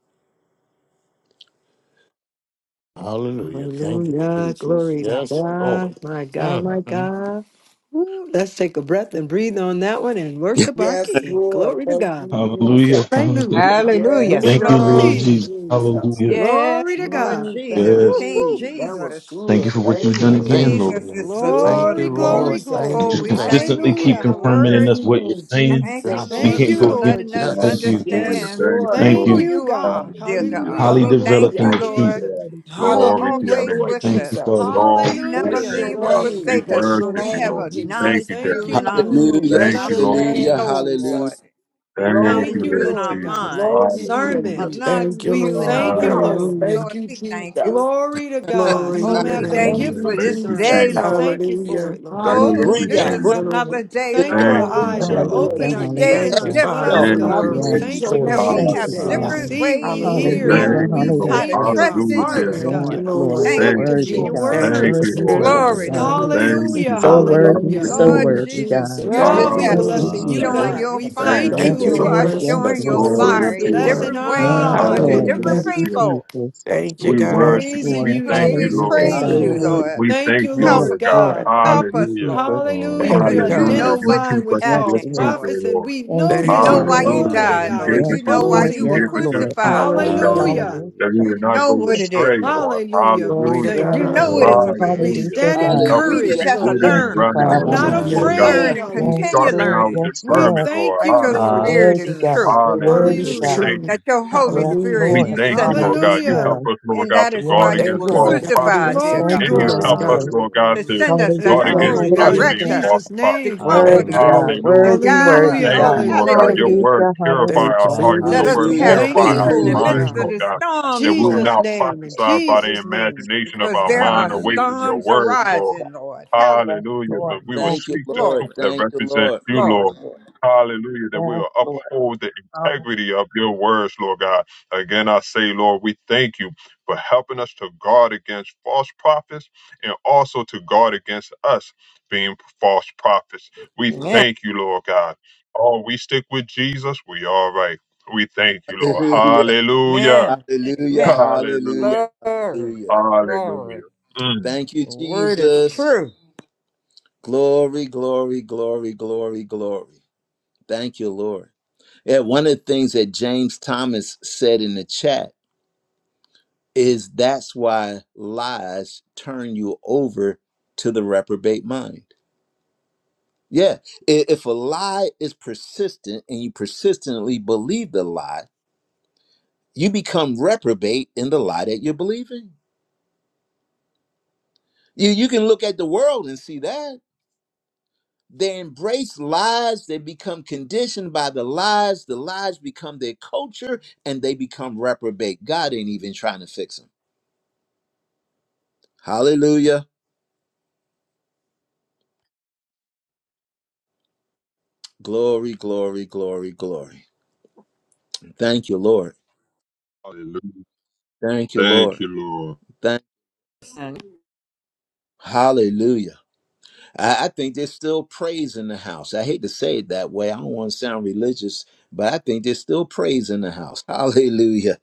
[SPEAKER 7] Hallelujah. Thank you,
[SPEAKER 4] Hallelujah.
[SPEAKER 7] Jesus.
[SPEAKER 4] Glory to
[SPEAKER 7] Yes, Lord.
[SPEAKER 4] God. My God, my
[SPEAKER 7] Mhm.
[SPEAKER 4] God. Woo, let's take a breath and breathe on that one and
[SPEAKER 1] [LAUGHS]
[SPEAKER 4] worship our
[SPEAKER 10] Yes,
[SPEAKER 4] King.
[SPEAKER 10] Lord.
[SPEAKER 4] Glory to
[SPEAKER 10] Thank
[SPEAKER 4] God.
[SPEAKER 10] you,
[SPEAKER 9] Hallelujah.
[SPEAKER 10] Jesus.
[SPEAKER 9] Hallelujah.
[SPEAKER 4] Hallelujah.
[SPEAKER 8] Hallelujah.
[SPEAKER 10] Yes,
[SPEAKER 9] Thank you,
[SPEAKER 10] thank
[SPEAKER 8] Glory.
[SPEAKER 9] Lord
[SPEAKER 7] Hallelujah.
[SPEAKER 10] you,
[SPEAKER 4] Woo-wee.
[SPEAKER 9] Jesus.
[SPEAKER 10] Jesus.
[SPEAKER 9] Hallelujah.
[SPEAKER 4] Glory
[SPEAKER 8] Yes,
[SPEAKER 4] to
[SPEAKER 8] Lord
[SPEAKER 4] God.
[SPEAKER 10] Mm, thank
[SPEAKER 8] Jesus,
[SPEAKER 9] Yes.
[SPEAKER 8] King
[SPEAKER 4] Woo-hoo.
[SPEAKER 10] you. That was
[SPEAKER 8] Jesus.
[SPEAKER 9] Thank you
[SPEAKER 10] good.
[SPEAKER 9] for what
[SPEAKER 10] Thank
[SPEAKER 9] you've done
[SPEAKER 8] King
[SPEAKER 10] you.
[SPEAKER 9] again,
[SPEAKER 4] Woo-wee.
[SPEAKER 7] Thank you,
[SPEAKER 9] Lord.
[SPEAKER 8] Jesus is
[SPEAKER 7] Lord.
[SPEAKER 8] the
[SPEAKER 7] Thank
[SPEAKER 8] Lord
[SPEAKER 7] you,
[SPEAKER 4] Glory,
[SPEAKER 8] of
[SPEAKER 10] Woo,
[SPEAKER 7] Lord.
[SPEAKER 4] glory,
[SPEAKER 8] Lords.
[SPEAKER 10] Jesus,
[SPEAKER 7] Thank
[SPEAKER 9] You
[SPEAKER 8] Oh,
[SPEAKER 4] glory.
[SPEAKER 7] you,
[SPEAKER 9] just
[SPEAKER 8] we
[SPEAKER 7] thank
[SPEAKER 10] Jesus.
[SPEAKER 8] thank
[SPEAKER 7] you.
[SPEAKER 9] consistently
[SPEAKER 8] you for
[SPEAKER 9] keep
[SPEAKER 4] Hallelujah.
[SPEAKER 8] your
[SPEAKER 9] confirming in
[SPEAKER 8] word.
[SPEAKER 4] Hallelujah.
[SPEAKER 9] us what you're
[SPEAKER 10] Mm,
[SPEAKER 9] saying.
[SPEAKER 8] Thank
[SPEAKER 10] Jesus,
[SPEAKER 7] Yeah.
[SPEAKER 8] you,
[SPEAKER 9] We
[SPEAKER 8] Lord,
[SPEAKER 4] Thank
[SPEAKER 9] can't
[SPEAKER 4] you,
[SPEAKER 8] for
[SPEAKER 9] go
[SPEAKER 10] Jesus.
[SPEAKER 9] against
[SPEAKER 4] Lord
[SPEAKER 8] letting
[SPEAKER 9] it.
[SPEAKER 8] us
[SPEAKER 9] Thank
[SPEAKER 7] Yes,
[SPEAKER 4] Jesus.
[SPEAKER 9] you.
[SPEAKER 11] Hallelujah.
[SPEAKER 10] Yes,
[SPEAKER 8] understand
[SPEAKER 7] yes.
[SPEAKER 11] Thank you,
[SPEAKER 10] Lord.
[SPEAKER 9] Thank
[SPEAKER 4] Thank
[SPEAKER 8] who
[SPEAKER 9] you.
[SPEAKER 11] Lord.
[SPEAKER 4] you,
[SPEAKER 8] you
[SPEAKER 4] God.
[SPEAKER 8] are, dear
[SPEAKER 11] Hallelujah.
[SPEAKER 8] God.
[SPEAKER 9] Highly
[SPEAKER 4] Hallelujah.
[SPEAKER 8] We thank
[SPEAKER 9] developed
[SPEAKER 4] Thank
[SPEAKER 9] in
[SPEAKER 8] you,
[SPEAKER 10] Hallelujah.
[SPEAKER 4] you,
[SPEAKER 9] the
[SPEAKER 11] Thank you,
[SPEAKER 9] truth.
[SPEAKER 8] Lord.
[SPEAKER 4] Jesus.
[SPEAKER 11] Daddy.
[SPEAKER 8] You are
[SPEAKER 11] Glory to
[SPEAKER 10] Hallelujah,
[SPEAKER 11] your
[SPEAKER 8] always
[SPEAKER 11] name.
[SPEAKER 10] Lord
[SPEAKER 8] with
[SPEAKER 9] Thank you,
[SPEAKER 8] us.
[SPEAKER 10] Jesus.
[SPEAKER 9] Father.
[SPEAKER 11] Glory
[SPEAKER 8] You
[SPEAKER 11] to
[SPEAKER 8] never
[SPEAKER 11] your
[SPEAKER 10] Bless
[SPEAKER 4] Hallelujah.
[SPEAKER 10] your
[SPEAKER 11] name,
[SPEAKER 8] leave or
[SPEAKER 4] Glory
[SPEAKER 11] Father.
[SPEAKER 4] to
[SPEAKER 10] name.
[SPEAKER 11] We
[SPEAKER 8] forsake
[SPEAKER 4] God.
[SPEAKER 8] us
[SPEAKER 10] Bless
[SPEAKER 11] worship
[SPEAKER 10] your
[SPEAKER 8] when we
[SPEAKER 11] you,
[SPEAKER 8] have
[SPEAKER 10] name,
[SPEAKER 11] Lord. We
[SPEAKER 4] We
[SPEAKER 11] thank
[SPEAKER 10] Jesus.
[SPEAKER 11] you,
[SPEAKER 8] acknowledged
[SPEAKER 4] thank
[SPEAKER 8] you
[SPEAKER 11] Daddy.
[SPEAKER 8] in
[SPEAKER 4] you,
[SPEAKER 8] our
[SPEAKER 4] Lord.
[SPEAKER 10] Mm,
[SPEAKER 4] We
[SPEAKER 1] Hallelujah,
[SPEAKER 8] in
[SPEAKER 10] bless
[SPEAKER 11] Thank
[SPEAKER 8] our
[SPEAKER 11] you,
[SPEAKER 4] bless
[SPEAKER 10] your
[SPEAKER 11] Lord
[SPEAKER 4] your
[SPEAKER 1] hallelujah,
[SPEAKER 11] Jesus.
[SPEAKER 10] name,
[SPEAKER 4] name.
[SPEAKER 8] soul,
[SPEAKER 4] Lord.
[SPEAKER 1] hallelujah.
[SPEAKER 8] Lord.
[SPEAKER 10] Jesus.
[SPEAKER 11] Thank you,
[SPEAKER 4] Thank
[SPEAKER 8] Acknowledged
[SPEAKER 4] you,
[SPEAKER 10] Glory,
[SPEAKER 8] you in
[SPEAKER 11] Lord
[SPEAKER 8] our
[SPEAKER 4] Lord
[SPEAKER 11] Jesus.
[SPEAKER 4] God.
[SPEAKER 8] mind,
[SPEAKER 10] glory be to
[SPEAKER 11] Hallelujah.
[SPEAKER 4] Discernment.
[SPEAKER 10] Jesus.
[SPEAKER 5] Thank you,
[SPEAKER 8] acknowledged
[SPEAKER 4] We
[SPEAKER 8] you in
[SPEAKER 5] Lord.
[SPEAKER 8] our
[SPEAKER 4] thank you,
[SPEAKER 11] Hallelujah.
[SPEAKER 8] heart.
[SPEAKER 10] Yes,
[SPEAKER 4] Lord.
[SPEAKER 5] Hallelujah.
[SPEAKER 10] thank
[SPEAKER 8] Lord,
[SPEAKER 10] you,
[SPEAKER 8] we thank you.
[SPEAKER 10] Jesus.
[SPEAKER 4] Glory to God.
[SPEAKER 5] Glory to
[SPEAKER 8] Oh,
[SPEAKER 4] Some
[SPEAKER 5] your
[SPEAKER 8] we
[SPEAKER 4] have
[SPEAKER 10] Mm,
[SPEAKER 4] the
[SPEAKER 8] thank
[SPEAKER 10] thank
[SPEAKER 5] name.
[SPEAKER 8] you
[SPEAKER 4] gift
[SPEAKER 8] for
[SPEAKER 10] you,
[SPEAKER 4] of
[SPEAKER 12] Hallelujah.
[SPEAKER 11] Thank
[SPEAKER 8] this
[SPEAKER 11] you,
[SPEAKER 4] discernment.
[SPEAKER 8] day,
[SPEAKER 4] We
[SPEAKER 10] Jesus.
[SPEAKER 11] Jesus.
[SPEAKER 8] Lord.
[SPEAKER 4] thank you for
[SPEAKER 5] Hallelujah.
[SPEAKER 4] it, Lord.
[SPEAKER 11] Thank you,
[SPEAKER 8] Oh, this
[SPEAKER 1] Breathe,
[SPEAKER 12] Hallelujah.
[SPEAKER 10] Hallelujah.
[SPEAKER 8] is
[SPEAKER 5] Thank
[SPEAKER 1] breathe.
[SPEAKER 5] you,
[SPEAKER 11] Jesus.
[SPEAKER 8] another
[SPEAKER 5] Lord.
[SPEAKER 8] day,
[SPEAKER 4] Thank you. Our
[SPEAKER 8] Lord.
[SPEAKER 11] Thank you,
[SPEAKER 4] eyes
[SPEAKER 10] Hallelujah,
[SPEAKER 4] are
[SPEAKER 11] Jesus.
[SPEAKER 12] Hallelujah.
[SPEAKER 10] Lord
[SPEAKER 4] open,
[SPEAKER 6] Hallelujah.
[SPEAKER 4] our
[SPEAKER 8] Each
[SPEAKER 10] Jesus.
[SPEAKER 8] day
[SPEAKER 4] ears
[SPEAKER 8] is
[SPEAKER 5] Thank
[SPEAKER 4] are
[SPEAKER 5] you,
[SPEAKER 6] Hallelujah.
[SPEAKER 8] different,
[SPEAKER 5] Father,
[SPEAKER 1] out.
[SPEAKER 4] unplugged,
[SPEAKER 5] for the
[SPEAKER 11] Thank
[SPEAKER 10] I
[SPEAKER 8] Lord.
[SPEAKER 4] God.
[SPEAKER 11] you,
[SPEAKER 4] We
[SPEAKER 5] word,
[SPEAKER 6] Yes,
[SPEAKER 10] praise
[SPEAKER 4] thank
[SPEAKER 5] for
[SPEAKER 10] your
[SPEAKER 11] Jesus.
[SPEAKER 5] the
[SPEAKER 4] you.
[SPEAKER 6] Lord.
[SPEAKER 8] And
[SPEAKER 10] name
[SPEAKER 8] we
[SPEAKER 6] Thank
[SPEAKER 8] have
[SPEAKER 6] you,
[SPEAKER 5] truth.
[SPEAKER 10] today,
[SPEAKER 11] Hallelujah.
[SPEAKER 4] We
[SPEAKER 10] God.
[SPEAKER 6] Father.
[SPEAKER 8] different
[SPEAKER 12] Hallelujah.
[SPEAKER 4] see, we
[SPEAKER 8] ways to
[SPEAKER 4] hear,
[SPEAKER 6] Hallelujah.
[SPEAKER 5] Hallelujah.
[SPEAKER 4] God.
[SPEAKER 8] know
[SPEAKER 11] Thank
[SPEAKER 10] Mm,
[SPEAKER 4] We
[SPEAKER 11] you,
[SPEAKER 8] how
[SPEAKER 11] Lord.
[SPEAKER 10] thank
[SPEAKER 8] to
[SPEAKER 4] thank
[SPEAKER 6] Hallelujah.
[SPEAKER 10] you,
[SPEAKER 4] you. Our
[SPEAKER 8] trust
[SPEAKER 11] Hallelujah
[SPEAKER 8] in
[SPEAKER 11] to
[SPEAKER 10] Jesus.
[SPEAKER 11] your
[SPEAKER 8] you,
[SPEAKER 4] hearts,
[SPEAKER 12] Hall-
[SPEAKER 5] Thank
[SPEAKER 11] name.
[SPEAKER 6] Yes,
[SPEAKER 5] you,
[SPEAKER 4] God,
[SPEAKER 8] Lord.
[SPEAKER 4] are
[SPEAKER 5] Lord.
[SPEAKER 6] Lord,
[SPEAKER 8] Thank
[SPEAKER 11] Thank
[SPEAKER 8] you,
[SPEAKER 10] Ooh,
[SPEAKER 4] receptive
[SPEAKER 11] you,
[SPEAKER 4] to
[SPEAKER 6] worthy
[SPEAKER 4] your
[SPEAKER 11] Lord.
[SPEAKER 8] Jesus.
[SPEAKER 6] God,
[SPEAKER 10] Jesus,
[SPEAKER 5] Thank you
[SPEAKER 11] Thank
[SPEAKER 4] word.
[SPEAKER 5] for
[SPEAKER 11] you,
[SPEAKER 6] worthy,
[SPEAKER 11] Lord.
[SPEAKER 10] Jesus,
[SPEAKER 5] spiritual
[SPEAKER 6] worthy
[SPEAKER 8] Glory,
[SPEAKER 10] Jesus,
[SPEAKER 12] Hallelujah.
[SPEAKER 6] God.
[SPEAKER 8] Lord.
[SPEAKER 5] discernment.
[SPEAKER 11] Thank
[SPEAKER 10] Jesus.
[SPEAKER 6] He's
[SPEAKER 11] you,
[SPEAKER 4] Hallelujah.
[SPEAKER 6] so
[SPEAKER 11] Lord.
[SPEAKER 6] worthy,
[SPEAKER 5] Hallelujah.
[SPEAKER 4] Hallelujah.
[SPEAKER 6] so
[SPEAKER 8] Lord
[SPEAKER 11] Hallelujah.
[SPEAKER 10] Ooh,
[SPEAKER 6] worthy
[SPEAKER 8] Jesus,
[SPEAKER 6] God.
[SPEAKER 10] Jesus,
[SPEAKER 8] you
[SPEAKER 5] Thank
[SPEAKER 4] Well,
[SPEAKER 8] just
[SPEAKER 5] you,
[SPEAKER 4] we
[SPEAKER 8] have
[SPEAKER 11] Hallelujah
[SPEAKER 6] Thank
[SPEAKER 10] Jesus,
[SPEAKER 6] you,
[SPEAKER 5] Lord.
[SPEAKER 4] blessing
[SPEAKER 10] Jesus.
[SPEAKER 11] to
[SPEAKER 4] you,
[SPEAKER 11] your
[SPEAKER 10] Jesus.
[SPEAKER 6] Jesus.
[SPEAKER 8] shown
[SPEAKER 12] Hallelujah.
[SPEAKER 11] name.
[SPEAKER 4] God.
[SPEAKER 8] your
[SPEAKER 4] We
[SPEAKER 11] Thank
[SPEAKER 8] fire.
[SPEAKER 4] thank
[SPEAKER 11] you,
[SPEAKER 6] Yes,
[SPEAKER 4] you,
[SPEAKER 5] Thank you
[SPEAKER 8] You
[SPEAKER 5] for
[SPEAKER 11] Lord.
[SPEAKER 8] are
[SPEAKER 6] Lord,
[SPEAKER 4] Lord.
[SPEAKER 5] blessing
[SPEAKER 6] yes,
[SPEAKER 8] showing
[SPEAKER 5] us
[SPEAKER 8] your
[SPEAKER 5] with
[SPEAKER 6] Lord.
[SPEAKER 5] fruit,
[SPEAKER 11] Glory
[SPEAKER 4] We're
[SPEAKER 10] Yes,
[SPEAKER 8] fire
[SPEAKER 11] to
[SPEAKER 8] in
[SPEAKER 11] your
[SPEAKER 10] Lord.
[SPEAKER 4] blessing,
[SPEAKER 5] Lord.
[SPEAKER 8] different
[SPEAKER 11] name, Lord.
[SPEAKER 8] ways,
[SPEAKER 6] Yes,
[SPEAKER 4] oh my
[SPEAKER 8] Lord, to
[SPEAKER 6] Lord.
[SPEAKER 12] Hallelujah,
[SPEAKER 11] Hallelujah
[SPEAKER 6] Thank
[SPEAKER 8] different
[SPEAKER 5] Hallelujah.
[SPEAKER 4] goodness.
[SPEAKER 12] Lord.
[SPEAKER 6] you,
[SPEAKER 11] to your name.
[SPEAKER 8] people.
[SPEAKER 6] Jesus.
[SPEAKER 5] Thank you,
[SPEAKER 4] We're
[SPEAKER 11] We
[SPEAKER 5] God.
[SPEAKER 6] Yes,
[SPEAKER 11] worship you.
[SPEAKER 4] praising
[SPEAKER 8] We
[SPEAKER 11] We
[SPEAKER 6] Lord.
[SPEAKER 4] you,
[SPEAKER 11] thank you,
[SPEAKER 8] play,
[SPEAKER 6] Hallelujah,
[SPEAKER 11] Lord.
[SPEAKER 4] Jesus.
[SPEAKER 5] Thank
[SPEAKER 8] praise
[SPEAKER 5] you,
[SPEAKER 8] you,
[SPEAKER 6] God.
[SPEAKER 5] Lord.
[SPEAKER 1] Hallelujah,
[SPEAKER 12] Hallelujah.
[SPEAKER 8] Lord.
[SPEAKER 11] We
[SPEAKER 4] Thank
[SPEAKER 11] thank
[SPEAKER 4] you,
[SPEAKER 11] you,
[SPEAKER 6] Yes,
[SPEAKER 8] Help
[SPEAKER 4] Lord
[SPEAKER 8] us,
[SPEAKER 11] Lord God.
[SPEAKER 8] Lord.
[SPEAKER 6] Lord.
[SPEAKER 4] God.
[SPEAKER 6] Thank
[SPEAKER 8] Help
[SPEAKER 6] you,
[SPEAKER 8] us,
[SPEAKER 11] Hallelujah.
[SPEAKER 6] Jesus.
[SPEAKER 8] Lord.
[SPEAKER 12] Glory
[SPEAKER 4] Hallelujah.
[SPEAKER 12] to
[SPEAKER 6] Mm,
[SPEAKER 5] Thank you,
[SPEAKER 4] We're
[SPEAKER 8] Because
[SPEAKER 12] your
[SPEAKER 8] you
[SPEAKER 12] name,
[SPEAKER 8] know
[SPEAKER 11] Hallelujah.
[SPEAKER 5] God.
[SPEAKER 11] You
[SPEAKER 6] mm.
[SPEAKER 12] Jesus.
[SPEAKER 8] what's
[SPEAKER 11] keep
[SPEAKER 4] identifying with
[SPEAKER 11] us in
[SPEAKER 6] Yes,
[SPEAKER 11] your
[SPEAKER 4] false
[SPEAKER 8] happening,
[SPEAKER 6] Lord.
[SPEAKER 11] truth, O
[SPEAKER 8] Lord.
[SPEAKER 4] prophets and
[SPEAKER 11] Lord.
[SPEAKER 4] we
[SPEAKER 6] Thank
[SPEAKER 4] know
[SPEAKER 6] you,
[SPEAKER 8] You
[SPEAKER 5] Thank
[SPEAKER 8] know
[SPEAKER 5] you,
[SPEAKER 4] them.
[SPEAKER 8] why
[SPEAKER 6] Father.
[SPEAKER 8] you
[SPEAKER 5] Lord.
[SPEAKER 11] Hallelujah.
[SPEAKER 4] Glory to
[SPEAKER 8] died,
[SPEAKER 11] You
[SPEAKER 4] God,
[SPEAKER 11] gave
[SPEAKER 8] Lord.
[SPEAKER 6] Yes,
[SPEAKER 12] Hallelujah.
[SPEAKER 11] us
[SPEAKER 8] You know
[SPEAKER 11] your
[SPEAKER 8] why
[SPEAKER 11] voice.
[SPEAKER 6] Lord.
[SPEAKER 8] you
[SPEAKER 4] exposing
[SPEAKER 11] You
[SPEAKER 8] were
[SPEAKER 6] Yes,
[SPEAKER 11] gave
[SPEAKER 4] them.
[SPEAKER 11] us your
[SPEAKER 6] Lord.
[SPEAKER 11] truth,
[SPEAKER 8] crucified.
[SPEAKER 11] Lord God,
[SPEAKER 5] Hallelujah.
[SPEAKER 4] Hallelujah.
[SPEAKER 6] Hallelujah.
[SPEAKER 12] Hallelujah,
[SPEAKER 11] that we
[SPEAKER 8] You
[SPEAKER 11] would
[SPEAKER 12] Jesus.
[SPEAKER 11] not
[SPEAKER 8] know
[SPEAKER 11] go
[SPEAKER 8] what
[SPEAKER 6] Yes,
[SPEAKER 8] it
[SPEAKER 11] astray,
[SPEAKER 8] is.
[SPEAKER 6] Lord.
[SPEAKER 11] Lord.
[SPEAKER 4] Hallelujah. We
[SPEAKER 5] Glory to
[SPEAKER 11] Hallelujah.
[SPEAKER 4] thank
[SPEAKER 8] You
[SPEAKER 4] you,
[SPEAKER 6] Yes,
[SPEAKER 8] know
[SPEAKER 5] God.
[SPEAKER 4] Lord.
[SPEAKER 8] what
[SPEAKER 6] Lord.
[SPEAKER 8] it's
[SPEAKER 12] Glory to your
[SPEAKER 8] about.
[SPEAKER 4] We
[SPEAKER 12] name,
[SPEAKER 6] Hallelujah,
[SPEAKER 11] Hallelujah.
[SPEAKER 4] stand in
[SPEAKER 11] You
[SPEAKER 12] Jesus.
[SPEAKER 6] God.
[SPEAKER 11] help us
[SPEAKER 8] We
[SPEAKER 11] to
[SPEAKER 4] courage,
[SPEAKER 8] just
[SPEAKER 11] be
[SPEAKER 1] hallelujah,
[SPEAKER 8] have to
[SPEAKER 4] Lord
[SPEAKER 11] rooted
[SPEAKER 6] Thank
[SPEAKER 11] and
[SPEAKER 4] God.
[SPEAKER 6] you,
[SPEAKER 8] learn,
[SPEAKER 11] grounded
[SPEAKER 1] hallelujah,
[SPEAKER 4] We're
[SPEAKER 11] in
[SPEAKER 6] Father.
[SPEAKER 4] not
[SPEAKER 11] truth, Lord
[SPEAKER 5] Hallelujah.
[SPEAKER 11] God.
[SPEAKER 12] Hallelujah.
[SPEAKER 4] afraid.
[SPEAKER 8] learn,
[SPEAKER 1] hallelujah,
[SPEAKER 8] and
[SPEAKER 11] You
[SPEAKER 6] Yes,
[SPEAKER 8] continue
[SPEAKER 4] Hallelujah.
[SPEAKER 11] sharpen
[SPEAKER 6] Lord.
[SPEAKER 11] our
[SPEAKER 8] learning
[SPEAKER 6] Yes,
[SPEAKER 4] We
[SPEAKER 11] discernment,
[SPEAKER 6] Lord.
[SPEAKER 11] Lord.
[SPEAKER 4] thank
[SPEAKER 8] that
[SPEAKER 4] you,
[SPEAKER 8] your
[SPEAKER 4] Lord
[SPEAKER 11] Hallelujah.
[SPEAKER 8] spirit is
[SPEAKER 6] Worthy
[SPEAKER 12] Hallelujah,
[SPEAKER 6] God.
[SPEAKER 4] Jesus.
[SPEAKER 8] true.
[SPEAKER 6] You're
[SPEAKER 12] Jesus.
[SPEAKER 5] The word is
[SPEAKER 11] Hallelujah.
[SPEAKER 6] worthy
[SPEAKER 11] We
[SPEAKER 6] God.
[SPEAKER 4] Hallelujah.
[SPEAKER 11] thank
[SPEAKER 5] true.
[SPEAKER 11] you.
[SPEAKER 8] that your Holy
[SPEAKER 6] Yes,
[SPEAKER 8] Spirit
[SPEAKER 11] We
[SPEAKER 5] Hallelujah.
[SPEAKER 6] Lord.
[SPEAKER 8] you
[SPEAKER 12] Thank you,
[SPEAKER 11] thank you,
[SPEAKER 8] sent
[SPEAKER 12] Jesus.
[SPEAKER 8] us.
[SPEAKER 11] Lord
[SPEAKER 6] Hallelujah.
[SPEAKER 11] God. You
[SPEAKER 4] Hallelujah.
[SPEAKER 11] help us, Lord
[SPEAKER 8] And
[SPEAKER 11] God,
[SPEAKER 8] that
[SPEAKER 11] to
[SPEAKER 8] is why
[SPEAKER 11] guard
[SPEAKER 6] Yes,
[SPEAKER 8] you
[SPEAKER 11] against
[SPEAKER 5] Thank
[SPEAKER 8] were
[SPEAKER 5] you for
[SPEAKER 11] false
[SPEAKER 6] Lord.
[SPEAKER 5] guiding
[SPEAKER 11] prophets.
[SPEAKER 8] crucified,
[SPEAKER 5] us
[SPEAKER 8] dear
[SPEAKER 5] and
[SPEAKER 4] Glory,
[SPEAKER 6] Thank
[SPEAKER 8] God,
[SPEAKER 11] And
[SPEAKER 6] you,
[SPEAKER 5] keeping
[SPEAKER 11] you
[SPEAKER 4] glory,
[SPEAKER 5] us,
[SPEAKER 11] help us,
[SPEAKER 5] God.
[SPEAKER 6] Jesus.
[SPEAKER 4] glory,
[SPEAKER 11] Lord
[SPEAKER 12] Hallelujah.
[SPEAKER 11] God,
[SPEAKER 8] to
[SPEAKER 4] glory.
[SPEAKER 11] to
[SPEAKER 8] send us that
[SPEAKER 4] Thank
[SPEAKER 11] guard
[SPEAKER 4] you,
[SPEAKER 6] Hallelujah.
[SPEAKER 8] spirit
[SPEAKER 11] against
[SPEAKER 8] to
[SPEAKER 4] Lord
[SPEAKER 11] us
[SPEAKER 4] God, in
[SPEAKER 5] Hallelujah.
[SPEAKER 11] being
[SPEAKER 8] direct
[SPEAKER 6] Hallelujah.
[SPEAKER 8] us,
[SPEAKER 11] false
[SPEAKER 4] Jesus'
[SPEAKER 8] to
[SPEAKER 4] name.
[SPEAKER 11] prophets, Lord.
[SPEAKER 8] comfort
[SPEAKER 5] Thank
[SPEAKER 6] Worthy
[SPEAKER 5] you,
[SPEAKER 8] us,
[SPEAKER 12] Hallelujah,
[SPEAKER 6] God.
[SPEAKER 5] Lord.
[SPEAKER 8] to
[SPEAKER 11] Hallelujah.
[SPEAKER 12] Jesus.
[SPEAKER 6] Worthy,
[SPEAKER 8] guide us.
[SPEAKER 6] worthy
[SPEAKER 4] Hallelujah,
[SPEAKER 11] Thank
[SPEAKER 8] Oh,
[SPEAKER 6] God.
[SPEAKER 11] you, Lord God.
[SPEAKER 4] hallelujah.
[SPEAKER 11] Your
[SPEAKER 8] hallelujah.
[SPEAKER 11] word
[SPEAKER 6] Hallelujah.
[SPEAKER 11] purify
[SPEAKER 6] Hallelujah.
[SPEAKER 5] Thank you
[SPEAKER 11] our
[SPEAKER 5] for your
[SPEAKER 11] hearts.
[SPEAKER 8] Let
[SPEAKER 11] Your
[SPEAKER 8] us
[SPEAKER 12] Hallelujah,
[SPEAKER 11] word
[SPEAKER 5] wisdom.
[SPEAKER 1] hallelujah,
[SPEAKER 6] Thank
[SPEAKER 8] have
[SPEAKER 12] Jesus.
[SPEAKER 4] Thank
[SPEAKER 11] purify
[SPEAKER 6] you,
[SPEAKER 4] you
[SPEAKER 8] peace
[SPEAKER 12] Thank
[SPEAKER 11] our
[SPEAKER 8] in
[SPEAKER 12] you,
[SPEAKER 8] the
[SPEAKER 4] for it,
[SPEAKER 1] hallelujah.
[SPEAKER 6] Jesus.
[SPEAKER 8] midst
[SPEAKER 11] minds,
[SPEAKER 12] Jesus.
[SPEAKER 8] of
[SPEAKER 4] God.
[SPEAKER 6] Oh
[SPEAKER 11] Lord
[SPEAKER 8] the
[SPEAKER 11] God.
[SPEAKER 6] my God.
[SPEAKER 11] That
[SPEAKER 8] storms,
[SPEAKER 11] we will
[SPEAKER 4] Jesus'
[SPEAKER 8] Lord,
[SPEAKER 11] not
[SPEAKER 4] name, in
[SPEAKER 6] Sunday.
[SPEAKER 11] prophesy by
[SPEAKER 6] Lord.
[SPEAKER 11] the
[SPEAKER 4] Jesus' name.
[SPEAKER 11] imagination of
[SPEAKER 8] because
[SPEAKER 11] our
[SPEAKER 8] there are
[SPEAKER 11] mind away
[SPEAKER 12] Hallelujah,
[SPEAKER 11] from your
[SPEAKER 8] storms
[SPEAKER 11] word,
[SPEAKER 12] Jesus.
[SPEAKER 6] Thank you,
[SPEAKER 11] Lord.
[SPEAKER 6] God.
[SPEAKER 8] arising, Lord. Hallelujah.
[SPEAKER 6] Yes,
[SPEAKER 11] Hallelujah.
[SPEAKER 6] Lord.
[SPEAKER 11] But
[SPEAKER 12] Glory.
[SPEAKER 11] we will
[SPEAKER 6] Thank
[SPEAKER 1] Thank
[SPEAKER 6] you,
[SPEAKER 1] you,
[SPEAKER 11] speak the
[SPEAKER 1] Lord.
[SPEAKER 11] truth
[SPEAKER 6] Jesus.
[SPEAKER 8] Glory.
[SPEAKER 11] that
[SPEAKER 1] Thank you,
[SPEAKER 11] represents
[SPEAKER 1] Lord.
[SPEAKER 11] you,
[SPEAKER 6] Yes,
[SPEAKER 8] Glory.
[SPEAKER 11] Lord.
[SPEAKER 6] Lord.
[SPEAKER 11] Hallelujah. That we
[SPEAKER 6] Yes,
[SPEAKER 11] will
[SPEAKER 6] Lord.
[SPEAKER 11] uphold the
[SPEAKER 6] Hallelujah.
[SPEAKER 11] integrity of your words, Lord God. Again, I say, Lord, we thank you for helping us to guard against false prophets and also to guard against us being false prophets. We
[SPEAKER 8] Amen.
[SPEAKER 11] thank you, Lord God. Oh, we stick with Jesus. We all right. We thank you,
[SPEAKER 1] [LAUGHS]
[SPEAKER 11] Lord.
[SPEAKER 1] Hallelujah,
[SPEAKER 11] Hallelujah.
[SPEAKER 8] Amen.
[SPEAKER 1] hallelujah,
[SPEAKER 8] Amen.
[SPEAKER 1] hallelujah,
[SPEAKER 11] Hallelujah.
[SPEAKER 8] Glory.
[SPEAKER 1] hallelujah.
[SPEAKER 11] Hallelujah.
[SPEAKER 8] Glory.
[SPEAKER 11] Mm.
[SPEAKER 1] Thank you,
[SPEAKER 8] The word is
[SPEAKER 1] Jesus.
[SPEAKER 8] true.
[SPEAKER 1] Glory, glory, glory, glory, glory. Thank you, Lord. Yeah, one of the things that James Thomas said in the chat is that's why lies turn you over to the reprobate mind. Yeah, i- if a lie is persistent and you persistently believe the lie, you become reprobate in the lie that you're believing. You you can look at the world and see that they embrace lies, they become conditioned by the lies, the lies become their culture and they become reprobate. God ain't even trying to fix them. Hallelujah. Glory, glory, glory, glory. Thank you, Lord.
[SPEAKER 11] Hallelujah.
[SPEAKER 1] Thank you,
[SPEAKER 11] Thank
[SPEAKER 1] Lord.
[SPEAKER 11] you, Lord.
[SPEAKER 1] Thank
[SPEAKER 8] And
[SPEAKER 1] Hallelujah. I, I think there's still praise in the house. I hate to say it that way. I don't want to sound religious, but I think there's still praise in the house. [LAUGHS] Hallelujah.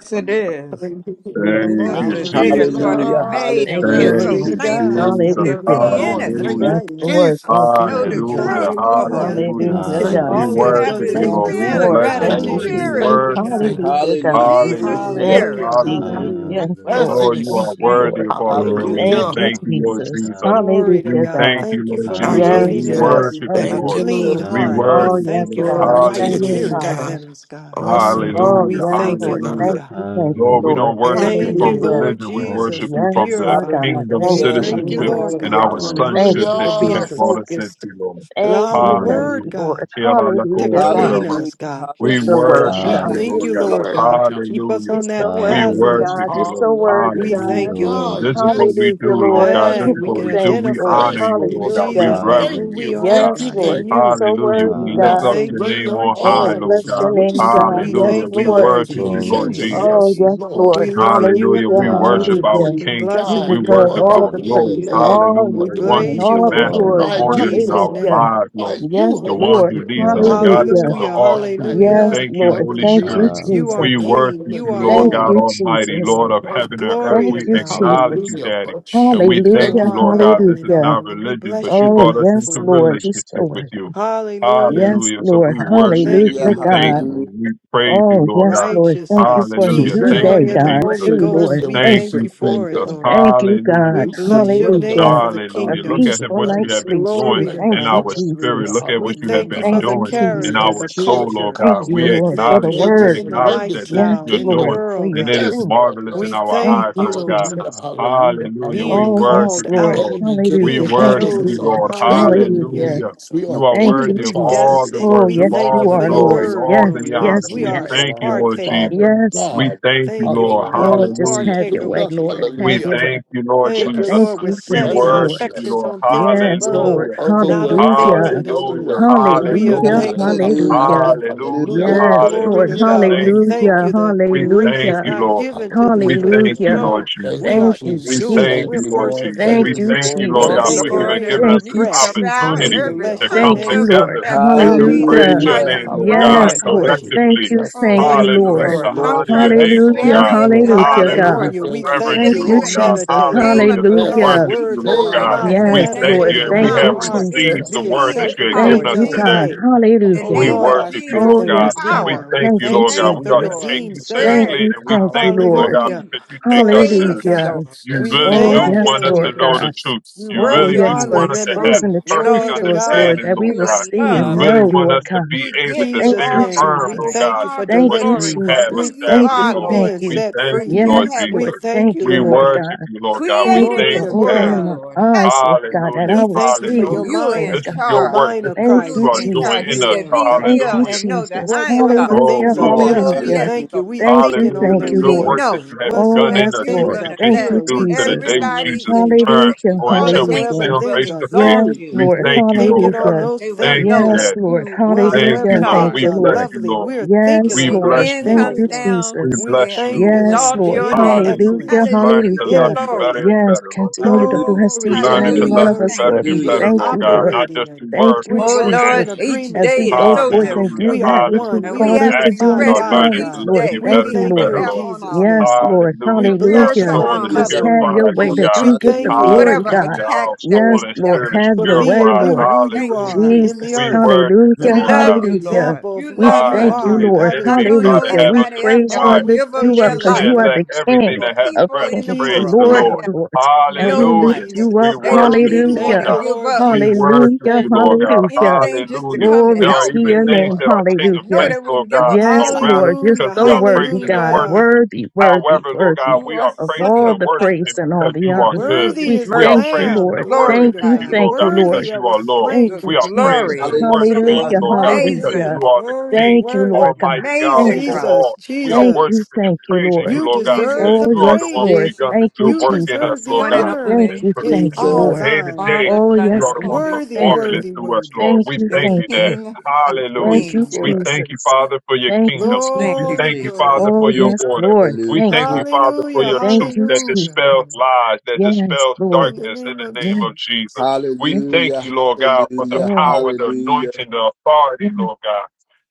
[SPEAKER 8] yes, it is.
[SPEAKER 4] Hallelujah.
[SPEAKER 8] This
[SPEAKER 4] Come
[SPEAKER 11] Thank
[SPEAKER 4] on
[SPEAKER 8] is
[SPEAKER 6] Thank
[SPEAKER 11] you,
[SPEAKER 8] the
[SPEAKER 6] you,
[SPEAKER 8] day the
[SPEAKER 11] Jesus.
[SPEAKER 6] Jesus.
[SPEAKER 8] Lord has
[SPEAKER 1] Hallelujah.
[SPEAKER 4] Hallelujah.
[SPEAKER 7] Hallelujah.
[SPEAKER 8] made,
[SPEAKER 6] Thank
[SPEAKER 8] and we
[SPEAKER 6] you,
[SPEAKER 7] Yes,
[SPEAKER 1] Hallelujah.
[SPEAKER 8] are
[SPEAKER 11] Thank
[SPEAKER 4] Glory
[SPEAKER 8] so
[SPEAKER 7] Lord.
[SPEAKER 4] to
[SPEAKER 11] you,
[SPEAKER 6] Jesus.
[SPEAKER 8] thankful
[SPEAKER 7] Yes,
[SPEAKER 4] God.
[SPEAKER 11] Jesus.
[SPEAKER 8] to
[SPEAKER 4] Glory to
[SPEAKER 7] yes,
[SPEAKER 6] Hallelujah.
[SPEAKER 8] be
[SPEAKER 4] God.
[SPEAKER 8] in
[SPEAKER 7] Lord.
[SPEAKER 8] it.
[SPEAKER 4] That's
[SPEAKER 7] Thank
[SPEAKER 12] Hallelujah.
[SPEAKER 11] Hallelujah.
[SPEAKER 6] Yes,
[SPEAKER 4] right.
[SPEAKER 7] you,
[SPEAKER 6] Lord. Thank
[SPEAKER 7] Jesus.
[SPEAKER 6] you,
[SPEAKER 8] Know the
[SPEAKER 12] Hallelujah.
[SPEAKER 6] Jesus.
[SPEAKER 8] truth,
[SPEAKER 11] Hallelujah.
[SPEAKER 8] Lord,
[SPEAKER 4] Hallelujah.
[SPEAKER 11] Hallelujah.
[SPEAKER 7] Oh,
[SPEAKER 6] Hallelujah,
[SPEAKER 7] thank you,
[SPEAKER 6] God.
[SPEAKER 11] We
[SPEAKER 12] Hallelujah.
[SPEAKER 8] to
[SPEAKER 4] Always
[SPEAKER 8] have
[SPEAKER 7] Father.
[SPEAKER 4] going
[SPEAKER 11] worship
[SPEAKER 4] to
[SPEAKER 8] His
[SPEAKER 11] you,
[SPEAKER 4] be
[SPEAKER 7] Thank
[SPEAKER 4] in
[SPEAKER 6] Yes,
[SPEAKER 7] you,
[SPEAKER 4] the
[SPEAKER 11] Lord. We
[SPEAKER 4] land of
[SPEAKER 8] Spirit,
[SPEAKER 7] Father.
[SPEAKER 6] Lord.
[SPEAKER 11] bless
[SPEAKER 8] God's
[SPEAKER 11] you,
[SPEAKER 6] Thank you,
[SPEAKER 7] Thank
[SPEAKER 11] Lord.
[SPEAKER 7] you,
[SPEAKER 4] gratitude.
[SPEAKER 11] We
[SPEAKER 8] Spirit,
[SPEAKER 6] Jesus.
[SPEAKER 12] Hallelujah,
[SPEAKER 7] thank
[SPEAKER 4] Glory to
[SPEAKER 7] you,
[SPEAKER 11] worship
[SPEAKER 12] Lord.
[SPEAKER 11] you.
[SPEAKER 4] God.
[SPEAKER 7] thank you
[SPEAKER 12] Glory
[SPEAKER 6] Hallelujah,
[SPEAKER 12] to
[SPEAKER 7] for your
[SPEAKER 6] God.
[SPEAKER 12] you,
[SPEAKER 8] Jesus'
[SPEAKER 12] Jesus.
[SPEAKER 7] wisdom and
[SPEAKER 11] Hallelujah.
[SPEAKER 6] Thank
[SPEAKER 1] Hallelujah.
[SPEAKER 6] you,
[SPEAKER 8] Spirit.
[SPEAKER 4] Hallelujah.
[SPEAKER 6] Jesus.
[SPEAKER 11] Hallelujah.
[SPEAKER 4] Hallelujah.
[SPEAKER 6] Yes,
[SPEAKER 8] Thank you,
[SPEAKER 12] Hallelujah,
[SPEAKER 8] Lord.
[SPEAKER 6] Lord.
[SPEAKER 11] Lord, you
[SPEAKER 6] Thank
[SPEAKER 11] are
[SPEAKER 7] blessings.
[SPEAKER 12] Jesus.
[SPEAKER 6] you,
[SPEAKER 8] Thank
[SPEAKER 11] worthy
[SPEAKER 6] Lord.
[SPEAKER 11] of all the
[SPEAKER 4] Thank you,
[SPEAKER 1] Hallelujah.
[SPEAKER 11] praise.
[SPEAKER 12] Glory
[SPEAKER 11] We
[SPEAKER 12] to
[SPEAKER 6] Thank
[SPEAKER 4] Lord.
[SPEAKER 7] Hallelujah.
[SPEAKER 12] your
[SPEAKER 6] you,
[SPEAKER 11] thank you,
[SPEAKER 12] name,
[SPEAKER 11] Lord
[SPEAKER 12] Jesus.
[SPEAKER 6] Jesus.
[SPEAKER 11] Jesus.
[SPEAKER 4] Glory to
[SPEAKER 6] Hallelujah,
[SPEAKER 12] Hallelujah.
[SPEAKER 11] We
[SPEAKER 4] God.
[SPEAKER 6] God.
[SPEAKER 11] thank you,
[SPEAKER 4] Thank you
[SPEAKER 11] Lord
[SPEAKER 4] for
[SPEAKER 11] Jesus.
[SPEAKER 6] Yes,
[SPEAKER 4] creating
[SPEAKER 11] We
[SPEAKER 4] in
[SPEAKER 1] Thank
[SPEAKER 5] Hallelujah.
[SPEAKER 12] Hallelujah,
[SPEAKER 6] Lord.
[SPEAKER 4] us
[SPEAKER 1] you,
[SPEAKER 12] Lord.
[SPEAKER 11] worship you,
[SPEAKER 6] Thank
[SPEAKER 4] a
[SPEAKER 5] Thank
[SPEAKER 6] you.
[SPEAKER 11] Lord.
[SPEAKER 5] you,
[SPEAKER 1] Jesus.
[SPEAKER 4] clean
[SPEAKER 5] Lord.
[SPEAKER 11] We
[SPEAKER 4] heart. We
[SPEAKER 6] Oh,
[SPEAKER 12] Hallelujah,
[SPEAKER 11] worship you,
[SPEAKER 6] yes,
[SPEAKER 12] Lord.
[SPEAKER 4] thank you
[SPEAKER 11] Lord.
[SPEAKER 4] for the
[SPEAKER 6] God.
[SPEAKER 12] Glory
[SPEAKER 5] Glory
[SPEAKER 12] to
[SPEAKER 5] to
[SPEAKER 4] right
[SPEAKER 5] your
[SPEAKER 6] Thank
[SPEAKER 12] your
[SPEAKER 6] you,
[SPEAKER 12] name,
[SPEAKER 11] Hallelujah.
[SPEAKER 5] name,
[SPEAKER 4] spirit
[SPEAKER 6] Father.
[SPEAKER 5] God.
[SPEAKER 4] within
[SPEAKER 12] Jesus.
[SPEAKER 4] us, God.
[SPEAKER 5] Awesome
[SPEAKER 6] Oh,
[SPEAKER 5] God.
[SPEAKER 12] Hallelujah,
[SPEAKER 4] We
[SPEAKER 11] Hallelujah.
[SPEAKER 6] yes,
[SPEAKER 12] Lord.
[SPEAKER 4] thank
[SPEAKER 5] Wonderful
[SPEAKER 4] you,
[SPEAKER 6] Lord.
[SPEAKER 4] Lord
[SPEAKER 11] Hallelujah.
[SPEAKER 5] God.
[SPEAKER 6] Thank
[SPEAKER 4] God.
[SPEAKER 6] you. Thank you,
[SPEAKER 11] Lord, we
[SPEAKER 12] Hallelujah,
[SPEAKER 11] don't
[SPEAKER 6] Lord.
[SPEAKER 12] Lord.
[SPEAKER 5] Thank
[SPEAKER 11] worship
[SPEAKER 5] you,
[SPEAKER 11] you
[SPEAKER 4] Thank you,
[SPEAKER 11] from
[SPEAKER 5] Lord.
[SPEAKER 6] Hallelujah.
[SPEAKER 4] Lord
[SPEAKER 11] religion. We
[SPEAKER 12] Glory.
[SPEAKER 4] Jesus,
[SPEAKER 11] worship
[SPEAKER 4] for
[SPEAKER 11] you from
[SPEAKER 6] Yes,
[SPEAKER 11] the
[SPEAKER 6] my God.
[SPEAKER 4] purifying
[SPEAKER 1] Hallelujah.
[SPEAKER 4] us.
[SPEAKER 11] kingdom
[SPEAKER 6] Thank
[SPEAKER 4] We
[SPEAKER 5] Thank
[SPEAKER 6] you,
[SPEAKER 5] you,
[SPEAKER 4] thank you,
[SPEAKER 11] citizenship
[SPEAKER 5] Lord.
[SPEAKER 6] Jesus.
[SPEAKER 4] Lord
[SPEAKER 7] Oh,
[SPEAKER 11] and
[SPEAKER 1] Hallelujah.
[SPEAKER 4] God,
[SPEAKER 11] our
[SPEAKER 12] Glory to
[SPEAKER 6] Thank
[SPEAKER 11] sonship
[SPEAKER 12] your
[SPEAKER 6] you,
[SPEAKER 4] for
[SPEAKER 11] that
[SPEAKER 12] name,
[SPEAKER 11] you
[SPEAKER 4] being
[SPEAKER 11] have
[SPEAKER 7] hallelujah.
[SPEAKER 12] Jesus.
[SPEAKER 11] brought
[SPEAKER 6] Jesus.
[SPEAKER 11] us into,
[SPEAKER 4] focused,
[SPEAKER 11] Lord.
[SPEAKER 6] Thank
[SPEAKER 4] allowing the
[SPEAKER 6] you,
[SPEAKER 12] Glory
[SPEAKER 6] thank
[SPEAKER 12] to
[SPEAKER 4] word,
[SPEAKER 6] you,
[SPEAKER 12] your
[SPEAKER 11] Hallelujah.
[SPEAKER 4] God,
[SPEAKER 12] name,
[SPEAKER 6] Lord.
[SPEAKER 12] Jesus.
[SPEAKER 4] to
[SPEAKER 6] Hallelujah, God.
[SPEAKER 4] clean
[SPEAKER 1] Hallelujah.
[SPEAKER 4] us,
[SPEAKER 11] Yabalakolariramas.
[SPEAKER 4] God.
[SPEAKER 6] You're
[SPEAKER 11] We
[SPEAKER 6] so
[SPEAKER 7] Yes.
[SPEAKER 1] Hallelujah.
[SPEAKER 6] worthy,
[SPEAKER 4] We
[SPEAKER 11] worship
[SPEAKER 6] God.
[SPEAKER 11] you,
[SPEAKER 7] Yes.
[SPEAKER 6] You're
[SPEAKER 4] thank
[SPEAKER 11] Lord
[SPEAKER 4] you,
[SPEAKER 12] Hallelujah,
[SPEAKER 6] so
[SPEAKER 11] God.
[SPEAKER 1] Hallelujah.
[SPEAKER 12] Lord.
[SPEAKER 4] Lord
[SPEAKER 6] worthy.
[SPEAKER 4] God, to
[SPEAKER 7] Hallelujah.
[SPEAKER 4] keep us
[SPEAKER 11] Hallelujah.
[SPEAKER 6] You're
[SPEAKER 4] on
[SPEAKER 6] so
[SPEAKER 4] that
[SPEAKER 11] We
[SPEAKER 4] path,
[SPEAKER 6] worthy,
[SPEAKER 12] Hallelujah,
[SPEAKER 4] Lord
[SPEAKER 11] worship
[SPEAKER 6] God. You're
[SPEAKER 12] Lord.
[SPEAKER 11] you,
[SPEAKER 4] God.
[SPEAKER 6] so
[SPEAKER 11] Lord.
[SPEAKER 6] worthy,
[SPEAKER 4] We
[SPEAKER 6] God.
[SPEAKER 11] Hallelujah.
[SPEAKER 4] thank you,
[SPEAKER 12] Glory
[SPEAKER 7] Hallelujah.
[SPEAKER 4] Lord.
[SPEAKER 12] to
[SPEAKER 11] This
[SPEAKER 12] your
[SPEAKER 11] is
[SPEAKER 12] name,
[SPEAKER 11] what we
[SPEAKER 7] Yes,
[SPEAKER 6] Hallelujah,
[SPEAKER 12] Jesus.
[SPEAKER 11] do,
[SPEAKER 7] Father.
[SPEAKER 11] Lord
[SPEAKER 6] Lord.
[SPEAKER 11] God.
[SPEAKER 6] [LAUGHS]
[SPEAKER 11] This
[SPEAKER 7] Yes,
[SPEAKER 4] Hey,
[SPEAKER 11] is
[SPEAKER 4] we
[SPEAKER 6] We
[SPEAKER 11] what
[SPEAKER 4] can
[SPEAKER 11] we
[SPEAKER 7] Lord
[SPEAKER 11] do.
[SPEAKER 6] thank
[SPEAKER 7] Jesus.
[SPEAKER 6] you,
[SPEAKER 11] We
[SPEAKER 6] Lord.
[SPEAKER 4] identify
[SPEAKER 11] honor
[SPEAKER 7] Yes,
[SPEAKER 11] you,
[SPEAKER 4] in
[SPEAKER 7] Holy
[SPEAKER 11] Lord God. We
[SPEAKER 6] Hallelujah.
[SPEAKER 4] Jesus'
[SPEAKER 7] Spirit.
[SPEAKER 4] name who
[SPEAKER 11] reverence
[SPEAKER 7] Thank
[SPEAKER 11] you,
[SPEAKER 7] you.
[SPEAKER 4] we
[SPEAKER 12] Hallelujah,
[SPEAKER 11] Lord
[SPEAKER 12] Lord.
[SPEAKER 4] are,
[SPEAKER 11] God.
[SPEAKER 7] Thank
[SPEAKER 6] Yes,
[SPEAKER 7] you.
[SPEAKER 4] God,
[SPEAKER 6] Lord.
[SPEAKER 4] in
[SPEAKER 7] Thank
[SPEAKER 6] You're
[SPEAKER 4] you.
[SPEAKER 6] so
[SPEAKER 11] Hallelujah.
[SPEAKER 6] worthy,
[SPEAKER 11] We
[SPEAKER 7] you.
[SPEAKER 4] We
[SPEAKER 7] I
[SPEAKER 11] lift
[SPEAKER 6] God.
[SPEAKER 11] up
[SPEAKER 4] thank
[SPEAKER 11] your
[SPEAKER 12] Hallelujah.
[SPEAKER 4] you,
[SPEAKER 11] name
[SPEAKER 7] surrender
[SPEAKER 4] Lord
[SPEAKER 11] on high,
[SPEAKER 6] Oh,
[SPEAKER 7] all
[SPEAKER 11] Lord
[SPEAKER 7] to
[SPEAKER 6] bless
[SPEAKER 4] Jesus.
[SPEAKER 7] you.
[SPEAKER 6] your
[SPEAKER 11] God.
[SPEAKER 7] We
[SPEAKER 6] name, God.
[SPEAKER 4] We
[SPEAKER 7] surrender
[SPEAKER 6] Yes,
[SPEAKER 11] Hallelujah.
[SPEAKER 4] thank
[SPEAKER 11] We
[SPEAKER 4] you,
[SPEAKER 6] Lord.
[SPEAKER 7] ourselves
[SPEAKER 4] Lord
[SPEAKER 11] worship
[SPEAKER 7] to the
[SPEAKER 11] you,
[SPEAKER 12] Glory to
[SPEAKER 11] Lord
[SPEAKER 12] your
[SPEAKER 7] kingdom.
[SPEAKER 11] Jesus.
[SPEAKER 4] Jesus.
[SPEAKER 12] name,
[SPEAKER 6] Oh,
[SPEAKER 7] Yes,
[SPEAKER 6] yes,
[SPEAKER 12] Jesus.
[SPEAKER 4] We
[SPEAKER 6] Lord.
[SPEAKER 7] Lord.
[SPEAKER 4] lifting you up,
[SPEAKER 11] Hallelujah.
[SPEAKER 6] Hallelujah.
[SPEAKER 11] We
[SPEAKER 7] We
[SPEAKER 4] Lord
[SPEAKER 7] want to
[SPEAKER 11] worship
[SPEAKER 4] Jesus.
[SPEAKER 11] our
[SPEAKER 6] Hallelujah.
[SPEAKER 7] be
[SPEAKER 12] Hallelujah.
[SPEAKER 4] We're
[SPEAKER 11] King.
[SPEAKER 6] You
[SPEAKER 4] blessing
[SPEAKER 11] We
[SPEAKER 7] God.
[SPEAKER 4] you,
[SPEAKER 7] We
[SPEAKER 6] deserve
[SPEAKER 11] worship
[SPEAKER 4] God.
[SPEAKER 7] want to
[SPEAKER 6] all
[SPEAKER 11] our
[SPEAKER 6] the
[SPEAKER 7] be
[SPEAKER 11] Lord.
[SPEAKER 6] praise
[SPEAKER 12] Hallelujah,
[SPEAKER 6] and
[SPEAKER 12] Lord.
[SPEAKER 7] led. We
[SPEAKER 6] all
[SPEAKER 11] Hallelujah.
[SPEAKER 4] We
[SPEAKER 7] want
[SPEAKER 11] The
[SPEAKER 6] the
[SPEAKER 7] to
[SPEAKER 11] one
[SPEAKER 6] honor
[SPEAKER 7] be
[SPEAKER 6] and
[SPEAKER 11] who
[SPEAKER 4] praise
[SPEAKER 11] is
[SPEAKER 4] you,
[SPEAKER 11] the
[SPEAKER 6] all the
[SPEAKER 4] Lord
[SPEAKER 11] master,
[SPEAKER 7] led
[SPEAKER 12] Glory
[SPEAKER 11] the
[SPEAKER 6] glory.
[SPEAKER 4] God,
[SPEAKER 12] to
[SPEAKER 7] by
[SPEAKER 12] your
[SPEAKER 4] in
[SPEAKER 11] owner
[SPEAKER 7] you,
[SPEAKER 12] name.
[SPEAKER 11] in
[SPEAKER 4] Jesus'
[SPEAKER 11] our
[SPEAKER 7] Lord.
[SPEAKER 6] Hallelujah.
[SPEAKER 4] name.
[SPEAKER 11] lives,
[SPEAKER 7] by
[SPEAKER 11] Lord.
[SPEAKER 7] you,
[SPEAKER 6] Yes,
[SPEAKER 11] The
[SPEAKER 7] Holy
[SPEAKER 11] one
[SPEAKER 6] Lord.
[SPEAKER 11] who
[SPEAKER 7] Spirit,
[SPEAKER 11] leads us
[SPEAKER 7] by
[SPEAKER 11] and
[SPEAKER 12] Glory to
[SPEAKER 11] guides
[SPEAKER 12] your
[SPEAKER 7] you,
[SPEAKER 11] us
[SPEAKER 6] Hallelujah.
[SPEAKER 12] name,
[SPEAKER 11] into
[SPEAKER 4] Hallelujah,
[SPEAKER 7] Father
[SPEAKER 12] Jesus.
[SPEAKER 11] all
[SPEAKER 7] God, by
[SPEAKER 11] truth. We
[SPEAKER 6] Yes,
[SPEAKER 7] no
[SPEAKER 4] hallelujah.
[SPEAKER 11] thank you,
[SPEAKER 6] Lord.
[SPEAKER 7] other
[SPEAKER 11] Holy
[SPEAKER 6] Thank you,
[SPEAKER 11] Spirit.
[SPEAKER 7] names, no-
[SPEAKER 4] You
[SPEAKER 7] by
[SPEAKER 6] Jesus.
[SPEAKER 4] are
[SPEAKER 11] We
[SPEAKER 12] Hallelujah.
[SPEAKER 7] no
[SPEAKER 11] worship
[SPEAKER 4] King,
[SPEAKER 7] other
[SPEAKER 4] you
[SPEAKER 11] you,
[SPEAKER 4] are
[SPEAKER 11] Lord
[SPEAKER 6] Thank
[SPEAKER 11] God
[SPEAKER 6] you,
[SPEAKER 7] name,
[SPEAKER 4] Lord.
[SPEAKER 11] Almighty,
[SPEAKER 6] Jesus.
[SPEAKER 7] by
[SPEAKER 11] Lord of
[SPEAKER 12] Glory
[SPEAKER 7] no
[SPEAKER 12] to
[SPEAKER 11] heaven
[SPEAKER 12] your
[SPEAKER 11] and
[SPEAKER 12] name,
[SPEAKER 7] other.
[SPEAKER 11] earth.
[SPEAKER 4] Glory
[SPEAKER 6] Thank
[SPEAKER 4] to
[SPEAKER 11] We
[SPEAKER 6] you,
[SPEAKER 12] Jesus.
[SPEAKER 4] God.
[SPEAKER 11] acknowledge
[SPEAKER 6] Jesus.
[SPEAKER 11] you,
[SPEAKER 7] Hallelujah,
[SPEAKER 11] Daddy.
[SPEAKER 7] but
[SPEAKER 11] And
[SPEAKER 7] you.
[SPEAKER 11] we
[SPEAKER 4] You
[SPEAKER 11] thank
[SPEAKER 6] Hallelujah.
[SPEAKER 11] you,
[SPEAKER 7] Thank you,
[SPEAKER 4] are
[SPEAKER 11] Lord
[SPEAKER 7] Father.
[SPEAKER 11] God.
[SPEAKER 4] all
[SPEAKER 11] This
[SPEAKER 4] in
[SPEAKER 11] is
[SPEAKER 6] Hallelujah.
[SPEAKER 4] all,
[SPEAKER 11] not
[SPEAKER 4] and we
[SPEAKER 11] religion,
[SPEAKER 4] bless
[SPEAKER 11] but you
[SPEAKER 4] you,
[SPEAKER 6] Oh,
[SPEAKER 11] brought
[SPEAKER 4] God,
[SPEAKER 11] us
[SPEAKER 6] yes,
[SPEAKER 11] into
[SPEAKER 4] for it.
[SPEAKER 6] Lord. You're so
[SPEAKER 11] relationship with
[SPEAKER 6] worthy.
[SPEAKER 11] you.
[SPEAKER 4] Hallelujah.
[SPEAKER 6] Yes,
[SPEAKER 11] Hallelujah. So
[SPEAKER 6] Lord.
[SPEAKER 11] we worship
[SPEAKER 4] Thank
[SPEAKER 11] you.
[SPEAKER 1] Hallelujah. Hallelujah.
[SPEAKER 4] you,
[SPEAKER 6] Hallelujah,
[SPEAKER 11] We
[SPEAKER 4] Lord
[SPEAKER 11] thank
[SPEAKER 6] God.
[SPEAKER 11] you.
[SPEAKER 4] God.
[SPEAKER 11] We praise you,
[SPEAKER 6] Oh,
[SPEAKER 11] Lord
[SPEAKER 6] yes,
[SPEAKER 11] God.
[SPEAKER 6] Lord. Thank you
[SPEAKER 4] Righteousness,
[SPEAKER 6] for a
[SPEAKER 11] Hallelujah.
[SPEAKER 4] peace,
[SPEAKER 6] new
[SPEAKER 7] Surrender,
[SPEAKER 11] Thank
[SPEAKER 4] joy
[SPEAKER 6] day,
[SPEAKER 11] you,
[SPEAKER 4] in the
[SPEAKER 7] Lord.
[SPEAKER 6] God.
[SPEAKER 7] We
[SPEAKER 4] Holy
[SPEAKER 11] Jesus.
[SPEAKER 6] Too,
[SPEAKER 4] Ghost.
[SPEAKER 6] Lord.
[SPEAKER 7] surrender,
[SPEAKER 4] We
[SPEAKER 7] we
[SPEAKER 6] Thank
[SPEAKER 11] Thank
[SPEAKER 4] thank
[SPEAKER 6] you.
[SPEAKER 4] you
[SPEAKER 11] you,
[SPEAKER 4] for it,
[SPEAKER 7] surrender.
[SPEAKER 11] Jesus.
[SPEAKER 4] Lord.
[SPEAKER 6] Thank you,
[SPEAKER 11] Hallelujah.
[SPEAKER 6] God.
[SPEAKER 4] We
[SPEAKER 7] We
[SPEAKER 4] bless your
[SPEAKER 7] surrender,
[SPEAKER 4] name
[SPEAKER 6] Hallelujah.
[SPEAKER 4] for the
[SPEAKER 7] Father
[SPEAKER 6] A
[SPEAKER 7] God.
[SPEAKER 11] Hallelujah.
[SPEAKER 7] We
[SPEAKER 11] Look
[SPEAKER 4] kingdom.
[SPEAKER 11] at him,
[SPEAKER 6] peaceful
[SPEAKER 11] what you
[SPEAKER 7] surrender.
[SPEAKER 6] night's
[SPEAKER 11] have
[SPEAKER 6] sleep,
[SPEAKER 7] We
[SPEAKER 11] been doing
[SPEAKER 6] too.
[SPEAKER 4] Glory to
[SPEAKER 7] surrender.
[SPEAKER 6] Thank
[SPEAKER 11] in
[SPEAKER 6] you,
[SPEAKER 11] our
[SPEAKER 4] God.
[SPEAKER 11] spirit.
[SPEAKER 7] Hallelujah.
[SPEAKER 6] Jesus.
[SPEAKER 11] Look at
[SPEAKER 4] We
[SPEAKER 11] what you have
[SPEAKER 4] thank
[SPEAKER 7] Hallelujah.
[SPEAKER 4] you
[SPEAKER 11] been
[SPEAKER 4] for
[SPEAKER 6] Thank
[SPEAKER 4] the
[SPEAKER 6] you,
[SPEAKER 11] doing
[SPEAKER 7] Hallelujah.
[SPEAKER 11] in
[SPEAKER 7] We are
[SPEAKER 4] character,
[SPEAKER 11] our
[SPEAKER 6] Jesus.
[SPEAKER 4] the
[SPEAKER 7] here.
[SPEAKER 11] soul,
[SPEAKER 7] We
[SPEAKER 11] Lord
[SPEAKER 4] culture.
[SPEAKER 6] Thank
[SPEAKER 11] God.
[SPEAKER 7] come
[SPEAKER 6] you,
[SPEAKER 7] here
[SPEAKER 11] We
[SPEAKER 4] We
[SPEAKER 6] Lord,
[SPEAKER 7] every
[SPEAKER 6] for
[SPEAKER 4] thank
[SPEAKER 6] the
[SPEAKER 4] you
[SPEAKER 11] acknowledge
[SPEAKER 4] for
[SPEAKER 7] day
[SPEAKER 11] you.
[SPEAKER 7] to
[SPEAKER 11] We
[SPEAKER 6] word.
[SPEAKER 4] living the
[SPEAKER 11] acknowledge
[SPEAKER 7] surrender
[SPEAKER 11] that
[SPEAKER 7] to
[SPEAKER 11] this
[SPEAKER 7] the
[SPEAKER 6] Yes,
[SPEAKER 11] is
[SPEAKER 4] lifestyle
[SPEAKER 11] your
[SPEAKER 4] in the
[SPEAKER 7] kingdom
[SPEAKER 6] Lord,
[SPEAKER 11] doing,
[SPEAKER 6] for
[SPEAKER 4] world,
[SPEAKER 6] your
[SPEAKER 11] and it
[SPEAKER 4] God.
[SPEAKER 11] is
[SPEAKER 7] Yes,
[SPEAKER 6] truth.
[SPEAKER 7] Lord.
[SPEAKER 11] marvelous in
[SPEAKER 4] We
[SPEAKER 7] Yes,
[SPEAKER 11] our
[SPEAKER 7] Lord.
[SPEAKER 6] Thank
[SPEAKER 11] eyes,
[SPEAKER 4] thank
[SPEAKER 6] you,
[SPEAKER 4] you,
[SPEAKER 11] Lord
[SPEAKER 4] Lord,
[SPEAKER 11] God.
[SPEAKER 7] Hallelujah.
[SPEAKER 6] Jesus.
[SPEAKER 7] Hallelujah.
[SPEAKER 11] Hallelujah. We
[SPEAKER 4] being
[SPEAKER 7] Hallelujah.
[SPEAKER 6] Oh, yes,
[SPEAKER 4] called
[SPEAKER 11] worship you,
[SPEAKER 6] Lord.
[SPEAKER 4] out,
[SPEAKER 11] Lord.
[SPEAKER 7] Enemy, get
[SPEAKER 11] We
[SPEAKER 6] Hallelujah.
[SPEAKER 4] being
[SPEAKER 6] Thank
[SPEAKER 7] behind
[SPEAKER 6] you
[SPEAKER 11] worship
[SPEAKER 7] us.
[SPEAKER 6] for
[SPEAKER 7] We
[SPEAKER 11] you,
[SPEAKER 4] chosen.
[SPEAKER 7] are
[SPEAKER 11] Lord.
[SPEAKER 7] kingdom
[SPEAKER 4] Hallelujah.
[SPEAKER 6] Hallelujah.
[SPEAKER 11] Hallelujah.
[SPEAKER 7] believers. We are
[SPEAKER 11] You are
[SPEAKER 6] Thank you,
[SPEAKER 11] worthy
[SPEAKER 7] kingdom
[SPEAKER 11] of all
[SPEAKER 6] Jesus.
[SPEAKER 11] the
[SPEAKER 7] followers.
[SPEAKER 4] Predestinated.
[SPEAKER 6] Oh,
[SPEAKER 4] We
[SPEAKER 7] We are
[SPEAKER 6] yes,
[SPEAKER 11] worship,
[SPEAKER 4] thank
[SPEAKER 11] all
[SPEAKER 6] you
[SPEAKER 4] you
[SPEAKER 7] the
[SPEAKER 11] the
[SPEAKER 4] for
[SPEAKER 6] are,
[SPEAKER 4] your
[SPEAKER 6] Lord.
[SPEAKER 11] glory,
[SPEAKER 7] lovers
[SPEAKER 4] word,
[SPEAKER 7] of
[SPEAKER 11] all
[SPEAKER 6] Yes,
[SPEAKER 7] the
[SPEAKER 4] glory
[SPEAKER 11] the
[SPEAKER 7] Lord
[SPEAKER 4] God.
[SPEAKER 11] honor.
[SPEAKER 6] yes,
[SPEAKER 4] We
[SPEAKER 11] We
[SPEAKER 4] are
[SPEAKER 7] Jesus
[SPEAKER 6] yes.
[SPEAKER 4] a
[SPEAKER 7] and
[SPEAKER 11] thank you,
[SPEAKER 7] our
[SPEAKER 11] Lord
[SPEAKER 4] partaker.
[SPEAKER 7] Father
[SPEAKER 11] Jesus.
[SPEAKER 6] Yes, yes.
[SPEAKER 11] We
[SPEAKER 7] God.
[SPEAKER 11] thank you,
[SPEAKER 4] Thank you for
[SPEAKER 11] Lord.
[SPEAKER 4] being a
[SPEAKER 6] Oh,
[SPEAKER 7] Hallelujah.
[SPEAKER 6] just
[SPEAKER 11] Hallelujah.
[SPEAKER 6] have your
[SPEAKER 4] partaker
[SPEAKER 6] way,
[SPEAKER 7] Hallelujah.
[SPEAKER 4] with you,
[SPEAKER 6] Lord.
[SPEAKER 4] Lord
[SPEAKER 6] Have
[SPEAKER 11] We
[SPEAKER 4] God.
[SPEAKER 7] Hallelujah.
[SPEAKER 6] your way.
[SPEAKER 11] thank you, Lord
[SPEAKER 4] Thank you,
[SPEAKER 6] Thank
[SPEAKER 11] Jesus.
[SPEAKER 7] Yes.
[SPEAKER 4] Lord. We're
[SPEAKER 6] you,
[SPEAKER 7] Yes.
[SPEAKER 11] We
[SPEAKER 6] thank
[SPEAKER 4] setting
[SPEAKER 7] Yes.
[SPEAKER 6] you,
[SPEAKER 4] our
[SPEAKER 6] Lord.
[SPEAKER 7] Yes.
[SPEAKER 11] worship you,
[SPEAKER 7] yes.
[SPEAKER 4] affections
[SPEAKER 11] Lord.
[SPEAKER 4] on things
[SPEAKER 6] Yes,
[SPEAKER 4] above,
[SPEAKER 6] Lord.
[SPEAKER 7] No
[SPEAKER 11] Hallelujah.
[SPEAKER 7] other
[SPEAKER 4] not
[SPEAKER 7] way.
[SPEAKER 4] on things
[SPEAKER 7] No
[SPEAKER 6] Hallelujah.
[SPEAKER 4] of this
[SPEAKER 7] other
[SPEAKER 4] earth.
[SPEAKER 11] Hallelujah.
[SPEAKER 7] way. No
[SPEAKER 4] We are
[SPEAKER 7] other
[SPEAKER 6] Hallelujah.
[SPEAKER 11] Hallelujah.
[SPEAKER 7] way.
[SPEAKER 4] thankful, Lord
[SPEAKER 1] Hallelujah.
[SPEAKER 4] God.
[SPEAKER 7] Hallelujah.
[SPEAKER 6] Hallelujah.
[SPEAKER 11] Hallelujah.
[SPEAKER 1] Hallelujah.
[SPEAKER 7] Hallelujah.
[SPEAKER 4] Oh,
[SPEAKER 6] Yes,
[SPEAKER 4] glory
[SPEAKER 6] Lord.
[SPEAKER 4] to
[SPEAKER 11] Hallelujah.
[SPEAKER 4] God. We
[SPEAKER 7] Hallelujah.
[SPEAKER 11] Thank you,
[SPEAKER 4] thank
[SPEAKER 11] Lord.
[SPEAKER 6] Hallelujah.
[SPEAKER 4] you that
[SPEAKER 11] We
[SPEAKER 4] race
[SPEAKER 11] thank
[SPEAKER 4] is
[SPEAKER 6] Hallelujah.
[SPEAKER 11] you,
[SPEAKER 4] not
[SPEAKER 7] Hallelujah.
[SPEAKER 11] Lord.
[SPEAKER 4] given to the
[SPEAKER 11] We
[SPEAKER 7] Hallelujah.
[SPEAKER 4] swift, the
[SPEAKER 11] thank you,
[SPEAKER 6] Hallelujah.
[SPEAKER 7] hallelujah.
[SPEAKER 11] Lord
[SPEAKER 4] strong.
[SPEAKER 7] Thank
[SPEAKER 4] We
[SPEAKER 11] Jesus.
[SPEAKER 7] you,
[SPEAKER 6] Thank
[SPEAKER 4] are
[SPEAKER 6] you,
[SPEAKER 11] We
[SPEAKER 7] Jesus.
[SPEAKER 4] endures.
[SPEAKER 11] thank
[SPEAKER 7] Thank
[SPEAKER 4] We're
[SPEAKER 11] you,
[SPEAKER 7] you,
[SPEAKER 6] Jesus.
[SPEAKER 11] Lord
[SPEAKER 7] Lord.
[SPEAKER 11] Jesus.
[SPEAKER 6] Thank
[SPEAKER 7] Thank
[SPEAKER 11] We
[SPEAKER 7] you,
[SPEAKER 4] perseveres.
[SPEAKER 6] you,
[SPEAKER 11] thank you,
[SPEAKER 7] Lord.
[SPEAKER 4] We
[SPEAKER 11] Lord
[SPEAKER 8] Oh
[SPEAKER 7] Thank
[SPEAKER 11] God,
[SPEAKER 7] you,
[SPEAKER 6] Jesus.
[SPEAKER 11] for
[SPEAKER 4] thank you.
[SPEAKER 8] Lord,
[SPEAKER 11] even
[SPEAKER 7] Lord.
[SPEAKER 4] We're in
[SPEAKER 11] giving
[SPEAKER 8] every
[SPEAKER 4] the
[SPEAKER 11] us
[SPEAKER 6] Thank
[SPEAKER 11] this
[SPEAKER 6] you,
[SPEAKER 8] knee shall
[SPEAKER 4] press.
[SPEAKER 8] bow and
[SPEAKER 6] Jesus.
[SPEAKER 4] We
[SPEAKER 11] opportunity
[SPEAKER 8] every
[SPEAKER 7] Hallelujah.
[SPEAKER 4] bless
[SPEAKER 11] to
[SPEAKER 4] your
[SPEAKER 11] come
[SPEAKER 8] tongue
[SPEAKER 6] Thank you,
[SPEAKER 4] name,
[SPEAKER 8] will
[SPEAKER 7] Hallelujah.
[SPEAKER 4] God.
[SPEAKER 6] Lord.
[SPEAKER 11] together
[SPEAKER 8] confess
[SPEAKER 11] and
[SPEAKER 8] that
[SPEAKER 11] to
[SPEAKER 8] Jesus
[SPEAKER 11] praise
[SPEAKER 6] Hallelujah.
[SPEAKER 4] Hallelujah.
[SPEAKER 11] your
[SPEAKER 8] Christ
[SPEAKER 1] Hallelujah.
[SPEAKER 7] Hallelujah.
[SPEAKER 11] name,
[SPEAKER 8] is
[SPEAKER 11] Lord
[SPEAKER 4] We are
[SPEAKER 11] God,
[SPEAKER 8] Lord.
[SPEAKER 7] Hallelujah.
[SPEAKER 6] Yes, Lord.
[SPEAKER 4] pushing.
[SPEAKER 7] Hallelujah.
[SPEAKER 6] Thank
[SPEAKER 11] collectively.
[SPEAKER 6] you,
[SPEAKER 7] Yes,
[SPEAKER 8] Oh,
[SPEAKER 6] thank you,
[SPEAKER 7] Lord.
[SPEAKER 4] Thank
[SPEAKER 8] thank
[SPEAKER 4] you
[SPEAKER 8] you,
[SPEAKER 11] Hallelujah.
[SPEAKER 6] Lord.
[SPEAKER 7] Yes,
[SPEAKER 4] for
[SPEAKER 11] To
[SPEAKER 8] Lord.
[SPEAKER 4] it,
[SPEAKER 8] Some
[SPEAKER 4] Lord
[SPEAKER 7] Lord.
[SPEAKER 11] honor
[SPEAKER 4] God.
[SPEAKER 11] your
[SPEAKER 8] trust in
[SPEAKER 11] name,
[SPEAKER 7] Yes,
[SPEAKER 11] Lord
[SPEAKER 6] Hallelujah,
[SPEAKER 11] God.
[SPEAKER 7] yes,
[SPEAKER 8] chariots and
[SPEAKER 7] Lord.
[SPEAKER 8] some
[SPEAKER 6] hallelujah,
[SPEAKER 8] in
[SPEAKER 7] Thank
[SPEAKER 11] Hallelujah.
[SPEAKER 6] God.
[SPEAKER 7] you.
[SPEAKER 8] horses,
[SPEAKER 4] Hallelujah.
[SPEAKER 11] To
[SPEAKER 4] We
[SPEAKER 7] Thank
[SPEAKER 8] but
[SPEAKER 7] you.
[SPEAKER 8] we
[SPEAKER 11] reverend
[SPEAKER 4] thank
[SPEAKER 7] Thank
[SPEAKER 6] Thank
[SPEAKER 4] you.
[SPEAKER 7] you.
[SPEAKER 11] you,
[SPEAKER 6] you,
[SPEAKER 4] We're
[SPEAKER 8] believe
[SPEAKER 11] Lord
[SPEAKER 8] in the
[SPEAKER 11] God.
[SPEAKER 6] Jesus.
[SPEAKER 4] meditating.
[SPEAKER 8] name of
[SPEAKER 11] Hallelujah.
[SPEAKER 8] the
[SPEAKER 11] To
[SPEAKER 4] Let the
[SPEAKER 7] Yes.
[SPEAKER 8] Lord
[SPEAKER 6] Hallelujah.
[SPEAKER 11] worship you,
[SPEAKER 4] words
[SPEAKER 8] Jesus
[SPEAKER 7] In
[SPEAKER 4] of
[SPEAKER 11] Lord
[SPEAKER 7] the
[SPEAKER 4] our
[SPEAKER 8] Christ
[SPEAKER 7] Name
[SPEAKER 11] God.
[SPEAKER 7] of
[SPEAKER 4] mouth,
[SPEAKER 8] because
[SPEAKER 7] the
[SPEAKER 8] his
[SPEAKER 6] Yes,
[SPEAKER 11] We
[SPEAKER 7] Father,
[SPEAKER 11] thank
[SPEAKER 8] name
[SPEAKER 6] Lord.
[SPEAKER 7] in
[SPEAKER 8] is
[SPEAKER 7] the
[SPEAKER 11] you
[SPEAKER 4] meditation
[SPEAKER 11] and we
[SPEAKER 6] Thank
[SPEAKER 4] of our
[SPEAKER 6] you,
[SPEAKER 11] have
[SPEAKER 7] name
[SPEAKER 8] power.
[SPEAKER 7] of
[SPEAKER 4] heart
[SPEAKER 7] the
[SPEAKER 8] It,
[SPEAKER 11] received
[SPEAKER 7] Son,
[SPEAKER 6] Jesus.
[SPEAKER 11] the
[SPEAKER 4] be
[SPEAKER 7] in the
[SPEAKER 8] he
[SPEAKER 11] word that
[SPEAKER 8] is
[SPEAKER 11] you have
[SPEAKER 7] name
[SPEAKER 4] acceptable
[SPEAKER 6] Thank
[SPEAKER 7] of
[SPEAKER 11] given
[SPEAKER 8] power.
[SPEAKER 4] in
[SPEAKER 7] the
[SPEAKER 11] us
[SPEAKER 4] your
[SPEAKER 6] you,
[SPEAKER 7] Holy
[SPEAKER 11] today.
[SPEAKER 8] Jesus,
[SPEAKER 6] God.
[SPEAKER 4] sight.
[SPEAKER 7] Spirit.
[SPEAKER 8] the
[SPEAKER 4] O
[SPEAKER 6] Hallelujah.
[SPEAKER 11] We
[SPEAKER 8] name
[SPEAKER 4] Lord,
[SPEAKER 8] of
[SPEAKER 7] Hallelujah.
[SPEAKER 4] our
[SPEAKER 11] worship you,
[SPEAKER 4] strength
[SPEAKER 8] Jesus
[SPEAKER 6] Oh,
[SPEAKER 11] Lord
[SPEAKER 4] and
[SPEAKER 8] is
[SPEAKER 11] God.
[SPEAKER 7] We
[SPEAKER 6] yes, God.
[SPEAKER 7] love
[SPEAKER 11] We
[SPEAKER 7] the
[SPEAKER 8] power.
[SPEAKER 4] redeemer. We
[SPEAKER 11] thank
[SPEAKER 7] Lord.
[SPEAKER 6] Thank
[SPEAKER 11] you,
[SPEAKER 6] you,
[SPEAKER 7] We
[SPEAKER 4] thank
[SPEAKER 11] Lord
[SPEAKER 4] you.
[SPEAKER 8] Thank
[SPEAKER 11] God.
[SPEAKER 4] Let
[SPEAKER 7] love
[SPEAKER 11] We
[SPEAKER 4] the
[SPEAKER 8] you,
[SPEAKER 7] the
[SPEAKER 11] ought to
[SPEAKER 6] Jesus.
[SPEAKER 7] Lord.
[SPEAKER 8] Lord.
[SPEAKER 11] take
[SPEAKER 4] redeemed
[SPEAKER 11] you
[SPEAKER 4] say
[SPEAKER 8] Prayer
[SPEAKER 6] Thank
[SPEAKER 7] We
[SPEAKER 8] is
[SPEAKER 4] so.
[SPEAKER 11] seriously,
[SPEAKER 6] you,
[SPEAKER 11] and we
[SPEAKER 6] thank
[SPEAKER 7] love
[SPEAKER 8] power.
[SPEAKER 11] thank
[SPEAKER 6] you,
[SPEAKER 11] you, Lord
[SPEAKER 7] you.
[SPEAKER 6] Lord.
[SPEAKER 11] God,
[SPEAKER 4] Hallelujah.
[SPEAKER 8] We
[SPEAKER 11] because you take us
[SPEAKER 4] Glory to
[SPEAKER 8] praise you,
[SPEAKER 11] seriously.
[SPEAKER 7] Yes,
[SPEAKER 6] Hallelujah.
[SPEAKER 4] God.
[SPEAKER 8] Lord.
[SPEAKER 11] You
[SPEAKER 4] We
[SPEAKER 7] yes.
[SPEAKER 8] We
[SPEAKER 11] really
[SPEAKER 6] Oh,
[SPEAKER 7] Thank,
[SPEAKER 11] do
[SPEAKER 4] thank
[SPEAKER 6] yes,
[SPEAKER 4] you,
[SPEAKER 11] want
[SPEAKER 8] worship
[SPEAKER 11] us
[SPEAKER 7] thank
[SPEAKER 4] Lord
[SPEAKER 11] to
[SPEAKER 6] Lord
[SPEAKER 8] you.
[SPEAKER 11] know
[SPEAKER 4] God.
[SPEAKER 6] God.
[SPEAKER 11] the
[SPEAKER 7] you.
[SPEAKER 11] truth.
[SPEAKER 8] We
[SPEAKER 11] You
[SPEAKER 6] Oh,
[SPEAKER 4] We
[SPEAKER 11] really
[SPEAKER 8] worship
[SPEAKER 11] do
[SPEAKER 6] yes,
[SPEAKER 4] are
[SPEAKER 8] you
[SPEAKER 4] the
[SPEAKER 6] for
[SPEAKER 11] want
[SPEAKER 8] in
[SPEAKER 11] us to
[SPEAKER 4] remnant.
[SPEAKER 11] have
[SPEAKER 8] truth,
[SPEAKER 6] exposing the
[SPEAKER 11] perfect
[SPEAKER 6] truth
[SPEAKER 4] Glory
[SPEAKER 8] Lord.
[SPEAKER 4] to
[SPEAKER 6] to
[SPEAKER 8] We
[SPEAKER 6] us,
[SPEAKER 4] God.
[SPEAKER 6] Lord,
[SPEAKER 8] worship
[SPEAKER 11] understanding,
[SPEAKER 6] that we
[SPEAKER 11] Lord
[SPEAKER 8] you
[SPEAKER 6] will
[SPEAKER 11] God.
[SPEAKER 8] in
[SPEAKER 6] see
[SPEAKER 4] We
[SPEAKER 11] You
[SPEAKER 6] and
[SPEAKER 8] love,
[SPEAKER 4] thank
[SPEAKER 11] really
[SPEAKER 6] know,
[SPEAKER 8] Lord.
[SPEAKER 4] you,
[SPEAKER 11] want
[SPEAKER 6] Lord
[SPEAKER 11] us
[SPEAKER 4] Lord.
[SPEAKER 11] to
[SPEAKER 6] God.
[SPEAKER 11] be
[SPEAKER 8] We
[SPEAKER 11] able
[SPEAKER 8] give
[SPEAKER 11] to
[SPEAKER 8] you
[SPEAKER 6] Thank
[SPEAKER 4] Jesus'
[SPEAKER 11] stand
[SPEAKER 6] you,
[SPEAKER 8] all the
[SPEAKER 4] name.
[SPEAKER 11] firm,
[SPEAKER 8] honor
[SPEAKER 4] We
[SPEAKER 11] Lord
[SPEAKER 6] Jesus.
[SPEAKER 8] and
[SPEAKER 4] thank
[SPEAKER 11] God,
[SPEAKER 4] you for
[SPEAKER 8] all the
[SPEAKER 11] in
[SPEAKER 6] Thank
[SPEAKER 11] what
[SPEAKER 6] you,
[SPEAKER 4] deliverance.
[SPEAKER 8] glory
[SPEAKER 11] you
[SPEAKER 8] for
[SPEAKER 11] have
[SPEAKER 6] Jesus.
[SPEAKER 4] We
[SPEAKER 8] who you
[SPEAKER 4] thank
[SPEAKER 6] Thank
[SPEAKER 4] you
[SPEAKER 11] established,
[SPEAKER 6] you,
[SPEAKER 8] are,
[SPEAKER 4] for
[SPEAKER 11] Lord.
[SPEAKER 6] thank
[SPEAKER 8] Lord.
[SPEAKER 4] being
[SPEAKER 11] We
[SPEAKER 6] you.
[SPEAKER 4] set
[SPEAKER 11] thank you,
[SPEAKER 4] free.
[SPEAKER 8] That
[SPEAKER 11] Lord
[SPEAKER 8] you
[SPEAKER 6] Yes,
[SPEAKER 8] have
[SPEAKER 11] Jesus.
[SPEAKER 4] We
[SPEAKER 6] Lord.
[SPEAKER 4] thank
[SPEAKER 6] Thank
[SPEAKER 4] you,
[SPEAKER 6] you,
[SPEAKER 11] We
[SPEAKER 4] Lord
[SPEAKER 6] Lord
[SPEAKER 4] God.
[SPEAKER 11] worship
[SPEAKER 6] God.
[SPEAKER 11] you, Lord God. We
[SPEAKER 6] Thank
[SPEAKER 8] created
[SPEAKER 6] you
[SPEAKER 4] Glory
[SPEAKER 11] thank
[SPEAKER 6] for
[SPEAKER 8] this
[SPEAKER 4] to
[SPEAKER 11] you, Daddy.
[SPEAKER 6] opening
[SPEAKER 8] world,
[SPEAKER 6] my
[SPEAKER 4] God.
[SPEAKER 8] Lord.
[SPEAKER 6] eyes, Lord
[SPEAKER 8] Hallelujah.
[SPEAKER 6] God, that
[SPEAKER 11] Hallelujah.
[SPEAKER 4] We
[SPEAKER 6] I will
[SPEAKER 4] thank you for
[SPEAKER 6] see,
[SPEAKER 8] So
[SPEAKER 4] your
[SPEAKER 11] Hallelujah.
[SPEAKER 8] you are
[SPEAKER 6] Lord
[SPEAKER 4] mind,
[SPEAKER 8] in
[SPEAKER 11] This
[SPEAKER 6] God.
[SPEAKER 11] is
[SPEAKER 4] the
[SPEAKER 11] your work.
[SPEAKER 8] charge.
[SPEAKER 4] mind
[SPEAKER 11] This
[SPEAKER 4] of
[SPEAKER 11] is what
[SPEAKER 6] Thank
[SPEAKER 8] You are
[SPEAKER 11] you
[SPEAKER 6] you,
[SPEAKER 4] Christ.
[SPEAKER 11] are
[SPEAKER 4] We
[SPEAKER 8] in
[SPEAKER 11] doing
[SPEAKER 8] charge.
[SPEAKER 4] thank
[SPEAKER 11] in
[SPEAKER 8] You
[SPEAKER 4] you,
[SPEAKER 6] Jesus.
[SPEAKER 11] us.
[SPEAKER 8] said,
[SPEAKER 4] Lord
[SPEAKER 8] Be
[SPEAKER 4] God.
[SPEAKER 6] Thank
[SPEAKER 8] still
[SPEAKER 6] you,
[SPEAKER 11] Hallelujah.
[SPEAKER 8] and know that
[SPEAKER 6] Jesus.
[SPEAKER 8] I am God.
[SPEAKER 4] Whatsoever
[SPEAKER 11] Oh,
[SPEAKER 6] Hallelujah,
[SPEAKER 4] things are
[SPEAKER 1] Hallelujah.
[SPEAKER 11] glory
[SPEAKER 4] just,
[SPEAKER 11] to
[SPEAKER 8] Oh,
[SPEAKER 11] your
[SPEAKER 4] we
[SPEAKER 6] hallelujah.
[SPEAKER 8] yes,
[SPEAKER 11] name.
[SPEAKER 1] Hallelujah.
[SPEAKER 4] thank you.
[SPEAKER 8] Lord.
[SPEAKER 4] We
[SPEAKER 6] Thank you,
[SPEAKER 4] thinking
[SPEAKER 11] Hallelujah.
[SPEAKER 4] on
[SPEAKER 11] The
[SPEAKER 6] thank
[SPEAKER 8] And
[SPEAKER 6] you,
[SPEAKER 4] those
[SPEAKER 11] good
[SPEAKER 8] we
[SPEAKER 6] Lord.
[SPEAKER 11] work
[SPEAKER 4] things.
[SPEAKER 11] that
[SPEAKER 8] know
[SPEAKER 11] you have
[SPEAKER 6] Oh,
[SPEAKER 11] begun
[SPEAKER 8] that
[SPEAKER 4] Whatsoever
[SPEAKER 11] in
[SPEAKER 6] yes,
[SPEAKER 11] us,
[SPEAKER 8] you're
[SPEAKER 11] you will
[SPEAKER 6] Lord.
[SPEAKER 4] things
[SPEAKER 8] going
[SPEAKER 4] are
[SPEAKER 8] to
[SPEAKER 6] Thank
[SPEAKER 11] continue to
[SPEAKER 6] you,
[SPEAKER 4] pure,
[SPEAKER 8] let
[SPEAKER 11] do
[SPEAKER 4] we
[SPEAKER 11] until the
[SPEAKER 4] thinking
[SPEAKER 6] Jesus.
[SPEAKER 11] day
[SPEAKER 4] on those
[SPEAKER 8] everybody
[SPEAKER 11] Jesus
[SPEAKER 8] is going
[SPEAKER 4] things.
[SPEAKER 8] to,
[SPEAKER 11] returns
[SPEAKER 6] Hallelujah,
[SPEAKER 11] or
[SPEAKER 8] all the
[SPEAKER 11] until we
[SPEAKER 6] hallelujah.
[SPEAKER 11] see
[SPEAKER 4] Whatsoever
[SPEAKER 8] nations
[SPEAKER 11] him
[SPEAKER 8] will
[SPEAKER 4] things
[SPEAKER 11] face
[SPEAKER 4] are
[SPEAKER 11] to face.
[SPEAKER 6] Yes,
[SPEAKER 8] exalt
[SPEAKER 4] true,
[SPEAKER 8] you
[SPEAKER 11] We
[SPEAKER 6] Lord.
[SPEAKER 4] we're
[SPEAKER 11] thank you, Lord
[SPEAKER 4] thinking
[SPEAKER 11] God.
[SPEAKER 4] on
[SPEAKER 6] Hallelujah.
[SPEAKER 4] those
[SPEAKER 8] they will
[SPEAKER 11] Thank
[SPEAKER 4] things,
[SPEAKER 11] you,
[SPEAKER 8] know that
[SPEAKER 6] Yes,
[SPEAKER 4] God.
[SPEAKER 11] Daddy.
[SPEAKER 6] Lord.
[SPEAKER 8] you are
[SPEAKER 11] Thank
[SPEAKER 8] in
[SPEAKER 4] Whatsoever
[SPEAKER 11] you,
[SPEAKER 6] Hallelujah.
[SPEAKER 11] Lord.
[SPEAKER 6] Thank
[SPEAKER 4] things
[SPEAKER 11] We
[SPEAKER 8] charge.
[SPEAKER 6] you,
[SPEAKER 4] are
[SPEAKER 11] bless
[SPEAKER 6] Lord.
[SPEAKER 11] you,
[SPEAKER 4] lovely,
[SPEAKER 11] Lord.
[SPEAKER 4] we're thinking
[SPEAKER 8] When
[SPEAKER 6] Yes,
[SPEAKER 11] We
[SPEAKER 8] the
[SPEAKER 4] on
[SPEAKER 6] Lord.
[SPEAKER 11] bless
[SPEAKER 4] those
[SPEAKER 11] you,
[SPEAKER 8] end
[SPEAKER 6] Thank
[SPEAKER 4] things,
[SPEAKER 11] Lord.
[SPEAKER 6] you,
[SPEAKER 8] comes
[SPEAKER 4] Lord.
[SPEAKER 8] down,
[SPEAKER 11] We
[SPEAKER 6] Jesus.
[SPEAKER 4] We
[SPEAKER 8] they
[SPEAKER 11] bless you,
[SPEAKER 4] thank
[SPEAKER 11] Lord.
[SPEAKER 4] you,
[SPEAKER 6] Yes,
[SPEAKER 4] Lord.
[SPEAKER 8] exalt
[SPEAKER 6] Lord.
[SPEAKER 4] Be
[SPEAKER 8] your
[SPEAKER 4] any
[SPEAKER 8] name.
[SPEAKER 11] Hallelujah.
[SPEAKER 6] Hallelujah.
[SPEAKER 11] We
[SPEAKER 4] excellence,
[SPEAKER 11] learn
[SPEAKER 8] Hallelujah.
[SPEAKER 11] to love
[SPEAKER 4] any
[SPEAKER 6] Hallelujah.
[SPEAKER 11] you
[SPEAKER 4] praise.
[SPEAKER 11] better
[SPEAKER 8] Glory.
[SPEAKER 11] and
[SPEAKER 6] Yes,
[SPEAKER 11] better, Lord God.
[SPEAKER 6] continue to
[SPEAKER 8] Oh,
[SPEAKER 1] Hallelujah.
[SPEAKER 6] bless
[SPEAKER 4] Glory,
[SPEAKER 11] We're
[SPEAKER 6] each and
[SPEAKER 11] learning to
[SPEAKER 6] every
[SPEAKER 4] glory,
[SPEAKER 6] one
[SPEAKER 11] love
[SPEAKER 8] hallelujah.
[SPEAKER 1] Hallelujah.
[SPEAKER 6] of
[SPEAKER 11] you
[SPEAKER 4] glory,
[SPEAKER 6] us,
[SPEAKER 8] Thank
[SPEAKER 11] better
[SPEAKER 6] Lord.
[SPEAKER 8] you,
[SPEAKER 4] glory.
[SPEAKER 6] We
[SPEAKER 11] and
[SPEAKER 4] We're
[SPEAKER 1] Hallelujah.
[SPEAKER 11] better,
[SPEAKER 8] Jesus.
[SPEAKER 6] thank
[SPEAKER 11] Lord
[SPEAKER 6] you,
[SPEAKER 11] God,
[SPEAKER 6] Lord.
[SPEAKER 11] not
[SPEAKER 4] operating
[SPEAKER 11] just
[SPEAKER 4] and
[SPEAKER 11] through
[SPEAKER 6] Thank
[SPEAKER 11] words,
[SPEAKER 6] you,
[SPEAKER 4] we're
[SPEAKER 11] but
[SPEAKER 8] Oh,
[SPEAKER 11] through
[SPEAKER 4] working
[SPEAKER 6] Jesus.
[SPEAKER 4] in
[SPEAKER 8] Lord,
[SPEAKER 11] action.
[SPEAKER 8] each
[SPEAKER 4] agreement
[SPEAKER 6] As
[SPEAKER 8] day
[SPEAKER 6] we
[SPEAKER 8] is
[SPEAKER 6] go
[SPEAKER 4] together,
[SPEAKER 8] so
[SPEAKER 6] forth
[SPEAKER 4] God.
[SPEAKER 6] and
[SPEAKER 8] different.
[SPEAKER 11] Hallelujah.
[SPEAKER 6] do
[SPEAKER 4] We are
[SPEAKER 6] that which you've
[SPEAKER 4] one.
[SPEAKER 11] Hallelujah.
[SPEAKER 8] And
[SPEAKER 4] We are
[SPEAKER 8] we
[SPEAKER 11] Through
[SPEAKER 6] called us
[SPEAKER 8] have to
[SPEAKER 6] to
[SPEAKER 11] action,
[SPEAKER 8] be
[SPEAKER 6] do on
[SPEAKER 11] we
[SPEAKER 4] unified
[SPEAKER 6] this
[SPEAKER 8] ready
[SPEAKER 11] are
[SPEAKER 8] for
[SPEAKER 4] body,
[SPEAKER 11] learning
[SPEAKER 6] silence,
[SPEAKER 8] each
[SPEAKER 11] to
[SPEAKER 4] God.
[SPEAKER 11] love
[SPEAKER 6] Lord.
[SPEAKER 11] you
[SPEAKER 8] day.
[SPEAKER 4] We
[SPEAKER 6] Thank
[SPEAKER 11] better
[SPEAKER 8] We
[SPEAKER 6] you,
[SPEAKER 11] and
[SPEAKER 8] have
[SPEAKER 4] thank
[SPEAKER 8] to
[SPEAKER 4] you
[SPEAKER 11] better,
[SPEAKER 6] Lord.
[SPEAKER 4] in
[SPEAKER 8] have
[SPEAKER 11] Lord.
[SPEAKER 8] on
[SPEAKER 4] Jesus'
[SPEAKER 8] our
[SPEAKER 6] Yes,
[SPEAKER 4] name.
[SPEAKER 6] Lord.
[SPEAKER 4] We
[SPEAKER 11] Hallelujah. Our
[SPEAKER 4] bless you
[SPEAKER 8] spiritual
[SPEAKER 6] Hallelujah.
[SPEAKER 4] for
[SPEAKER 11] soul
[SPEAKER 4] the
[SPEAKER 11] is
[SPEAKER 8] armor,
[SPEAKER 6] Just
[SPEAKER 1] Hallelujah.
[SPEAKER 6] have
[SPEAKER 8] Lord.
[SPEAKER 4] covering.
[SPEAKER 6] your
[SPEAKER 11] purified,
[SPEAKER 6] way
[SPEAKER 11] Lord
[SPEAKER 1] Hallelujah.
[SPEAKER 6] that
[SPEAKER 11] God.
[SPEAKER 4] We
[SPEAKER 6] you get the
[SPEAKER 4] thank
[SPEAKER 8] For
[SPEAKER 4] you,
[SPEAKER 1] Hallelujah.
[SPEAKER 6] glory,
[SPEAKER 4] Lord
[SPEAKER 8] whatever
[SPEAKER 6] God.
[SPEAKER 4] God,
[SPEAKER 11] Hallelujah.
[SPEAKER 8] attack
[SPEAKER 11] Our
[SPEAKER 8] that
[SPEAKER 6] Yes,
[SPEAKER 11] soul
[SPEAKER 8] we
[SPEAKER 11] and
[SPEAKER 8] that
[SPEAKER 6] Lord.
[SPEAKER 11] spirit
[SPEAKER 8] come
[SPEAKER 11] is
[SPEAKER 6] Have
[SPEAKER 4] for
[SPEAKER 6] your
[SPEAKER 8] upon us,
[SPEAKER 6] way,
[SPEAKER 4] being
[SPEAKER 11] purified.
[SPEAKER 4] you,
[SPEAKER 6] Lord.
[SPEAKER 8] Lord.
[SPEAKER 4] who you
[SPEAKER 8] Thank you,
[SPEAKER 11] Hallelujah.
[SPEAKER 4] are in
[SPEAKER 8] Jesus.
[SPEAKER 4] the
[SPEAKER 6] Jesus,
[SPEAKER 11] We
[SPEAKER 4] earth.
[SPEAKER 11] worship you,
[SPEAKER 1] Hmm.
[SPEAKER 4] The
[SPEAKER 6] hallelujah,
[SPEAKER 8] We
[SPEAKER 11] Lord God.
[SPEAKER 8] love
[SPEAKER 4] pattern
[SPEAKER 8] you,
[SPEAKER 6] hallelujah.
[SPEAKER 8] Lord.
[SPEAKER 4] example of
[SPEAKER 8] You
[SPEAKER 6] We
[SPEAKER 4] who
[SPEAKER 8] love
[SPEAKER 4] you
[SPEAKER 8] us.
[SPEAKER 6] thank you,
[SPEAKER 4] are,
[SPEAKER 11] Hallelujah. The
[SPEAKER 6] Lord,
[SPEAKER 4] God, is
[SPEAKER 8] I
[SPEAKER 4] who
[SPEAKER 11] enemy
[SPEAKER 8] don't
[SPEAKER 4] we
[SPEAKER 11] tried
[SPEAKER 8] know
[SPEAKER 11] to
[SPEAKER 6] hallelujah.
[SPEAKER 11] have
[SPEAKER 6] We
[SPEAKER 4] are.
[SPEAKER 11] us
[SPEAKER 8] anybody
[SPEAKER 11] to be
[SPEAKER 8] else
[SPEAKER 6] praise
[SPEAKER 8] that
[SPEAKER 6] you
[SPEAKER 4] Oh,
[SPEAKER 8] will
[SPEAKER 6] and
[SPEAKER 11] quiet,
[SPEAKER 4] we
[SPEAKER 6] lift
[SPEAKER 8] give
[SPEAKER 11] but
[SPEAKER 8] up
[SPEAKER 6] you
[SPEAKER 4] thank
[SPEAKER 6] up
[SPEAKER 4] you,
[SPEAKER 8] their
[SPEAKER 11] you
[SPEAKER 6] because
[SPEAKER 4] Lord
[SPEAKER 6] you
[SPEAKER 8] life
[SPEAKER 11] said,
[SPEAKER 6] are
[SPEAKER 11] let
[SPEAKER 6] the
[SPEAKER 4] God.
[SPEAKER 11] everything
[SPEAKER 6] King
[SPEAKER 8] for
[SPEAKER 11] that has
[SPEAKER 6] of
[SPEAKER 8] people
[SPEAKER 11] breath
[SPEAKER 4] In
[SPEAKER 8] in the
[SPEAKER 6] kings, the
[SPEAKER 11] praise
[SPEAKER 8] world.
[SPEAKER 4] Jesus'
[SPEAKER 11] the
[SPEAKER 8] I
[SPEAKER 6] Lord of
[SPEAKER 11] Lord.
[SPEAKER 8] have
[SPEAKER 4] name,
[SPEAKER 6] lords, and we
[SPEAKER 8] no
[SPEAKER 4] thank you,
[SPEAKER 8] one.
[SPEAKER 11] Hallelujah.
[SPEAKER 6] lift
[SPEAKER 8] They
[SPEAKER 6] you
[SPEAKER 4] Jesus.
[SPEAKER 11] We
[SPEAKER 6] up,
[SPEAKER 8] they don't
[SPEAKER 11] worship you,
[SPEAKER 1] Hallelujah.
[SPEAKER 8] even
[SPEAKER 11] Lord
[SPEAKER 8] want
[SPEAKER 4] Thank
[SPEAKER 8] to
[SPEAKER 6] hallelujah,
[SPEAKER 4] you,
[SPEAKER 11] God.
[SPEAKER 8] give
[SPEAKER 4] Lord
[SPEAKER 8] up
[SPEAKER 11] We
[SPEAKER 4] Jesus.
[SPEAKER 11] worship
[SPEAKER 6] hallelujah,
[SPEAKER 11] you,
[SPEAKER 4] Thank
[SPEAKER 11] Lord
[SPEAKER 4] you.
[SPEAKER 11] God.
[SPEAKER 6] hallelujah.
[SPEAKER 8] anything just to
[SPEAKER 11] Hallelujah.
[SPEAKER 8] come to
[SPEAKER 11] There
[SPEAKER 6] Glory
[SPEAKER 11] are
[SPEAKER 8] help
[SPEAKER 6] to
[SPEAKER 11] even
[SPEAKER 8] you,
[SPEAKER 6] your
[SPEAKER 11] things
[SPEAKER 6] name,
[SPEAKER 8] Lord.
[SPEAKER 11] that are
[SPEAKER 8] So I
[SPEAKER 11] taking
[SPEAKER 8] know
[SPEAKER 6] hallelujah.
[SPEAKER 8] they
[SPEAKER 11] place, Lord
[SPEAKER 8] wouldn't give
[SPEAKER 11] God,
[SPEAKER 8] up their
[SPEAKER 6] Yes,
[SPEAKER 8] life.
[SPEAKER 11] around us
[SPEAKER 6] Lord, you're
[SPEAKER 11] because
[SPEAKER 4] Hallelujah.
[SPEAKER 6] so
[SPEAKER 11] we are
[SPEAKER 8] Thank you,
[SPEAKER 6] worthy,
[SPEAKER 11] praising and
[SPEAKER 8] Jesus.
[SPEAKER 6] God,
[SPEAKER 4] Hallelujah.
[SPEAKER 11] worshiping.
[SPEAKER 6] worthy, worthy,
[SPEAKER 11] However, Lord
[SPEAKER 6] worthy
[SPEAKER 11] God,
[SPEAKER 8] You
[SPEAKER 11] we
[SPEAKER 8] are
[SPEAKER 11] are
[SPEAKER 6] of
[SPEAKER 8] such
[SPEAKER 11] praising
[SPEAKER 6] all
[SPEAKER 8] a
[SPEAKER 11] and
[SPEAKER 6] the
[SPEAKER 8] thankful
[SPEAKER 6] praise
[SPEAKER 11] worshiping
[SPEAKER 6] and
[SPEAKER 8] Lord.
[SPEAKER 6] all
[SPEAKER 11] because
[SPEAKER 6] the
[SPEAKER 11] you
[SPEAKER 8] We,
[SPEAKER 11] are
[SPEAKER 6] honor.
[SPEAKER 8] we, we
[SPEAKER 11] good.
[SPEAKER 4] Worthy
[SPEAKER 8] just
[SPEAKER 6] We
[SPEAKER 4] is the
[SPEAKER 11] We
[SPEAKER 8] mer-
[SPEAKER 11] are
[SPEAKER 6] thank you,
[SPEAKER 11] praising
[SPEAKER 4] Lamb.
[SPEAKER 6] Lord.
[SPEAKER 11] and
[SPEAKER 4] Glory
[SPEAKER 6] Thank
[SPEAKER 4] to
[SPEAKER 11] worshiping
[SPEAKER 6] you,
[SPEAKER 8] glorify
[SPEAKER 11] you,
[SPEAKER 4] God.
[SPEAKER 8] you.
[SPEAKER 11] Lord
[SPEAKER 6] thank you,
[SPEAKER 11] God,
[SPEAKER 4] Worthy
[SPEAKER 6] Lord.
[SPEAKER 11] because
[SPEAKER 4] that
[SPEAKER 11] you are
[SPEAKER 4] was
[SPEAKER 11] Lord.
[SPEAKER 6] Thank
[SPEAKER 4] slain
[SPEAKER 8] Your
[SPEAKER 6] you,
[SPEAKER 11] We
[SPEAKER 4] for
[SPEAKER 11] are
[SPEAKER 4] us.
[SPEAKER 6] Jesus.
[SPEAKER 11] praising
[SPEAKER 8] glory
[SPEAKER 11] and
[SPEAKER 8] is so
[SPEAKER 11] worshiping
[SPEAKER 1] Hallelujah.
[SPEAKER 11] you,
[SPEAKER 6] Hallelujah.
[SPEAKER 11] Lord God, because
[SPEAKER 8] amazing,
[SPEAKER 4] Hallelujah.
[SPEAKER 6] Hallelujah.
[SPEAKER 11] you
[SPEAKER 8] Lord.
[SPEAKER 11] are the
[SPEAKER 4] Worthy,
[SPEAKER 11] King,
[SPEAKER 6] Thank you, Lord
[SPEAKER 4] worthy.
[SPEAKER 8] You're
[SPEAKER 6] God.
[SPEAKER 11] Almighty God
[SPEAKER 6] Thank
[SPEAKER 8] amazing,
[SPEAKER 11] over
[SPEAKER 6] you.
[SPEAKER 8] God.
[SPEAKER 4] Jesus,
[SPEAKER 11] all. We are
[SPEAKER 6] Thank you.
[SPEAKER 4] Jesus.
[SPEAKER 11] worshiping and
[SPEAKER 6] Thank you,
[SPEAKER 11] praising you,
[SPEAKER 6] Lord.
[SPEAKER 4] You
[SPEAKER 11] Lord God,
[SPEAKER 4] deserve
[SPEAKER 11] because
[SPEAKER 8] Jesus,
[SPEAKER 6] Oh,
[SPEAKER 4] the
[SPEAKER 11] you are the
[SPEAKER 6] yes,
[SPEAKER 11] one who
[SPEAKER 4] praise.
[SPEAKER 6] Lord.
[SPEAKER 8] Jesus,
[SPEAKER 11] begun the
[SPEAKER 6] Thank you,
[SPEAKER 11] good
[SPEAKER 4] You
[SPEAKER 11] work in us,
[SPEAKER 4] deserve
[SPEAKER 6] Jesus.
[SPEAKER 4] the
[SPEAKER 11] Lord
[SPEAKER 8] one
[SPEAKER 1] Yes,
[SPEAKER 11] God.
[SPEAKER 8] and
[SPEAKER 4] honor.
[SPEAKER 6] Thank
[SPEAKER 1] Lord
[SPEAKER 8] only.
[SPEAKER 11] And
[SPEAKER 6] you.
[SPEAKER 11] for
[SPEAKER 4] Is
[SPEAKER 6] Thank
[SPEAKER 11] and
[SPEAKER 6] you,
[SPEAKER 4] all
[SPEAKER 1] Jesus.
[SPEAKER 6] Lord.
[SPEAKER 11] day to
[SPEAKER 4] thine.
[SPEAKER 11] day,
[SPEAKER 8] Father,
[SPEAKER 6] Oh,
[SPEAKER 8] Son,
[SPEAKER 11] you
[SPEAKER 8] and
[SPEAKER 6] yes,
[SPEAKER 11] are the one
[SPEAKER 6] God.
[SPEAKER 8] Holy
[SPEAKER 4] Worthy,
[SPEAKER 6] Thank
[SPEAKER 8] Spirit,
[SPEAKER 11] performing
[SPEAKER 6] you.
[SPEAKER 11] it
[SPEAKER 4] worthy,
[SPEAKER 11] through us,
[SPEAKER 4] worthy.
[SPEAKER 11] Lord.
[SPEAKER 6] Thank
[SPEAKER 11] We
[SPEAKER 6] you.
[SPEAKER 8] the
[SPEAKER 11] thank
[SPEAKER 4] Today
[SPEAKER 6] Thank
[SPEAKER 11] you, Daddy.
[SPEAKER 6] you.
[SPEAKER 8] King of
[SPEAKER 4] we
[SPEAKER 11] Hallelujah.
[SPEAKER 6] Thank
[SPEAKER 4] praise you
[SPEAKER 6] you,
[SPEAKER 8] Kings.
[SPEAKER 4] for
[SPEAKER 11] We
[SPEAKER 4] it.
[SPEAKER 11] thank you,
[SPEAKER 6] Jesus.
[SPEAKER 11] Father, for your
[SPEAKER 6] Thank you,
[SPEAKER 11] kingdom.
[SPEAKER 8] Thank
[SPEAKER 11] We
[SPEAKER 6] Jesus.
[SPEAKER 8] you,
[SPEAKER 4] Glory,
[SPEAKER 11] thank you,
[SPEAKER 4] glory,
[SPEAKER 8] Jesus.
[SPEAKER 11] Father,
[SPEAKER 6] Oh,
[SPEAKER 11] for
[SPEAKER 4] glory.
[SPEAKER 11] your
[SPEAKER 6] yes,
[SPEAKER 1] Hallelujah.
[SPEAKER 11] order.
[SPEAKER 6] Lord.
[SPEAKER 11] We
[SPEAKER 6] Thank
[SPEAKER 11] thank
[SPEAKER 6] you.
[SPEAKER 11] you,
[SPEAKER 1] Hallelujah.
[SPEAKER 11] Father, for
[SPEAKER 4] Hallelujah.
[SPEAKER 11] your
[SPEAKER 6] Thank
[SPEAKER 11] truth
[SPEAKER 6] you,
[SPEAKER 11] that
[SPEAKER 6] Jesus.
[SPEAKER 4] Hallelujah.
[SPEAKER 11] dispels
[SPEAKER 4] Glory.
[SPEAKER 11] lies, that
[SPEAKER 6] Yes,
[SPEAKER 11] dispels
[SPEAKER 6] Lord.
[SPEAKER 4] In the
[SPEAKER 11] darkness in
[SPEAKER 4] name
[SPEAKER 11] the
[SPEAKER 4] of
[SPEAKER 6] Yes,
[SPEAKER 11] name
[SPEAKER 4] Jesus.
[SPEAKER 11] of Jesus.
[SPEAKER 1] Hallelujah.
[SPEAKER 11] We
[SPEAKER 6] yes.
[SPEAKER 11] thank
[SPEAKER 1] Hallelujah.
[SPEAKER 11] you, Lord God, for the
[SPEAKER 1] Hallelujah.
[SPEAKER 6] Oh,
[SPEAKER 11] power, the
[SPEAKER 1] Hallelujah.
[SPEAKER 11] anointing, the authority,
[SPEAKER 6] yes.
[SPEAKER 11] Lord God,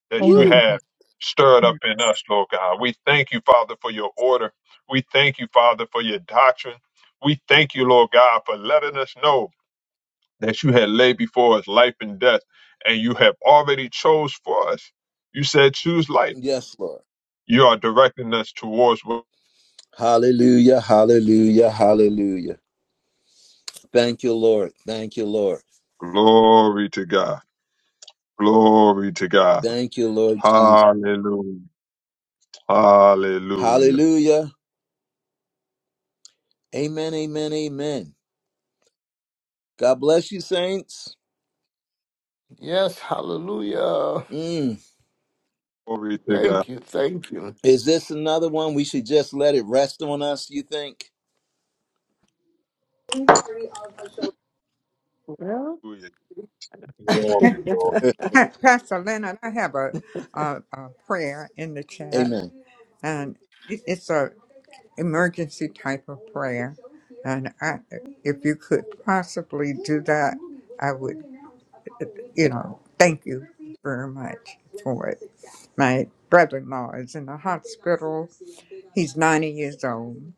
[SPEAKER 11] that
[SPEAKER 6] Oh,
[SPEAKER 11] you
[SPEAKER 1] Woo.
[SPEAKER 6] yes.
[SPEAKER 11] have stirred up
[SPEAKER 6] Yes,
[SPEAKER 11] in us, Lord God. We thank you, Father, for your order. We thank you, Father, for your doctrine. We thank you, Lord God, for letting us know that you had laid before us life and death, and you have already chose for us. You said, choose life.
[SPEAKER 1] Yes, Lord.
[SPEAKER 11] You are directing us towards what?
[SPEAKER 1] Hallelujah. Hallelujah. Hallelujah. Thank you, Lord. Thank you, Lord.
[SPEAKER 11] glory to God. Glory to God.
[SPEAKER 1] Thank you, Lord Jesus.
[SPEAKER 11] Hallelujah. Hallelujah.
[SPEAKER 1] Hallelujah. Amen, amen, amen. God bless you, saints.
[SPEAKER 7] Yes, hallelujah.
[SPEAKER 1] Mm.
[SPEAKER 11] Glory to God.
[SPEAKER 7] Thank you, thank you.
[SPEAKER 1] Is this another one we should just let it rest on us, you think?
[SPEAKER 4] Well,
[SPEAKER 11] Hallelujah. Glory,
[SPEAKER 8] [LAUGHS]
[SPEAKER 11] glory.
[SPEAKER 4] [LAUGHS]
[SPEAKER 8] Pastor Leonard, I have a, a, a prayer in the
[SPEAKER 1] [LAUGHS]
[SPEAKER 8] chat,
[SPEAKER 1] amen.
[SPEAKER 8] and it- it's a emergency type of prayer. And I, if you could possibly do that, I would, you know, thank you very much for it. My brother-in-law is in the hospital. He's 90 years old.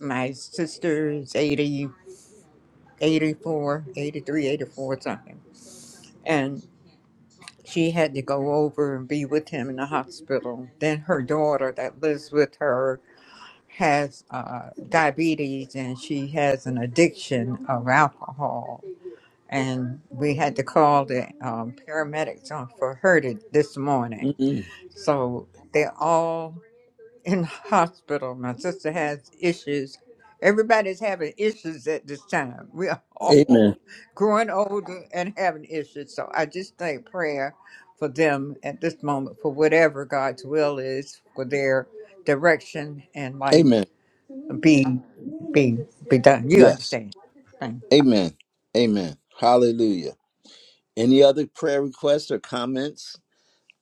[SPEAKER 8] My sister is 80. 84, 83, 84. something. And she had to go over and be with him in the hospital. Then her daughter that lives with her has uh, diabetes and she has an addiction of alcohol. And we had to call the um, paramedics on for her to, this morning.
[SPEAKER 1] Mm-mm.
[SPEAKER 8] So they all in hospital. My sister has issues. Everybody's having issues at this time. We are [LAUGHS]
[SPEAKER 1] Amen.
[SPEAKER 8] all growing older and having issues. So I just think prayer for them at this moment, for whatever God's will is, for their direction and life
[SPEAKER 1] Amen.
[SPEAKER 8] be be be done. You
[SPEAKER 1] Yes.
[SPEAKER 8] understand? Thank you.
[SPEAKER 1] Amen. Amen. Hallelujah. Any other prayer requests or comments?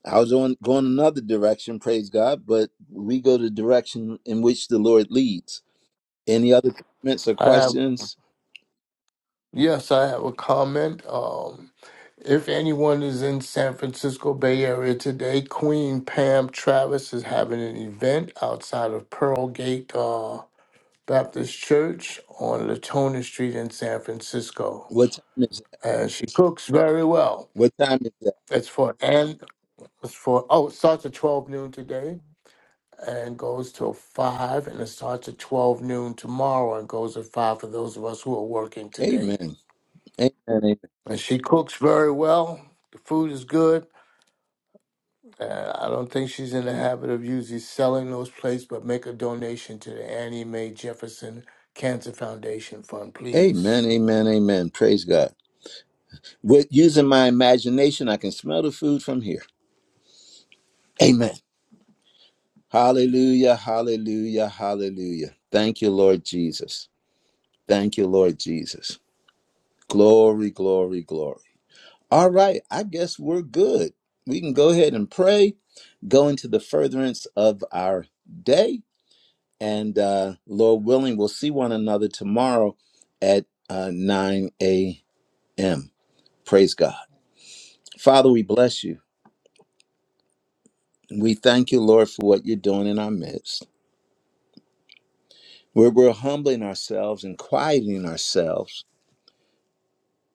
[SPEAKER 1] I was on going another direction, praise God, but we go the direction in which the Lord leads. Any other comments or
[SPEAKER 7] I have
[SPEAKER 1] questions?
[SPEAKER 7] yes, I have a comment. Um if anyone is in San Francisco Bay Area today, Queen Pam Travis is having an event outside of Pearl Gate uh, Baptist Church on Latona Street in San Francisco.
[SPEAKER 1] What time is that?
[SPEAKER 7] And she cooks very well.
[SPEAKER 1] What time is that?
[SPEAKER 7] It's for and it's for oh, it starts at twelve noon today and goes till five, and it starts at twelve noon tomorrow, and goes at five for those of us who are working today.
[SPEAKER 1] Amen. Amen.
[SPEAKER 7] And she cooks very well. The food is good. Uh, I don't think she's in the habit of usually selling those plates, but make a donation to the Annie Mae Jefferson Cancer Foundation Fund, please.
[SPEAKER 1] Amen, amen, amen. Praise God. With using my imagination, I can smell the food from here. Amen. Hallelujah, hallelujah, hallelujah. Thank you, Lord Jesus. Thank you, Lord Jesus. Glory, glory, glory. All right, I guess we're good. We can go ahead and pray, go into the furtherance of our day, and uh, Lord willing, we'll see one another tomorrow at uh, 9 a.m. Praise God. Father, we bless you. We thank you, Lord, for what you're doing in our midst. Where we're humbling ourselves and quieting ourselves.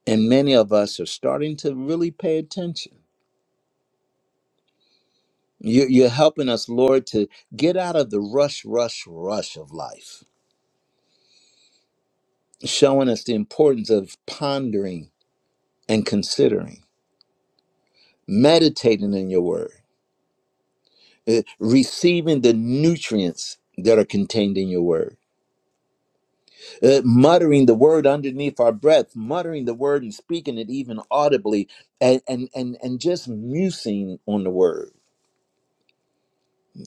[SPEAKER 1] And many of us are starting to really pay attention. You- You're helping us, Lord, to get out of the rush, rush, rush of life, showing us the importance of pondering and considering, meditating in your word, eh, receiving the nutrients that are contained in your word uh, muttering the word underneath our breath, muttering the word and speaking it even audibly, and and and and just musing on the word.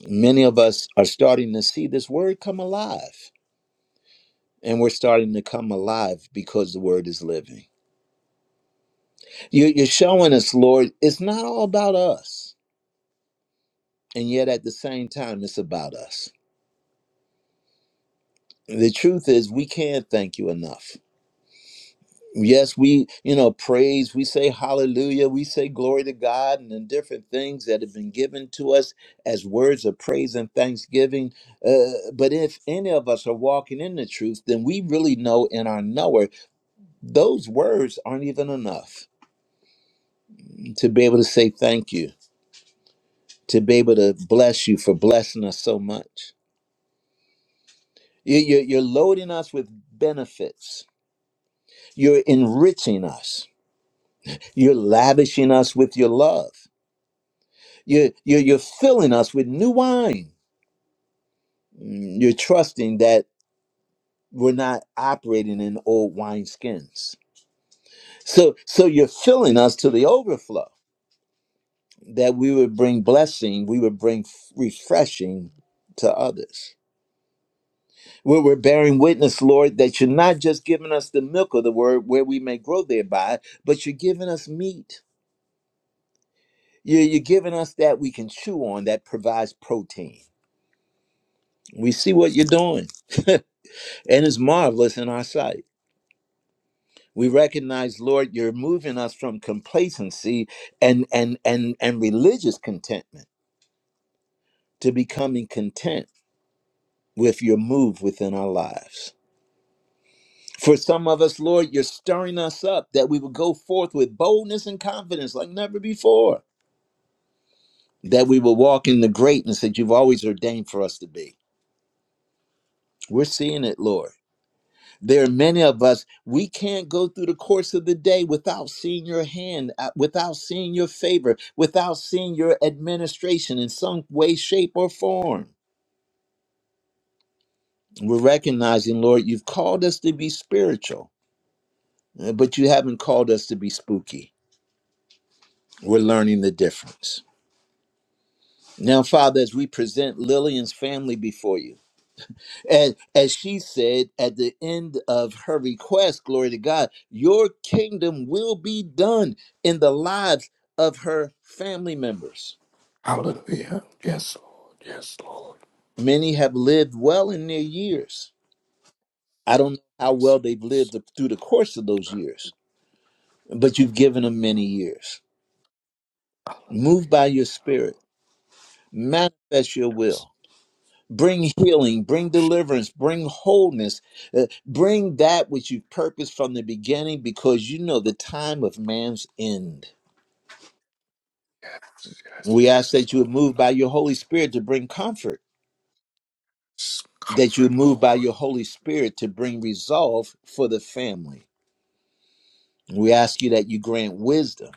[SPEAKER 1] Many of us are starting to see this word come alive, and we're starting to come alive because the word is living. You, you're showing us, Lord, it's not all about us, and yet at the same time, it's about us. The truth is, we can't thank you enough. yes we you know praise we say hallelujah we say glory to god and the different things that have been given to us as words of praise and thanksgiving uh, but if any of us are walking in the truth then we really know in our knower those words aren't even enough to be able to say thank you to be able to bless you for blessing us so much You- you- you're loading us with benefits you're enriching us you're lavishing us with your love You're, you're, you're filling us with new wine. Mm, You're trusting that we're not operating in old wineskins. So, so you're filling us to the overflow that we would bring blessing, we would bring f- refreshing to others. Where we're bearing witness, Lord, that you're not just giving us the milk of the word where we may grow thereby, but you're giving us meat. You're, you're giving us that we can chew on that provides protein. We see what you're doing, [LAUGHS] and it's marvelous in our sight. we recognize lord you're moving us from complacency and and and and religious contentment to becoming content with your move within our lives for some of us lord you're stirring us up that we will go forth with boldness and confidence like never before that we will walk in the greatness that you've always ordained for us to be we're seeing it lord There are many of us, we can't go through the course of the day without seeing your hand, uh, without seeing your favor, without seeing your administration in some way, shape, or form. We're recognizing, Lord, you've called us to be spiritual, uh, but you haven't called us to be spooky. We're learning the difference. Now, Father, as we present Lillian's family before you, And as she said at the end of her request, glory to God, your kingdom will be done in the lives of her family members.
[SPEAKER 7] Hallelujah. Yes, Lord. Yes, Lord.
[SPEAKER 1] Many have lived well in their years. I don't know how
[SPEAKER 7] Yes.
[SPEAKER 1] well they've
[SPEAKER 7] Yes.
[SPEAKER 1] lived through the course of those years, but you've given them many years. Move by your spirit, manifest your will
[SPEAKER 7] Yes.
[SPEAKER 1] bring healing, bring deliverance, bring wholeness, uh, bring that which you purposed from the beginning because you know the time of man's end.
[SPEAKER 7] Yes. Yes.
[SPEAKER 1] We ask
[SPEAKER 7] yes,
[SPEAKER 1] that you would
[SPEAKER 7] Lord.
[SPEAKER 1] move by your Holy Spirit to bring comfort, that you would
[SPEAKER 7] Comfort,
[SPEAKER 1] move by
[SPEAKER 7] Lord.
[SPEAKER 1] your Holy Spirit to bring resolve for the family. We ask you that you grant wisdom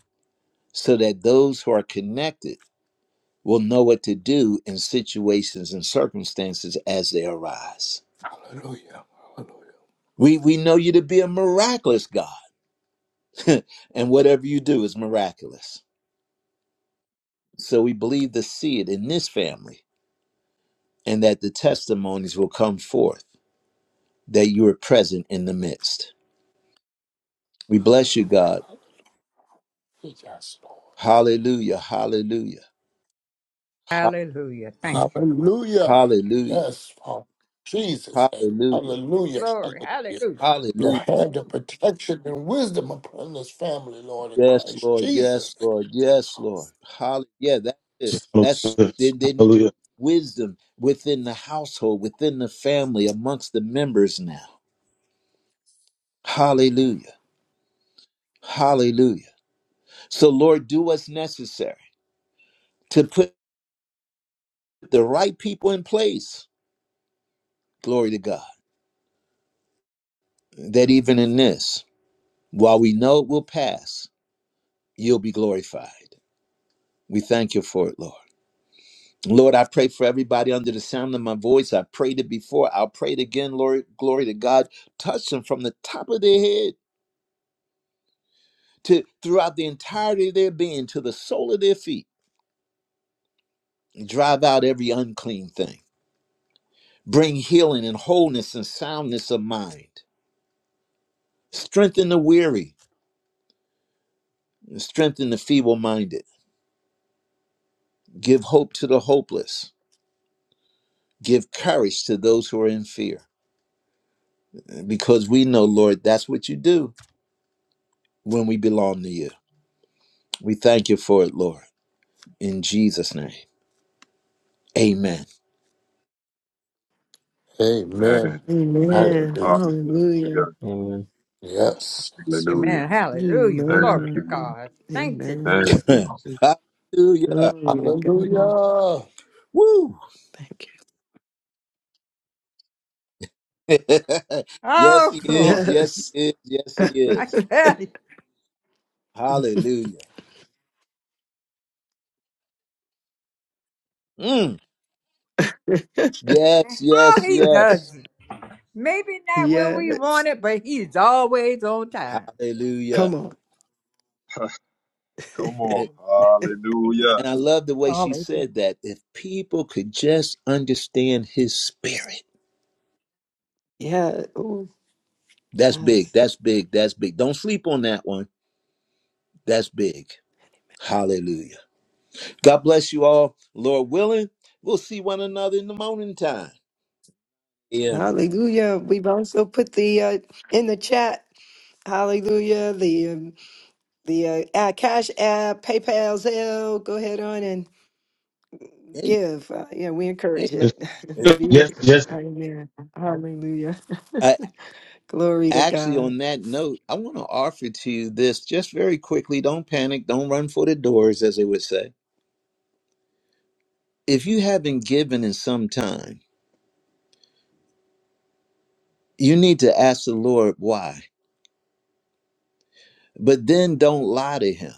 [SPEAKER 1] so that those who are connected will know what to do in situations and circumstances as they arise.
[SPEAKER 7] Hallelujah. Hallelujah.
[SPEAKER 1] We, we know you to be a miraculous God and whatever you do is miraculous. So we believe the seed in this family and that the testimonies will come forth that you are present in the midst. We bless you, God.
[SPEAKER 7] Yes, Lord.
[SPEAKER 1] Hallelujah, hallelujah, ha-
[SPEAKER 8] Hallelujah. Thank you.
[SPEAKER 7] Hallelujah.
[SPEAKER 1] hallelujah,
[SPEAKER 7] Yes, Father. Jesus' name.
[SPEAKER 1] hallelujah,
[SPEAKER 7] Hallelujah.
[SPEAKER 8] Glory.
[SPEAKER 7] Hallelujah.
[SPEAKER 8] Hallelujah.
[SPEAKER 7] Lord,
[SPEAKER 1] hallelujah.
[SPEAKER 7] have the protection and wisdom upon this family, Lord, in
[SPEAKER 1] Yes,
[SPEAKER 7] Christ
[SPEAKER 1] Lord, yes,
[SPEAKER 7] Jesus'
[SPEAKER 1] Lord,
[SPEAKER 7] name.
[SPEAKER 1] yes, Lord. Hallelujah. Yeah, that's it. That's it.
[SPEAKER 9] Hallelujah.
[SPEAKER 1] There, there needs
[SPEAKER 9] Hallelujah.
[SPEAKER 1] wisdom within the household, within the family, amongst the members now. Hallelujah, hallelujah. So, Lord, do what's necessary to put the right people in place. Glory to God. That even in this, while we know it will pass, you'll be glorified. We thank you for it, Lord. Lord, I pray for everybody under the sound of my voice. I prayed it before. I'll pray it again, Lord. Glory to God. Touch them from the top of their head to throughout the entirety of their being to the sole of their feet. Drive out every unclean thing. Bring healing and wholeness and soundness of mind. Strengthen the weary strengthen the feeble minded, give hope to the hopeless, give courage to those who are in fear. Because we know, Lord, that's what you do when we belong to you. We thank you for it, Lord. In Jesus' name, amen.
[SPEAKER 7] Amen.
[SPEAKER 11] Amen. Amen.
[SPEAKER 4] Amen.
[SPEAKER 7] Hallelujah.
[SPEAKER 4] Hallelujah.
[SPEAKER 11] Hallelujah.
[SPEAKER 12] Amen.
[SPEAKER 7] Yes.
[SPEAKER 11] Hallelujah.
[SPEAKER 8] Amen. Hallelujah.
[SPEAKER 11] Thank
[SPEAKER 8] Glory to
[SPEAKER 4] Amen.
[SPEAKER 11] you, Lord.
[SPEAKER 8] God. Thank you,
[SPEAKER 4] Amen.
[SPEAKER 11] Thank
[SPEAKER 8] Jesus.
[SPEAKER 1] [LAUGHS]
[SPEAKER 11] you, Lord.
[SPEAKER 6] Jesus.
[SPEAKER 1] Hallelujah.
[SPEAKER 4] Glory to God.
[SPEAKER 7] Hallelujah.
[SPEAKER 1] Woo.
[SPEAKER 4] Thank
[SPEAKER 1] [LAUGHS] yes,
[SPEAKER 8] Oh,
[SPEAKER 1] he
[SPEAKER 4] you.
[SPEAKER 1] is.
[SPEAKER 8] glory.
[SPEAKER 1] Yes, he
[SPEAKER 4] Yes.
[SPEAKER 1] is. Yes, he
[SPEAKER 8] I
[SPEAKER 1] is.
[SPEAKER 8] tell you.
[SPEAKER 1] Hallelujah. Mm. Yes, yes,
[SPEAKER 8] No, he
[SPEAKER 1] yes.
[SPEAKER 8] doesn't. Maybe not when we
[SPEAKER 4] Yes.
[SPEAKER 8] want it, but he's always on time.
[SPEAKER 4] Come
[SPEAKER 1] Hallelujah.
[SPEAKER 4] on.
[SPEAKER 11] Come
[SPEAKER 1] [LAUGHS]
[SPEAKER 11] on.
[SPEAKER 6] Amen.
[SPEAKER 11] Hallelujah.
[SPEAKER 1] And I love the way she
[SPEAKER 6] Hallelujah.
[SPEAKER 1] said that. If people could just understand his spirit,
[SPEAKER 4] Yeah. Oh,
[SPEAKER 1] that's big.
[SPEAKER 4] yes.
[SPEAKER 1] That's big. That's big. Don't sleep on that one. That's big. Hallelujah. God bless you all. Lord willing, we'll see one another in the morning time. Yeah.
[SPEAKER 4] Hallelujah. We've also put the uh, in the chat. Hallelujah. The um, the uh, uh, cash app, PayPal, Zelle. Go ahead on and
[SPEAKER 1] Amen.
[SPEAKER 4] give. Uh, yeah, we encourage
[SPEAKER 1] Amen.
[SPEAKER 4] it.
[SPEAKER 1] Uh,
[SPEAKER 4] [LAUGHS]
[SPEAKER 9] Yes,
[SPEAKER 4] Be,
[SPEAKER 9] yes. yes.
[SPEAKER 4] amen. Hallelujah.
[SPEAKER 1] I,
[SPEAKER 4] Glory to
[SPEAKER 1] actually,
[SPEAKER 4] God.
[SPEAKER 1] on that note, I want to offer to you this just very quickly. Don't panic. Don't run for the doors, as they would say. If you haven't given in some time, you need to ask the Lord why But then don't lie to him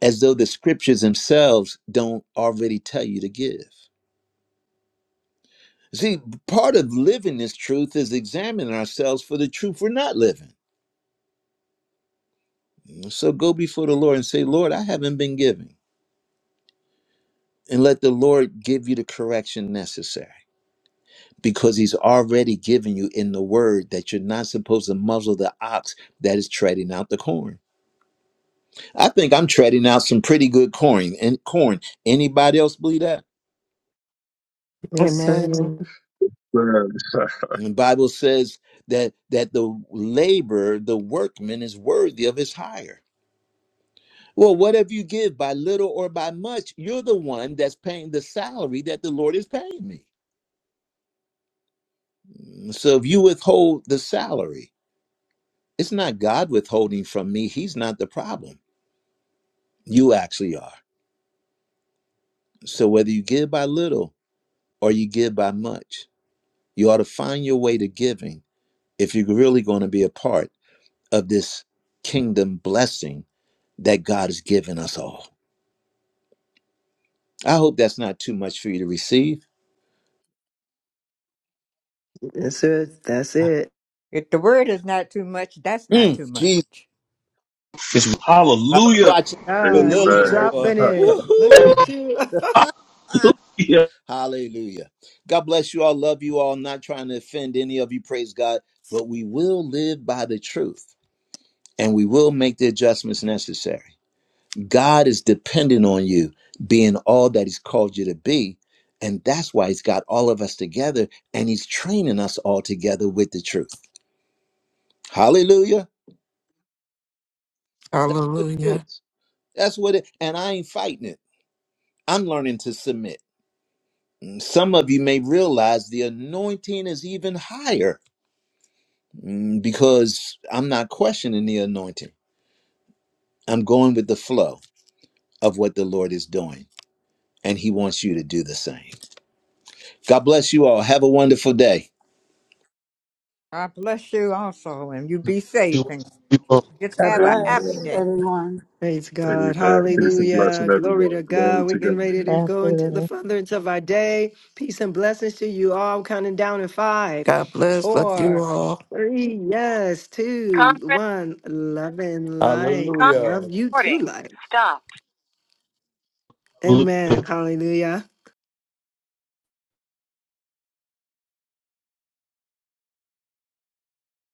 [SPEAKER 1] as though the scriptures themselves don't already tell you to give. See, part of living this truth is examining ourselves for the truth we're not living. So go before the Lord and say, Lord, I haven't been giving. And let the Lord give you the correction necessary because he's already given you in the word that you're not supposed to muzzle the ox that is treading out the corn. I think I'm treading out some pretty good corn and corn. Anybody else believe that?
[SPEAKER 4] Yes, sir.
[SPEAKER 5] Amen.
[SPEAKER 11] Yes. [LAUGHS]
[SPEAKER 1] And the Bible says that that the labor, the workman is worthy of his hire. Well, whatever you give by little or by much, you're the one that's paying the salary that the Lord is paying me. So if you withhold the salary, it's not God withholding from me. He's not the problem. You actually are. So whether you give by little or you give by much, you ought to find your way to giving if you're really going to be a part of this kingdom blessing that God has given us all. I hope that's not too much for you to receive.
[SPEAKER 4] That's it. That's it.
[SPEAKER 8] If the word is not too much, that's not
[SPEAKER 1] Mm,
[SPEAKER 8] too much.
[SPEAKER 1] Jesus,
[SPEAKER 9] It's
[SPEAKER 1] I-
[SPEAKER 9] hallelujah.
[SPEAKER 1] watch out for
[SPEAKER 4] Ah, you
[SPEAKER 1] Lillian,
[SPEAKER 11] Amen.
[SPEAKER 1] boy.
[SPEAKER 4] dropping
[SPEAKER 11] [LAUGHS]
[SPEAKER 4] it. Look
[SPEAKER 1] Woohoo!
[SPEAKER 4] at you.
[SPEAKER 1] [LAUGHS]
[SPEAKER 9] Yes.
[SPEAKER 1] Hallelujah. God bless you all. Love you all. I'm not trying to offend any of you. Praise God. But we will live by the truth and we will make the adjustments necessary. God is dependent on you being all that He's called you to be. And that's why He's got all of us together and He's training us all together with the truth. Hallelujah. That's what it
[SPEAKER 5] Hallelujah.
[SPEAKER 1] is. That's what it, and I ain't fighting it. I'm learning to submit. Mm, Some of you may realize the anointing is even higher mm, because I'm not questioning the anointing. I'm going with the flow of what the Lord is doing, and He wants you to do the same. God bless you all. Have a wonderful day.
[SPEAKER 8] God bless you also, and you be
[SPEAKER 9] You
[SPEAKER 8] safe
[SPEAKER 9] are.
[SPEAKER 8] and
[SPEAKER 9] You are.
[SPEAKER 8] just
[SPEAKER 3] God
[SPEAKER 8] have a happy
[SPEAKER 3] bless
[SPEAKER 11] Amen.
[SPEAKER 8] day.
[SPEAKER 3] everyone.
[SPEAKER 4] [LAUGHS] Praise God.
[SPEAKER 11] Amen. Peace and blessing,
[SPEAKER 4] Hallelujah. Glory
[SPEAKER 11] everyone.
[SPEAKER 4] to
[SPEAKER 11] Glory
[SPEAKER 4] God. We're
[SPEAKER 11] to
[SPEAKER 4] getting
[SPEAKER 11] God.
[SPEAKER 4] ready to
[SPEAKER 6] Bless
[SPEAKER 4] go
[SPEAKER 6] her.
[SPEAKER 4] into the furtherance of our day. Peace and blessings to you all. I'm counting down in five,
[SPEAKER 5] God bless. Love you
[SPEAKER 4] four,
[SPEAKER 5] all.
[SPEAKER 4] three, yes, two,
[SPEAKER 1] Conference,
[SPEAKER 4] one. Love and light.
[SPEAKER 1] conference
[SPEAKER 7] Hallelujah.
[SPEAKER 4] Love you too,
[SPEAKER 1] recording.
[SPEAKER 4] light.
[SPEAKER 1] Stop.
[SPEAKER 9] Hallelujah.
[SPEAKER 4] Amen. Hallelujah.